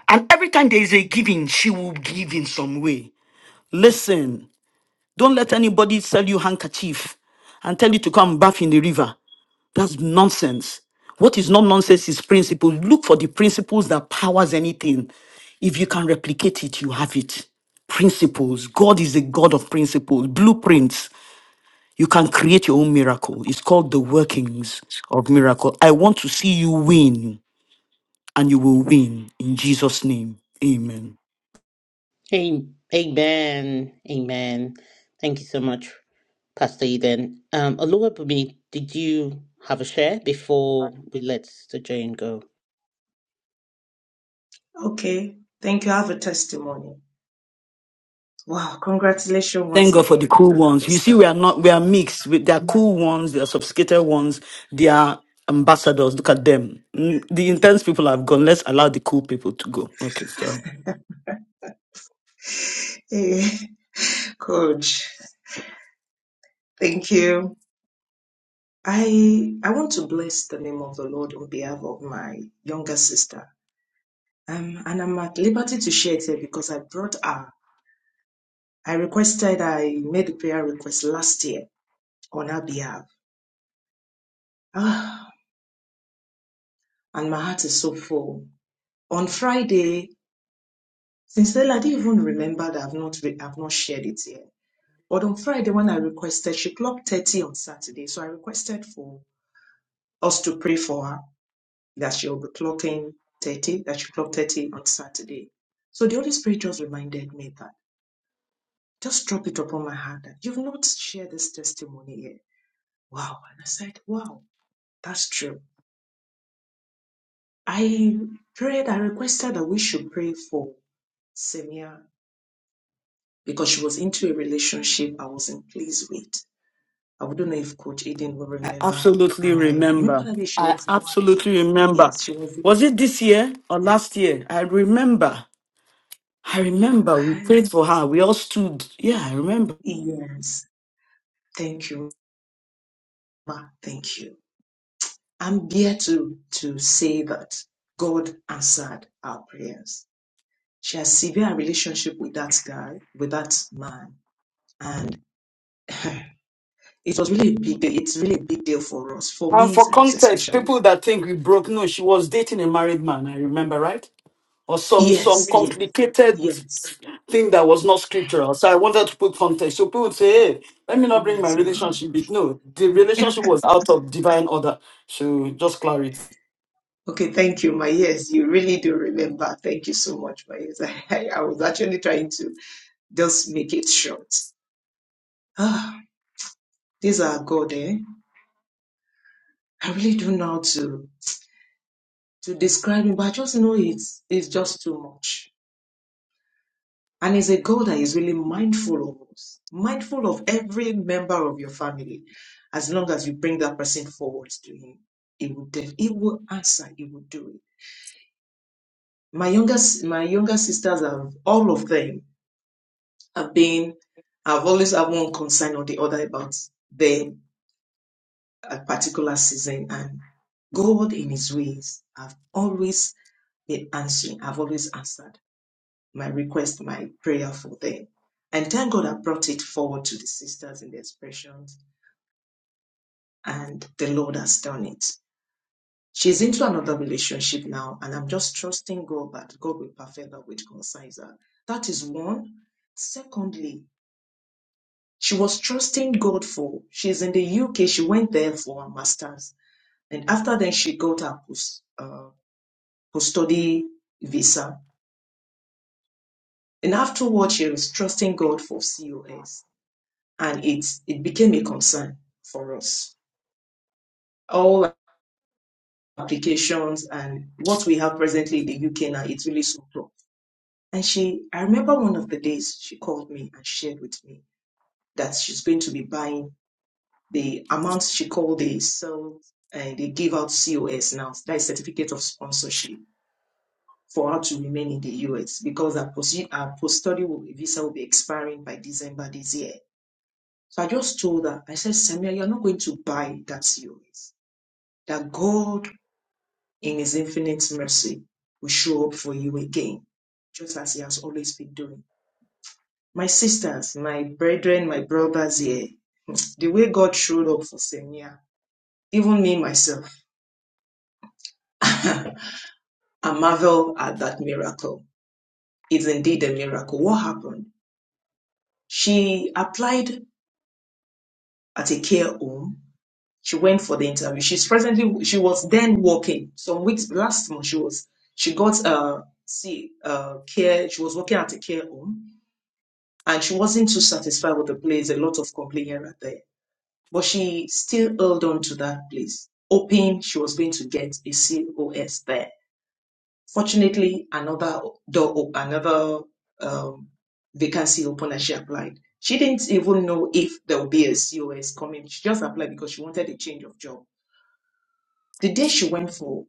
Speaker 3: And every time there is a giving, she will give in some way. Listen, don't let anybody sell you handkerchief and tell you to come bath in the river. That's nonsense. What is not nonsense is principle. Look for the principles that powers anything. If you can replicate it, you have it. Principles. God is a God of principles. Blueprints. You can create your own miracle. It's called the workings of miracle. I want to see you win. and you will win in Jesus' name. Amen.
Speaker 6: Am- Amen. Amen. Thank you so much, Pastor Eden. Um, Oluwabumi, did you have a share before we let Sister Jane go?
Speaker 1: Okay. Thank you. I have a testimony. Wow. Congratulations once
Speaker 3: Thank God for the
Speaker 1: again,
Speaker 3: cool ones. You see,
Speaker 1: Crystal.
Speaker 3: we are not we are mixed. With there are cool ones, there are sophisticated ones, they are ambassadors. Look at them. Mm, The intense people have gone. Let's allow the cool people to go. Okay, sorry.
Speaker 1: Hey, coach. Thank you. I I want to bless the name of the Lord on behalf of my younger sister. Um, and I'm at liberty to share it here because I brought her. I requested, I made a prayer request last year on her behalf. Ah, and my heart is so full. On Friday, Sincerely, I didn't even remember that I've not re- I've not shared it here. But on Friday, when I requested, she clocked 30 on Saturday. So I requested for us to pray for her that she'll be clocking 30, that she clocked 30 on Saturday. So the Holy Spirit just reminded me that just drop it upon my heart that you've not shared this testimony yet. Wow. And I said, Wow, that's true. I prayed, I requested that we should pray for Semia because she was into a relationship I wasn't pleased with. I don't know if Coach Eden will
Speaker 3: I
Speaker 1: remember.
Speaker 3: absolutely
Speaker 1: And I remember
Speaker 3: remember.
Speaker 1: that day she
Speaker 3: I
Speaker 1: was the one.
Speaker 3: absolutely
Speaker 1: Yes,
Speaker 3: remember.
Speaker 1: yes, she was the
Speaker 3: Was
Speaker 1: one.
Speaker 3: it this year or
Speaker 1: Yes,
Speaker 3: last year? I remember. I remember we
Speaker 1: okay.
Speaker 3: prayed for her. We all stood. Yeah, I remember.
Speaker 1: Yes, thank you, ma. Thank you. I'm here to to say that God answered our prayers. She has severe relationship with that guy, with that man, and it was really a big deal. It's really a big deal for us, for
Speaker 3: And
Speaker 1: me
Speaker 3: for
Speaker 1: most
Speaker 3: context,
Speaker 1: especially.
Speaker 3: people that think we broke, no, she was dating a married man. I remember, right? or some some
Speaker 1: Yes, yes,
Speaker 3: complicated
Speaker 1: yes,
Speaker 3: thing that was not scriptural. So I wanted to put context. So people would say, hey, let me not bring my
Speaker 1: yes, ma'am.
Speaker 3: relationship. bit." No, the relationship was out of divine order. So just clarity.
Speaker 1: Okay, thank you, my yes, you really do remember. Thank you so much, my yes. I, I was actually trying to just make it short. Ah, these are God, eh? I really don't know how to to describe him, but I just know it's it's just too much. And he's a God that is really mindful of us, mindful of every member of your family. As long as you bring that person forward to him, he will def- he will answer, he will do it. My younger s- my younger sisters have all of them I've been, I've always had one concern or the other about the a particular season and God in His ways have always been answering. I've always answered my request, my prayer for them. And thank God I brought it forward to the sisters in the expressions and the Lord has done it. She's into another relationship now and I'm just trusting God that God will perfect that which concerns her. That is one. Secondly, she was trusting God for she's in the UK. She went there for her master's, and after then she got her post uh, post study visa. And afterwards, she was trusting God for COS, and it it became a concern for us. All applications and what we have presently in the UK now, it's really so tough. And she, I remember one of the days she called me and shared with me that she's going to be buying the amount she called they sell and they give out COS now, that is certificate of sponsorship for her to remain in the US because her post her post-study will- visa will be expiring by December this year. So I just told her, I said, Samia, you're not going to buy that COS. That God in his infinite mercy will show up for you again, just as he has always been doing. My sisters, my brethren, my brothers here, the way God showed up for Samia, even me myself. I marvel at that miracle. It's indeed a miracle. What happened? She applied at a care home. She went for the interview. She's presently she was then working. Some weeks last month she was she got uh see uh care she was working at a care home and she wasn't too satisfied with the place, a lot of complaint here and there. But she still held on to that place, hoping she was going to get a COS there Fortunately, another door, op- another um, vacancy opened, and she applied. She didn't even know if there would be a COS coming. She just applied because she wanted a change of job. The day she went for,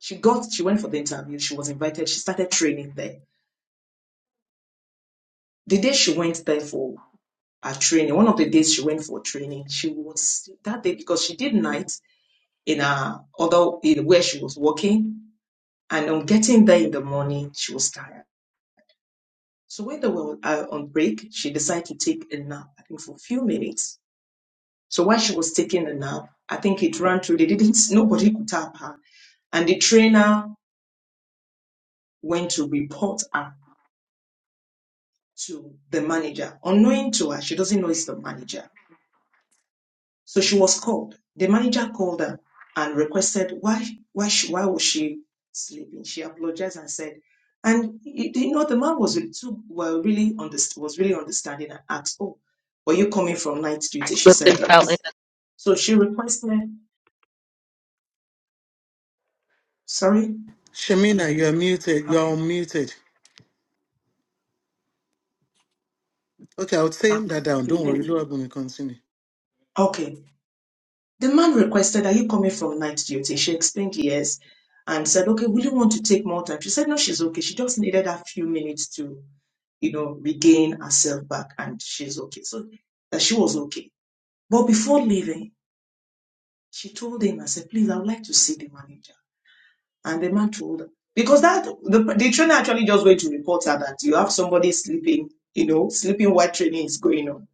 Speaker 1: she got, she went for the interview. She was invited. She started training there. The day she went there for her training, one of the days she went for training, she was that day because she did night in her other in where she was working. And on getting there in the morning, she was tired. So when they were on, uh, on break, she decided to take a nap, I think for a few minutes. So while she was taking a nap, I think it ran through, they didn't, nobody could tap her. And the trainer went to report her to the manager. Unknowing to her, she doesn't know it's the manager. So she was called. The manager called her and requested why why she, why was she sleeping? She apologized and said, and you you know the man was really too well really underst- was really understanding and asked, oh, were you coming from night duty? She said
Speaker 4: I know.
Speaker 1: yes. So she requested, sorry,
Speaker 2: Shemina, you're muted. You're
Speaker 1: okay,
Speaker 2: unmuted. Okay, I would say that down.
Speaker 1: okay,
Speaker 2: Don't worry,
Speaker 1: thank you.
Speaker 2: Lord, we continue.
Speaker 1: Okay, the man requested, are you coming from night duty? She explained yes, and said, okay, will you want to take more time? She said no, she's okay. She just needed a few minutes to you know, regain herself back and she's okay. So that she was okay. But before leaving, she told him, I said, please, I would like to see the manager. And the man told her, because that the, the trainer actually just went to report her that you have somebody sleeping, you know, sleeping while training is going on.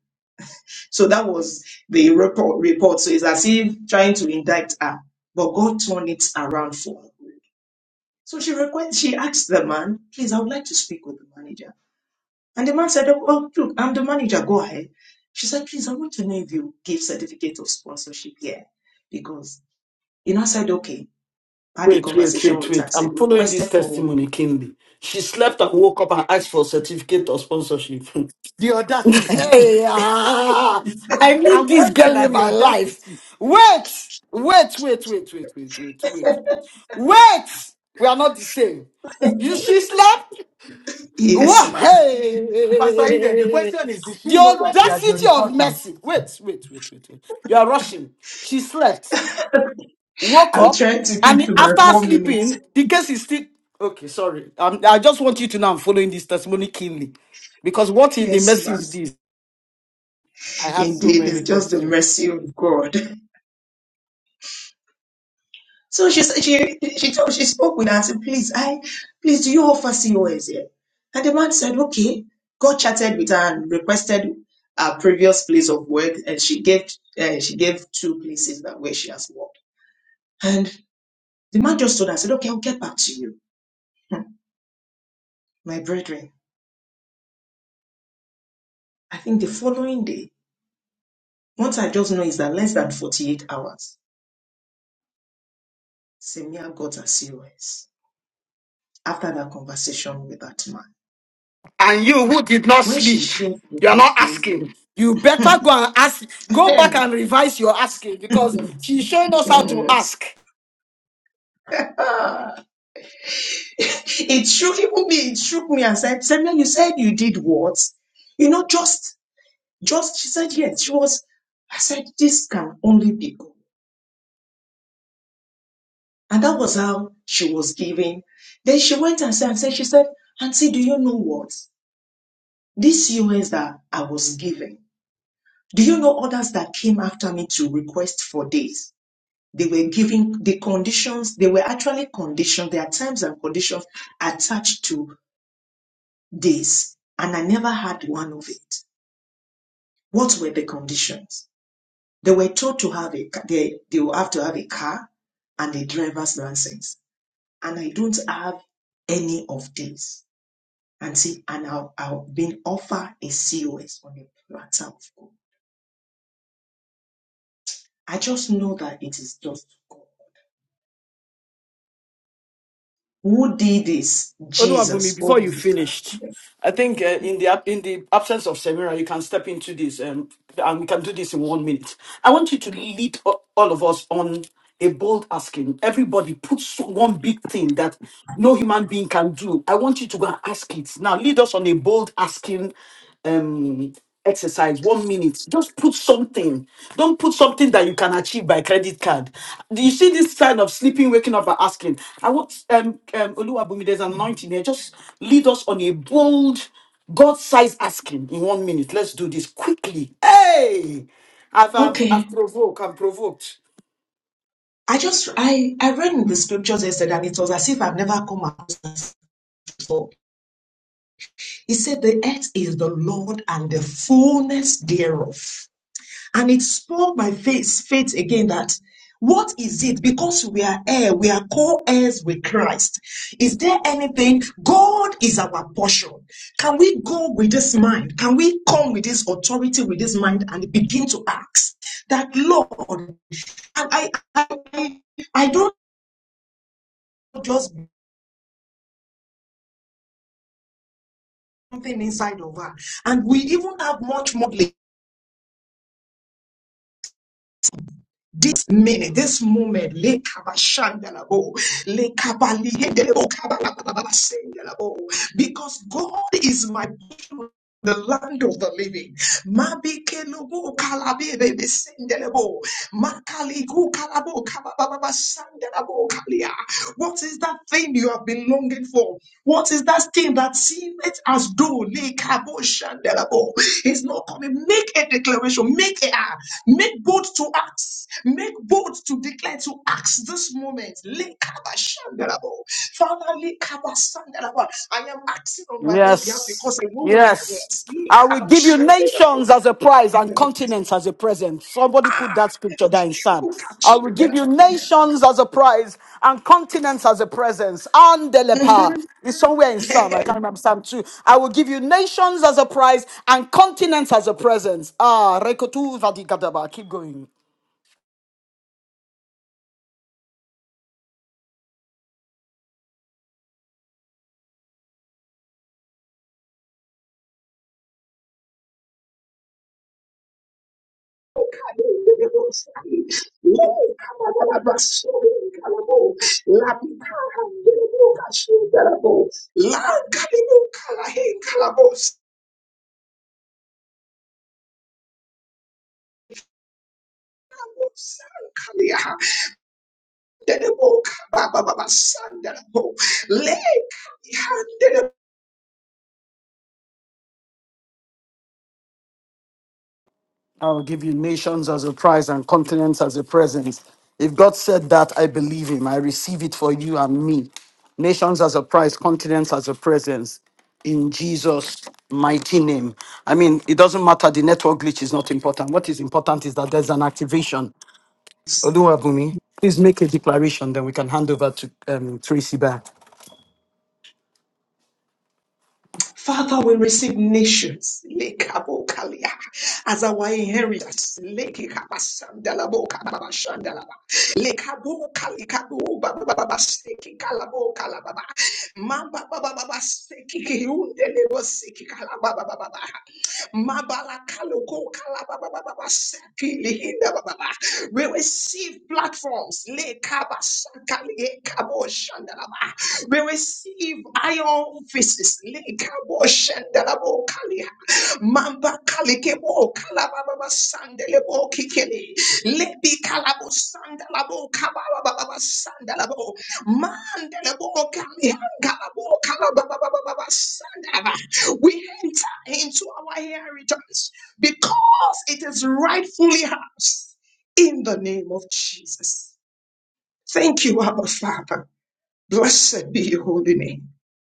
Speaker 1: So that was the report. report. So it's as if trying to indict her, but God turned it around for her. So she request, she asked the man, please, I would like to speak with the manager. And the man said, Oh, well, look, I'm the manager, go ahead. She said, Please, I want to know if you give certificate of sponsorship here. Because, you know, I said, Okay. I had a
Speaker 3: Wait, wait,
Speaker 1: conversation
Speaker 3: wait,
Speaker 1: with her, I
Speaker 3: wait.
Speaker 1: said,
Speaker 3: I'm following this
Speaker 1: requested for,
Speaker 3: testimony keenly. She slept and woke up and asked for a certificate of sponsorship.
Speaker 2: The audacity.
Speaker 3: Hey, ah, I need
Speaker 2: I'm
Speaker 3: this girl
Speaker 2: wondering
Speaker 3: in
Speaker 2: at the
Speaker 3: my life.
Speaker 2: audacity.
Speaker 3: Wait, wait, wait, wait, wait, wait, wait, wait. Wait, we are not the same. You, she slept.
Speaker 1: yes,
Speaker 3: Wha-
Speaker 1: ma'am.
Speaker 3: Hey!
Speaker 2: Pastor Eden, the question is, does she
Speaker 3: The
Speaker 2: know that she has been
Speaker 3: audacity of
Speaker 2: reporting?
Speaker 3: mercy. Wait, wait, wait, wait, wait. You are rushing. She slept, woke
Speaker 1: I'm
Speaker 3: up,
Speaker 1: trying to keep
Speaker 3: and
Speaker 1: to my
Speaker 3: after
Speaker 1: four minutes.
Speaker 3: sleeping, the case is still. Okay, sorry. Um, I just want you to know I'm following this testimony keenly. Because what in the
Speaker 1: Yes,
Speaker 3: mercy is
Speaker 1: ma'am.
Speaker 3: this?
Speaker 2: I have so
Speaker 1: Indeed,
Speaker 2: many
Speaker 1: it's just the
Speaker 2: questions.
Speaker 1: mercy of God. So she said she she told she spoke with her. and said, please, I please do you offer COS here? And the man said, okay. God chatted with her and requested her previous place of work, and she gave uh, she gave two places that where she has worked. And the man just told her, said, okay, I'll get back to you. Hmm. My brethren, I think the following day, what I just know is that less than 48 hours, Semia got her COS after that conversation with that man.
Speaker 3: And you who did not
Speaker 1: When she
Speaker 3: sleep,
Speaker 1: shared the
Speaker 3: you are not
Speaker 1: testimony,
Speaker 3: asking. You better go and ask, go back and revise your asking because she's showing us how to ask.
Speaker 1: Ah, it shook even me. It shook me and said, Samuel, you said you did what? You know, just, just, she said, yes, she was. I said, this can only be God. And that was how she was giving. Then she went and said, and said she said, Auntie, do you know what? These US that I was giving, do you know others that came after me to request for this? They were giving the conditions, they were actually conditioned, there are terms and conditions attached to this. And I never had one of it. What were the conditions? They were told to have a they they will have to have a car and a driver's license, and I don't have any of these. And see, and I'll, I'll been offered a COS on the platter of gold. I just know that it is just God. Who did this?
Speaker 3: Oluwabumi,
Speaker 1: Jesus.
Speaker 3: before
Speaker 1: Oh
Speaker 3: you
Speaker 1: my God.
Speaker 3: finished,
Speaker 1: Yes.
Speaker 3: I think uh, in the ab- in the absence of Semira, you can step into this, um, and we can do this in one minute. I want you to lead a- all of us on a bold asking. Everybody, put so- one big thing that no human being can do. I want you to go and ask it now. Lead us on a bold asking. Um, exercise one minute just put something don't put something that you can achieve by credit card do you see this sign of sleeping waking up and asking i want um um Oluwabumi, there's an anointing here just lead us on a bold god sized asking in one minute let's do this quickly hey i've i've,
Speaker 1: Okay.
Speaker 3: I've provoked i'm provoked
Speaker 1: I just I I read in the scriptures yesterday, and it was as if I've never come across this before. He said, "The earth is the Lord and the fullness thereof." And it spoke my faith, faith again that what is it? Because we are heir, we are co-heirs with Christ. Is there anything? God is our portion. Can we go with this mind? Can we come with this authority, with this mind, and begin to ask that Lord? And I, I, I don't just something inside of her, and we even have much more. this minute, this moment, lekabashandalabo, lekabalihedelebo, kabalababasendalabo, because God is my portion, the land of the living. Mabikelubu kalabebe sendelebo, makaligu kalabo kababababasandelabo kalia. What is that thing you have been longing for? What is that thing that seems as though lekaboshandelabo is not coming? Make a declaration, make it. Make bold to act. Make bold to declare to ask this moment. Lekabashandarabo. Father, lekabasandarabo. I am acting on my own behalf
Speaker 3: Yes.
Speaker 1: because I know what I
Speaker 3: Yes.
Speaker 1: want.
Speaker 3: I will give you
Speaker 1: Lekabashandarabo.
Speaker 3: nations as a prize and continents as a present. Somebody put
Speaker 1: Ah,
Speaker 3: that scripture there in Psalm. I will give you
Speaker 1: lekabashandarabo.
Speaker 3: nations as a prize and continents as a presence. And the
Speaker 1: Mhm.
Speaker 3: leper is somewhere in Psalm. I can't remember Psalm 2. I will give you nations as a prize and continents as a presence. Ah, Rekotu Vadigadaba. Keep going.
Speaker 1: Lekabashandarabo. Lekabashandarabo. Lekabashandarabo. Lekabashandarabo.
Speaker 3: I will give you nations as a prize and continents as a present. If God said that, I believe him. I receive it for you and me. Nations as a prize, continents as a presence. In Jesus' mighty name. I mean, it doesn't matter. The network glitch is not important. What is important is that there's an activation. Oluwabumi, please make a declaration, then we can hand over to um, Tracy back.
Speaker 1: Father, we receive nations lekabokalia, as our inheritance. Lekekabasandalabokabarabashandalaba, lekabokalikabobabababasekikalabokala, Mamba baba baba seki kiunde lebo seki kalaba baba Mabalakaloko kalabababa sepilihinda. We receive platforms. Lekabasakali ekaboshandalaba. We receive iron offices. Lekaboshandalabo kaliha. Mamba kalikebo kalabababa sandelebo kikeli. Lebi kalabo sandalabo kabababa sandalabo. Mandelebo kalihanga labo kalabababa sandalaba. We into our inheritance because it is rightfully ours in the name of Jesus. Thank you, Abba Father. Blessed be your holy name.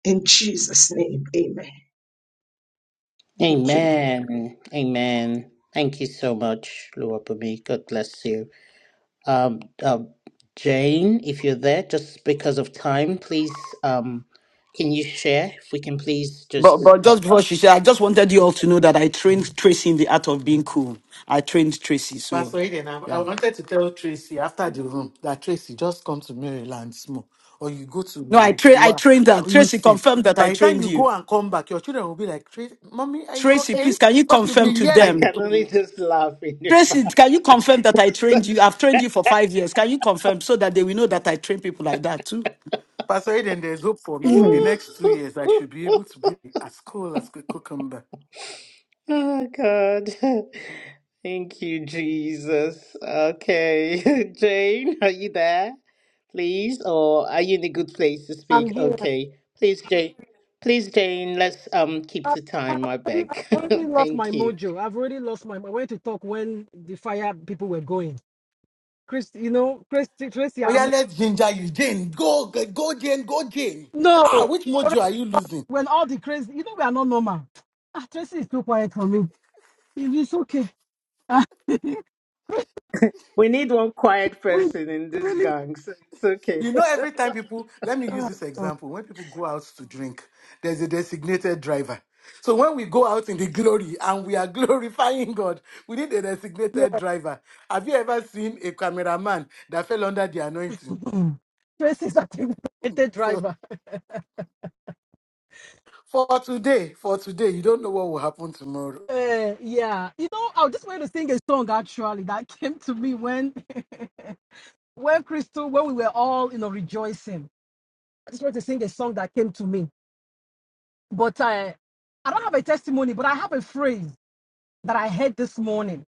Speaker 1: In Jesus' name, amen. Thank you.
Speaker 6: Amen. Amen. Thank you so much, Oluwabumi. God bless you. Um, um, Jane, if you're there, just because of time, please, um, can you share? If we can please
Speaker 3: But
Speaker 6: just,
Speaker 3: but
Speaker 6: uh,
Speaker 3: just before she said, I just wanted you all to know that I trained Tracy in the art of being cool. I trained Tracy, so
Speaker 2: Pastor Eden, I, I
Speaker 3: yeah.
Speaker 2: wanted to tell Tracy after the room that Tracy, just come to Maryland small, or you go
Speaker 3: No, I
Speaker 2: to
Speaker 3: tra- I
Speaker 2: what
Speaker 3: trained her.
Speaker 2: you
Speaker 3: Tracy
Speaker 2: see.
Speaker 3: confirmed that I
Speaker 2: By the time
Speaker 3: trained
Speaker 2: you
Speaker 3: you.
Speaker 2: go and come back, your children will be like, "Tracy, Mommy, are you
Speaker 3: Tracy,
Speaker 2: okay?
Speaker 3: please, can you
Speaker 2: Because you'll be
Speaker 3: confirm to
Speaker 6: I
Speaker 2: yelling.
Speaker 3: them?
Speaker 6: can only just laugh in your
Speaker 3: Tracy, can you confirm that I trained you? I've trained you for five years. Can you confirm so that they will know that I train people like that too?
Speaker 2: Pastor Eden, there's hope for me. In the next two years, I should be able to be as cool as a cucumber.
Speaker 6: Oh God. Thank you, Jesus. Okay. Jane, are you there? Please, or are you in a good place to
Speaker 7: I'm
Speaker 6: speak?
Speaker 7: here.
Speaker 6: Okay. Please, Jane. Please, Jane, let's um keep
Speaker 7: I've
Speaker 6: to time, I
Speaker 7: already,
Speaker 6: beg.
Speaker 7: I've already lost my
Speaker 6: Thank you.
Speaker 7: mojo. I've already lost my. I went to talk when the fire people were going. Chris, you know, Chris, Tracy,
Speaker 2: Oh yeah,
Speaker 7: I'm not.
Speaker 2: let's ginger you, Jane. Go, go, go, Jane. Go, Jane.
Speaker 7: No,
Speaker 2: Ah, which
Speaker 7: already-
Speaker 2: mojo are you losing?
Speaker 7: when all the crazy, you know, we are not normal. Ah, Tracy is too quiet for me. It is okay. Ah, we
Speaker 6: We need one quiet
Speaker 7: we
Speaker 6: person in this
Speaker 7: really.
Speaker 6: gang, so it's okay.
Speaker 2: You know, every time people, let me use
Speaker 7: Uh,
Speaker 2: this example. When people go out to drink, there's a designated driver. So when we go out in the glory and we are glorifying God, we need a
Speaker 7: yeah.
Speaker 2: designated driver. Have you ever seen a cameraman that fell under the anointing?
Speaker 7: Mm. Tracy is a talented
Speaker 2: So
Speaker 7: driver.
Speaker 2: for today, for today, you don't know what will happen tomorrow.
Speaker 7: Uh, yeah, you know, I was just going to sing a song actually that came to me when when Crystal when we were all you know rejoicing. I just want to sing a song that came to me. But uh, I don't have a testimony, but I have a phrase that I heard this morning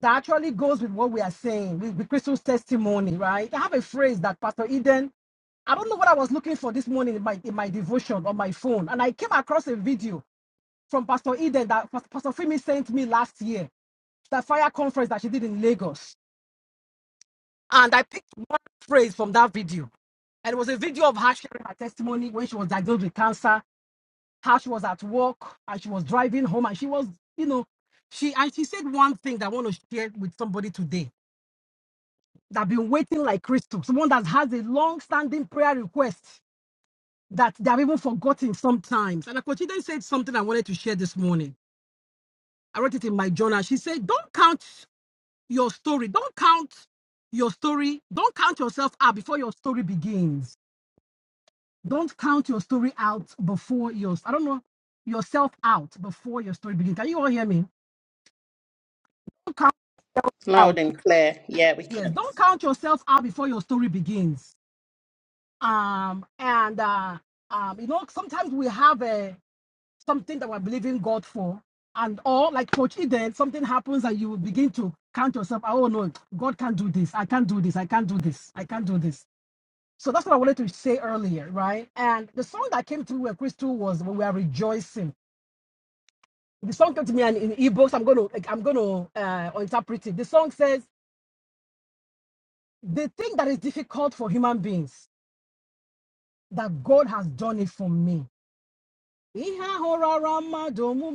Speaker 7: that actually goes with what we are saying, with, with Crystal's testimony, right? I have a phrase that Pastor Eden, I don't know what I was looking for this morning in my, in my devotion on my phone. And I came across a video from Pastor Eden that Pas- Pastor Femi sent me last year, that fire conference that she did in Lagos. And I picked one phrase from that video. And it was a video of her sharing her testimony when she was diagnosed with cancer how she was at work and she was driving home and she was, you know, she and she said one thing that I want to share with somebody today that have been waiting like crystals, someone that has a long-standing prayer request that they have even forgotten sometimes. And Akochide said something I wanted to share this morning. I wrote it in my journal. She said, Don't count your story, don't count your story, don't count yourself out before your story begins. Don't count your story out before your I don't know yourself out before your story begins. Can you all hear me? out.
Speaker 6: Loud and clear. Yeah, we
Speaker 7: Yes,
Speaker 6: can.
Speaker 7: don't count yourself out before your story begins. Um, and uh, um, you know, sometimes we have a something that we're believing God for, and or like Coach Eden, something happens and you begin to count yourself. Oh no, God can't do this. I can't do this. I can't do this. I can't do this. So that's what I wanted to say earlier, right? And the song that came through where Crystal was when we are rejoicing. The song came to me and in ebooks. I'm gonna like I'm gonna uh interpret it. The song says the thing that is difficult for human beings that God has done it for me.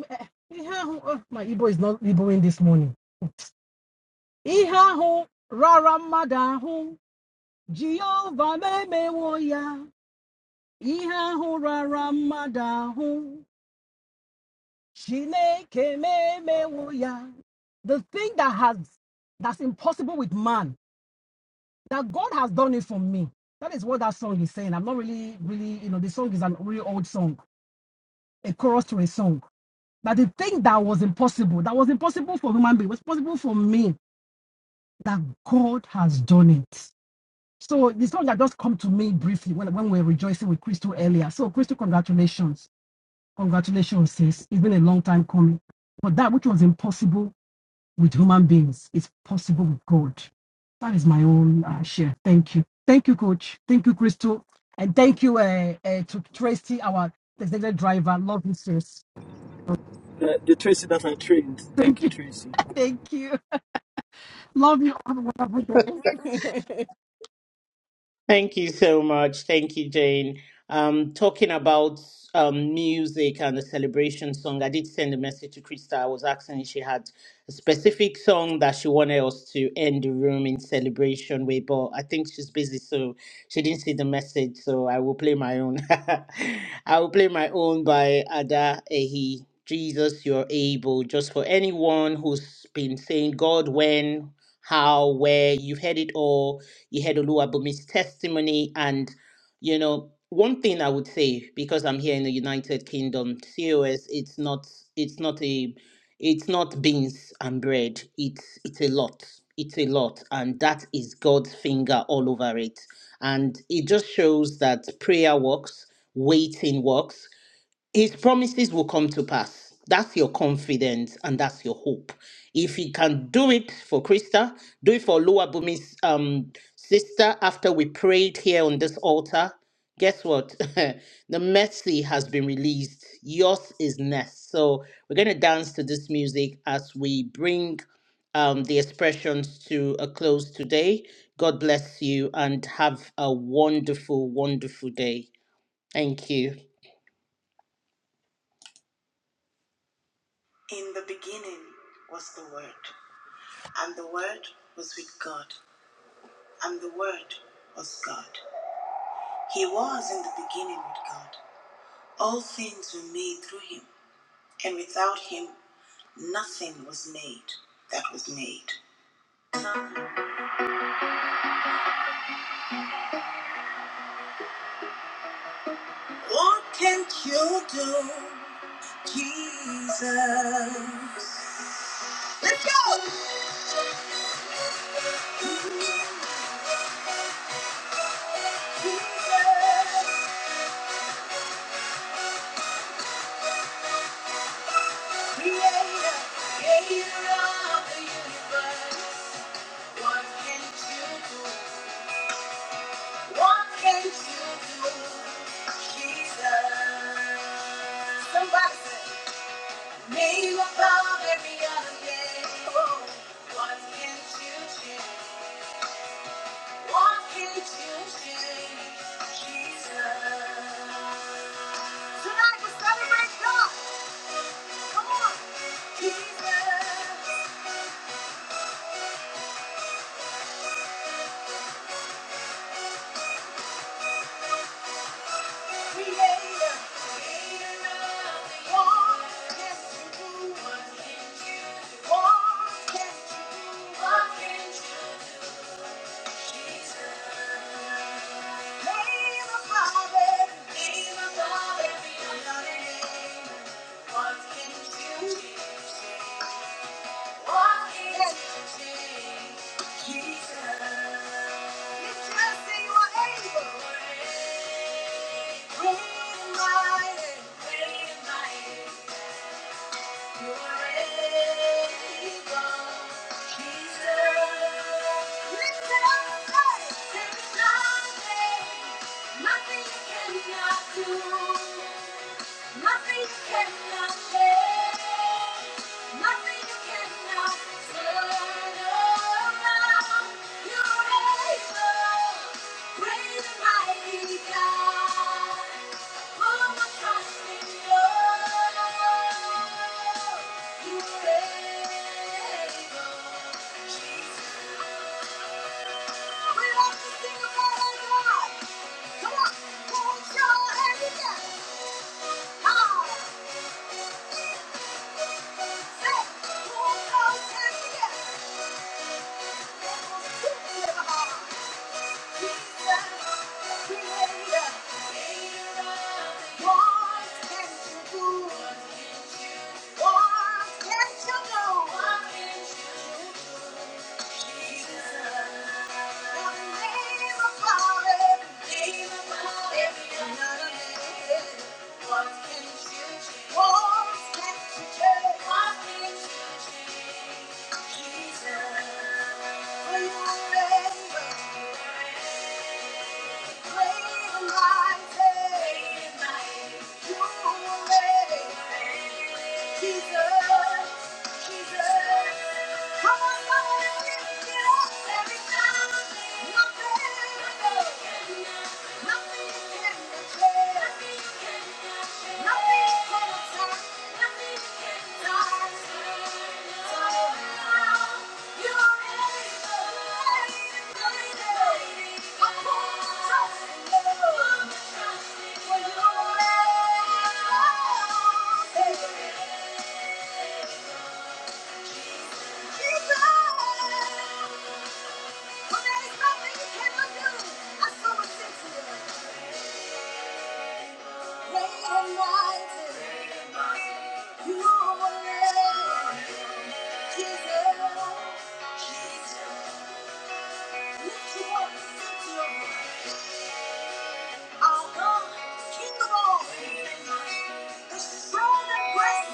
Speaker 7: eh, oh, my Igbo is not Igboing this morning. Ihe ahụ rara mmadụ Chineke memewo The thing that has that's impossible with man, that God has done it for me. That is what that song is saying. I'm not really, really, you know, the song is a really old song, a chorus to a song. That the thing that was impossible, that was impossible for human being, was possible for me, that God has done it. So the not that just come to me briefly when, when we were rejoicing with Crystal earlier. So Crystal, congratulations. Congratulations, sis. It's been a long time coming. But that which was impossible with human beings is possible with God. That is my own uh, share. Thank you. Thank you, Coach. Thank you, Crystal. And thank you uh, uh, to Tracy, our designated driver. Love you, sis. Thank you. Thank you. Love you on a wonderful day.
Speaker 6: Thank you so much. Thank you, Jane. Um, talking about um, music and the celebration song, I did send a message to Krista. I was asking if she had a specific song that she wanted us to end the room in celebration with, but I think she's busy, so she didn't see the message. So I will play my own. I will play my own by Ada Ehi. Jesus, you're able. Just for anyone who's been saying, God, when, how, where, you've heard it all Yehedolua Bumi's testimony. And, you know, one thing I would say, because I'm here in the United Kingdom, C.O.S. it's not, it's not a, it's not beans and bread. It's, it's a lot. It's a lot. And that is God's finger all over it. And it just shows that prayer works, waiting works. His promises will come to pass. That's your confidence and that's your hope. If he can do it for Krista, do it for Lua Bumi's um, sister after we prayed here on this altar. Guess what? the mercy has been released. Yours is next. So we're going to dance to this music as we bring um, the expressions to a close today. God bless you and have a wonderful, wonderful day. Thank you. In the beginning was the Word, and the Word was with God, and the Word was God. He was in the beginning with God. All things were made through him, and without him nothing was made that was made. What can you do, Jesus? Let's go! Jesus, creator, creator of the universe. What can you do? What can you do? Jesus. Somebody say, name above every other name. Oh, What can you change? What can you change? Jesus. Tonight we celebrate God. Come on. Jesus. What can you do? Nothing you cannot do. Nothing cannot change. Nothing cannot turn around. You're able, great and mighty God. Put my trust in you. You're able, Jesus. We love to sing about our God. Come on, hold your hand together. What can't you do? What can't you do? Jesus, Jesus. Thank you. Jesus. Jesus, lift You. up, lift You Jesus, Our God is King of The strong and great.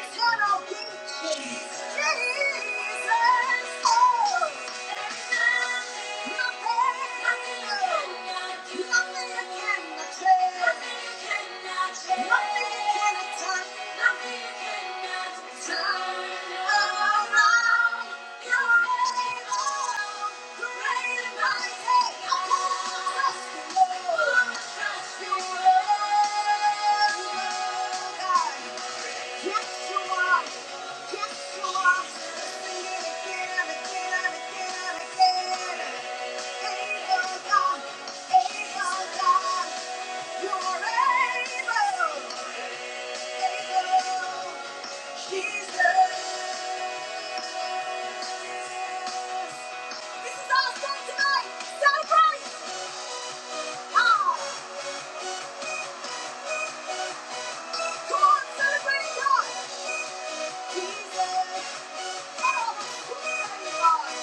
Speaker 6: Eternal King. Jesus. Oh. nothing can change. Thank you. Yes, you are. Yes, you are. Sing it again, again, again, again. Able God, able God, you are able, able, Jesus. This is our song tonight. Celebrate. Ah. celebrate God. Jesus. Oh,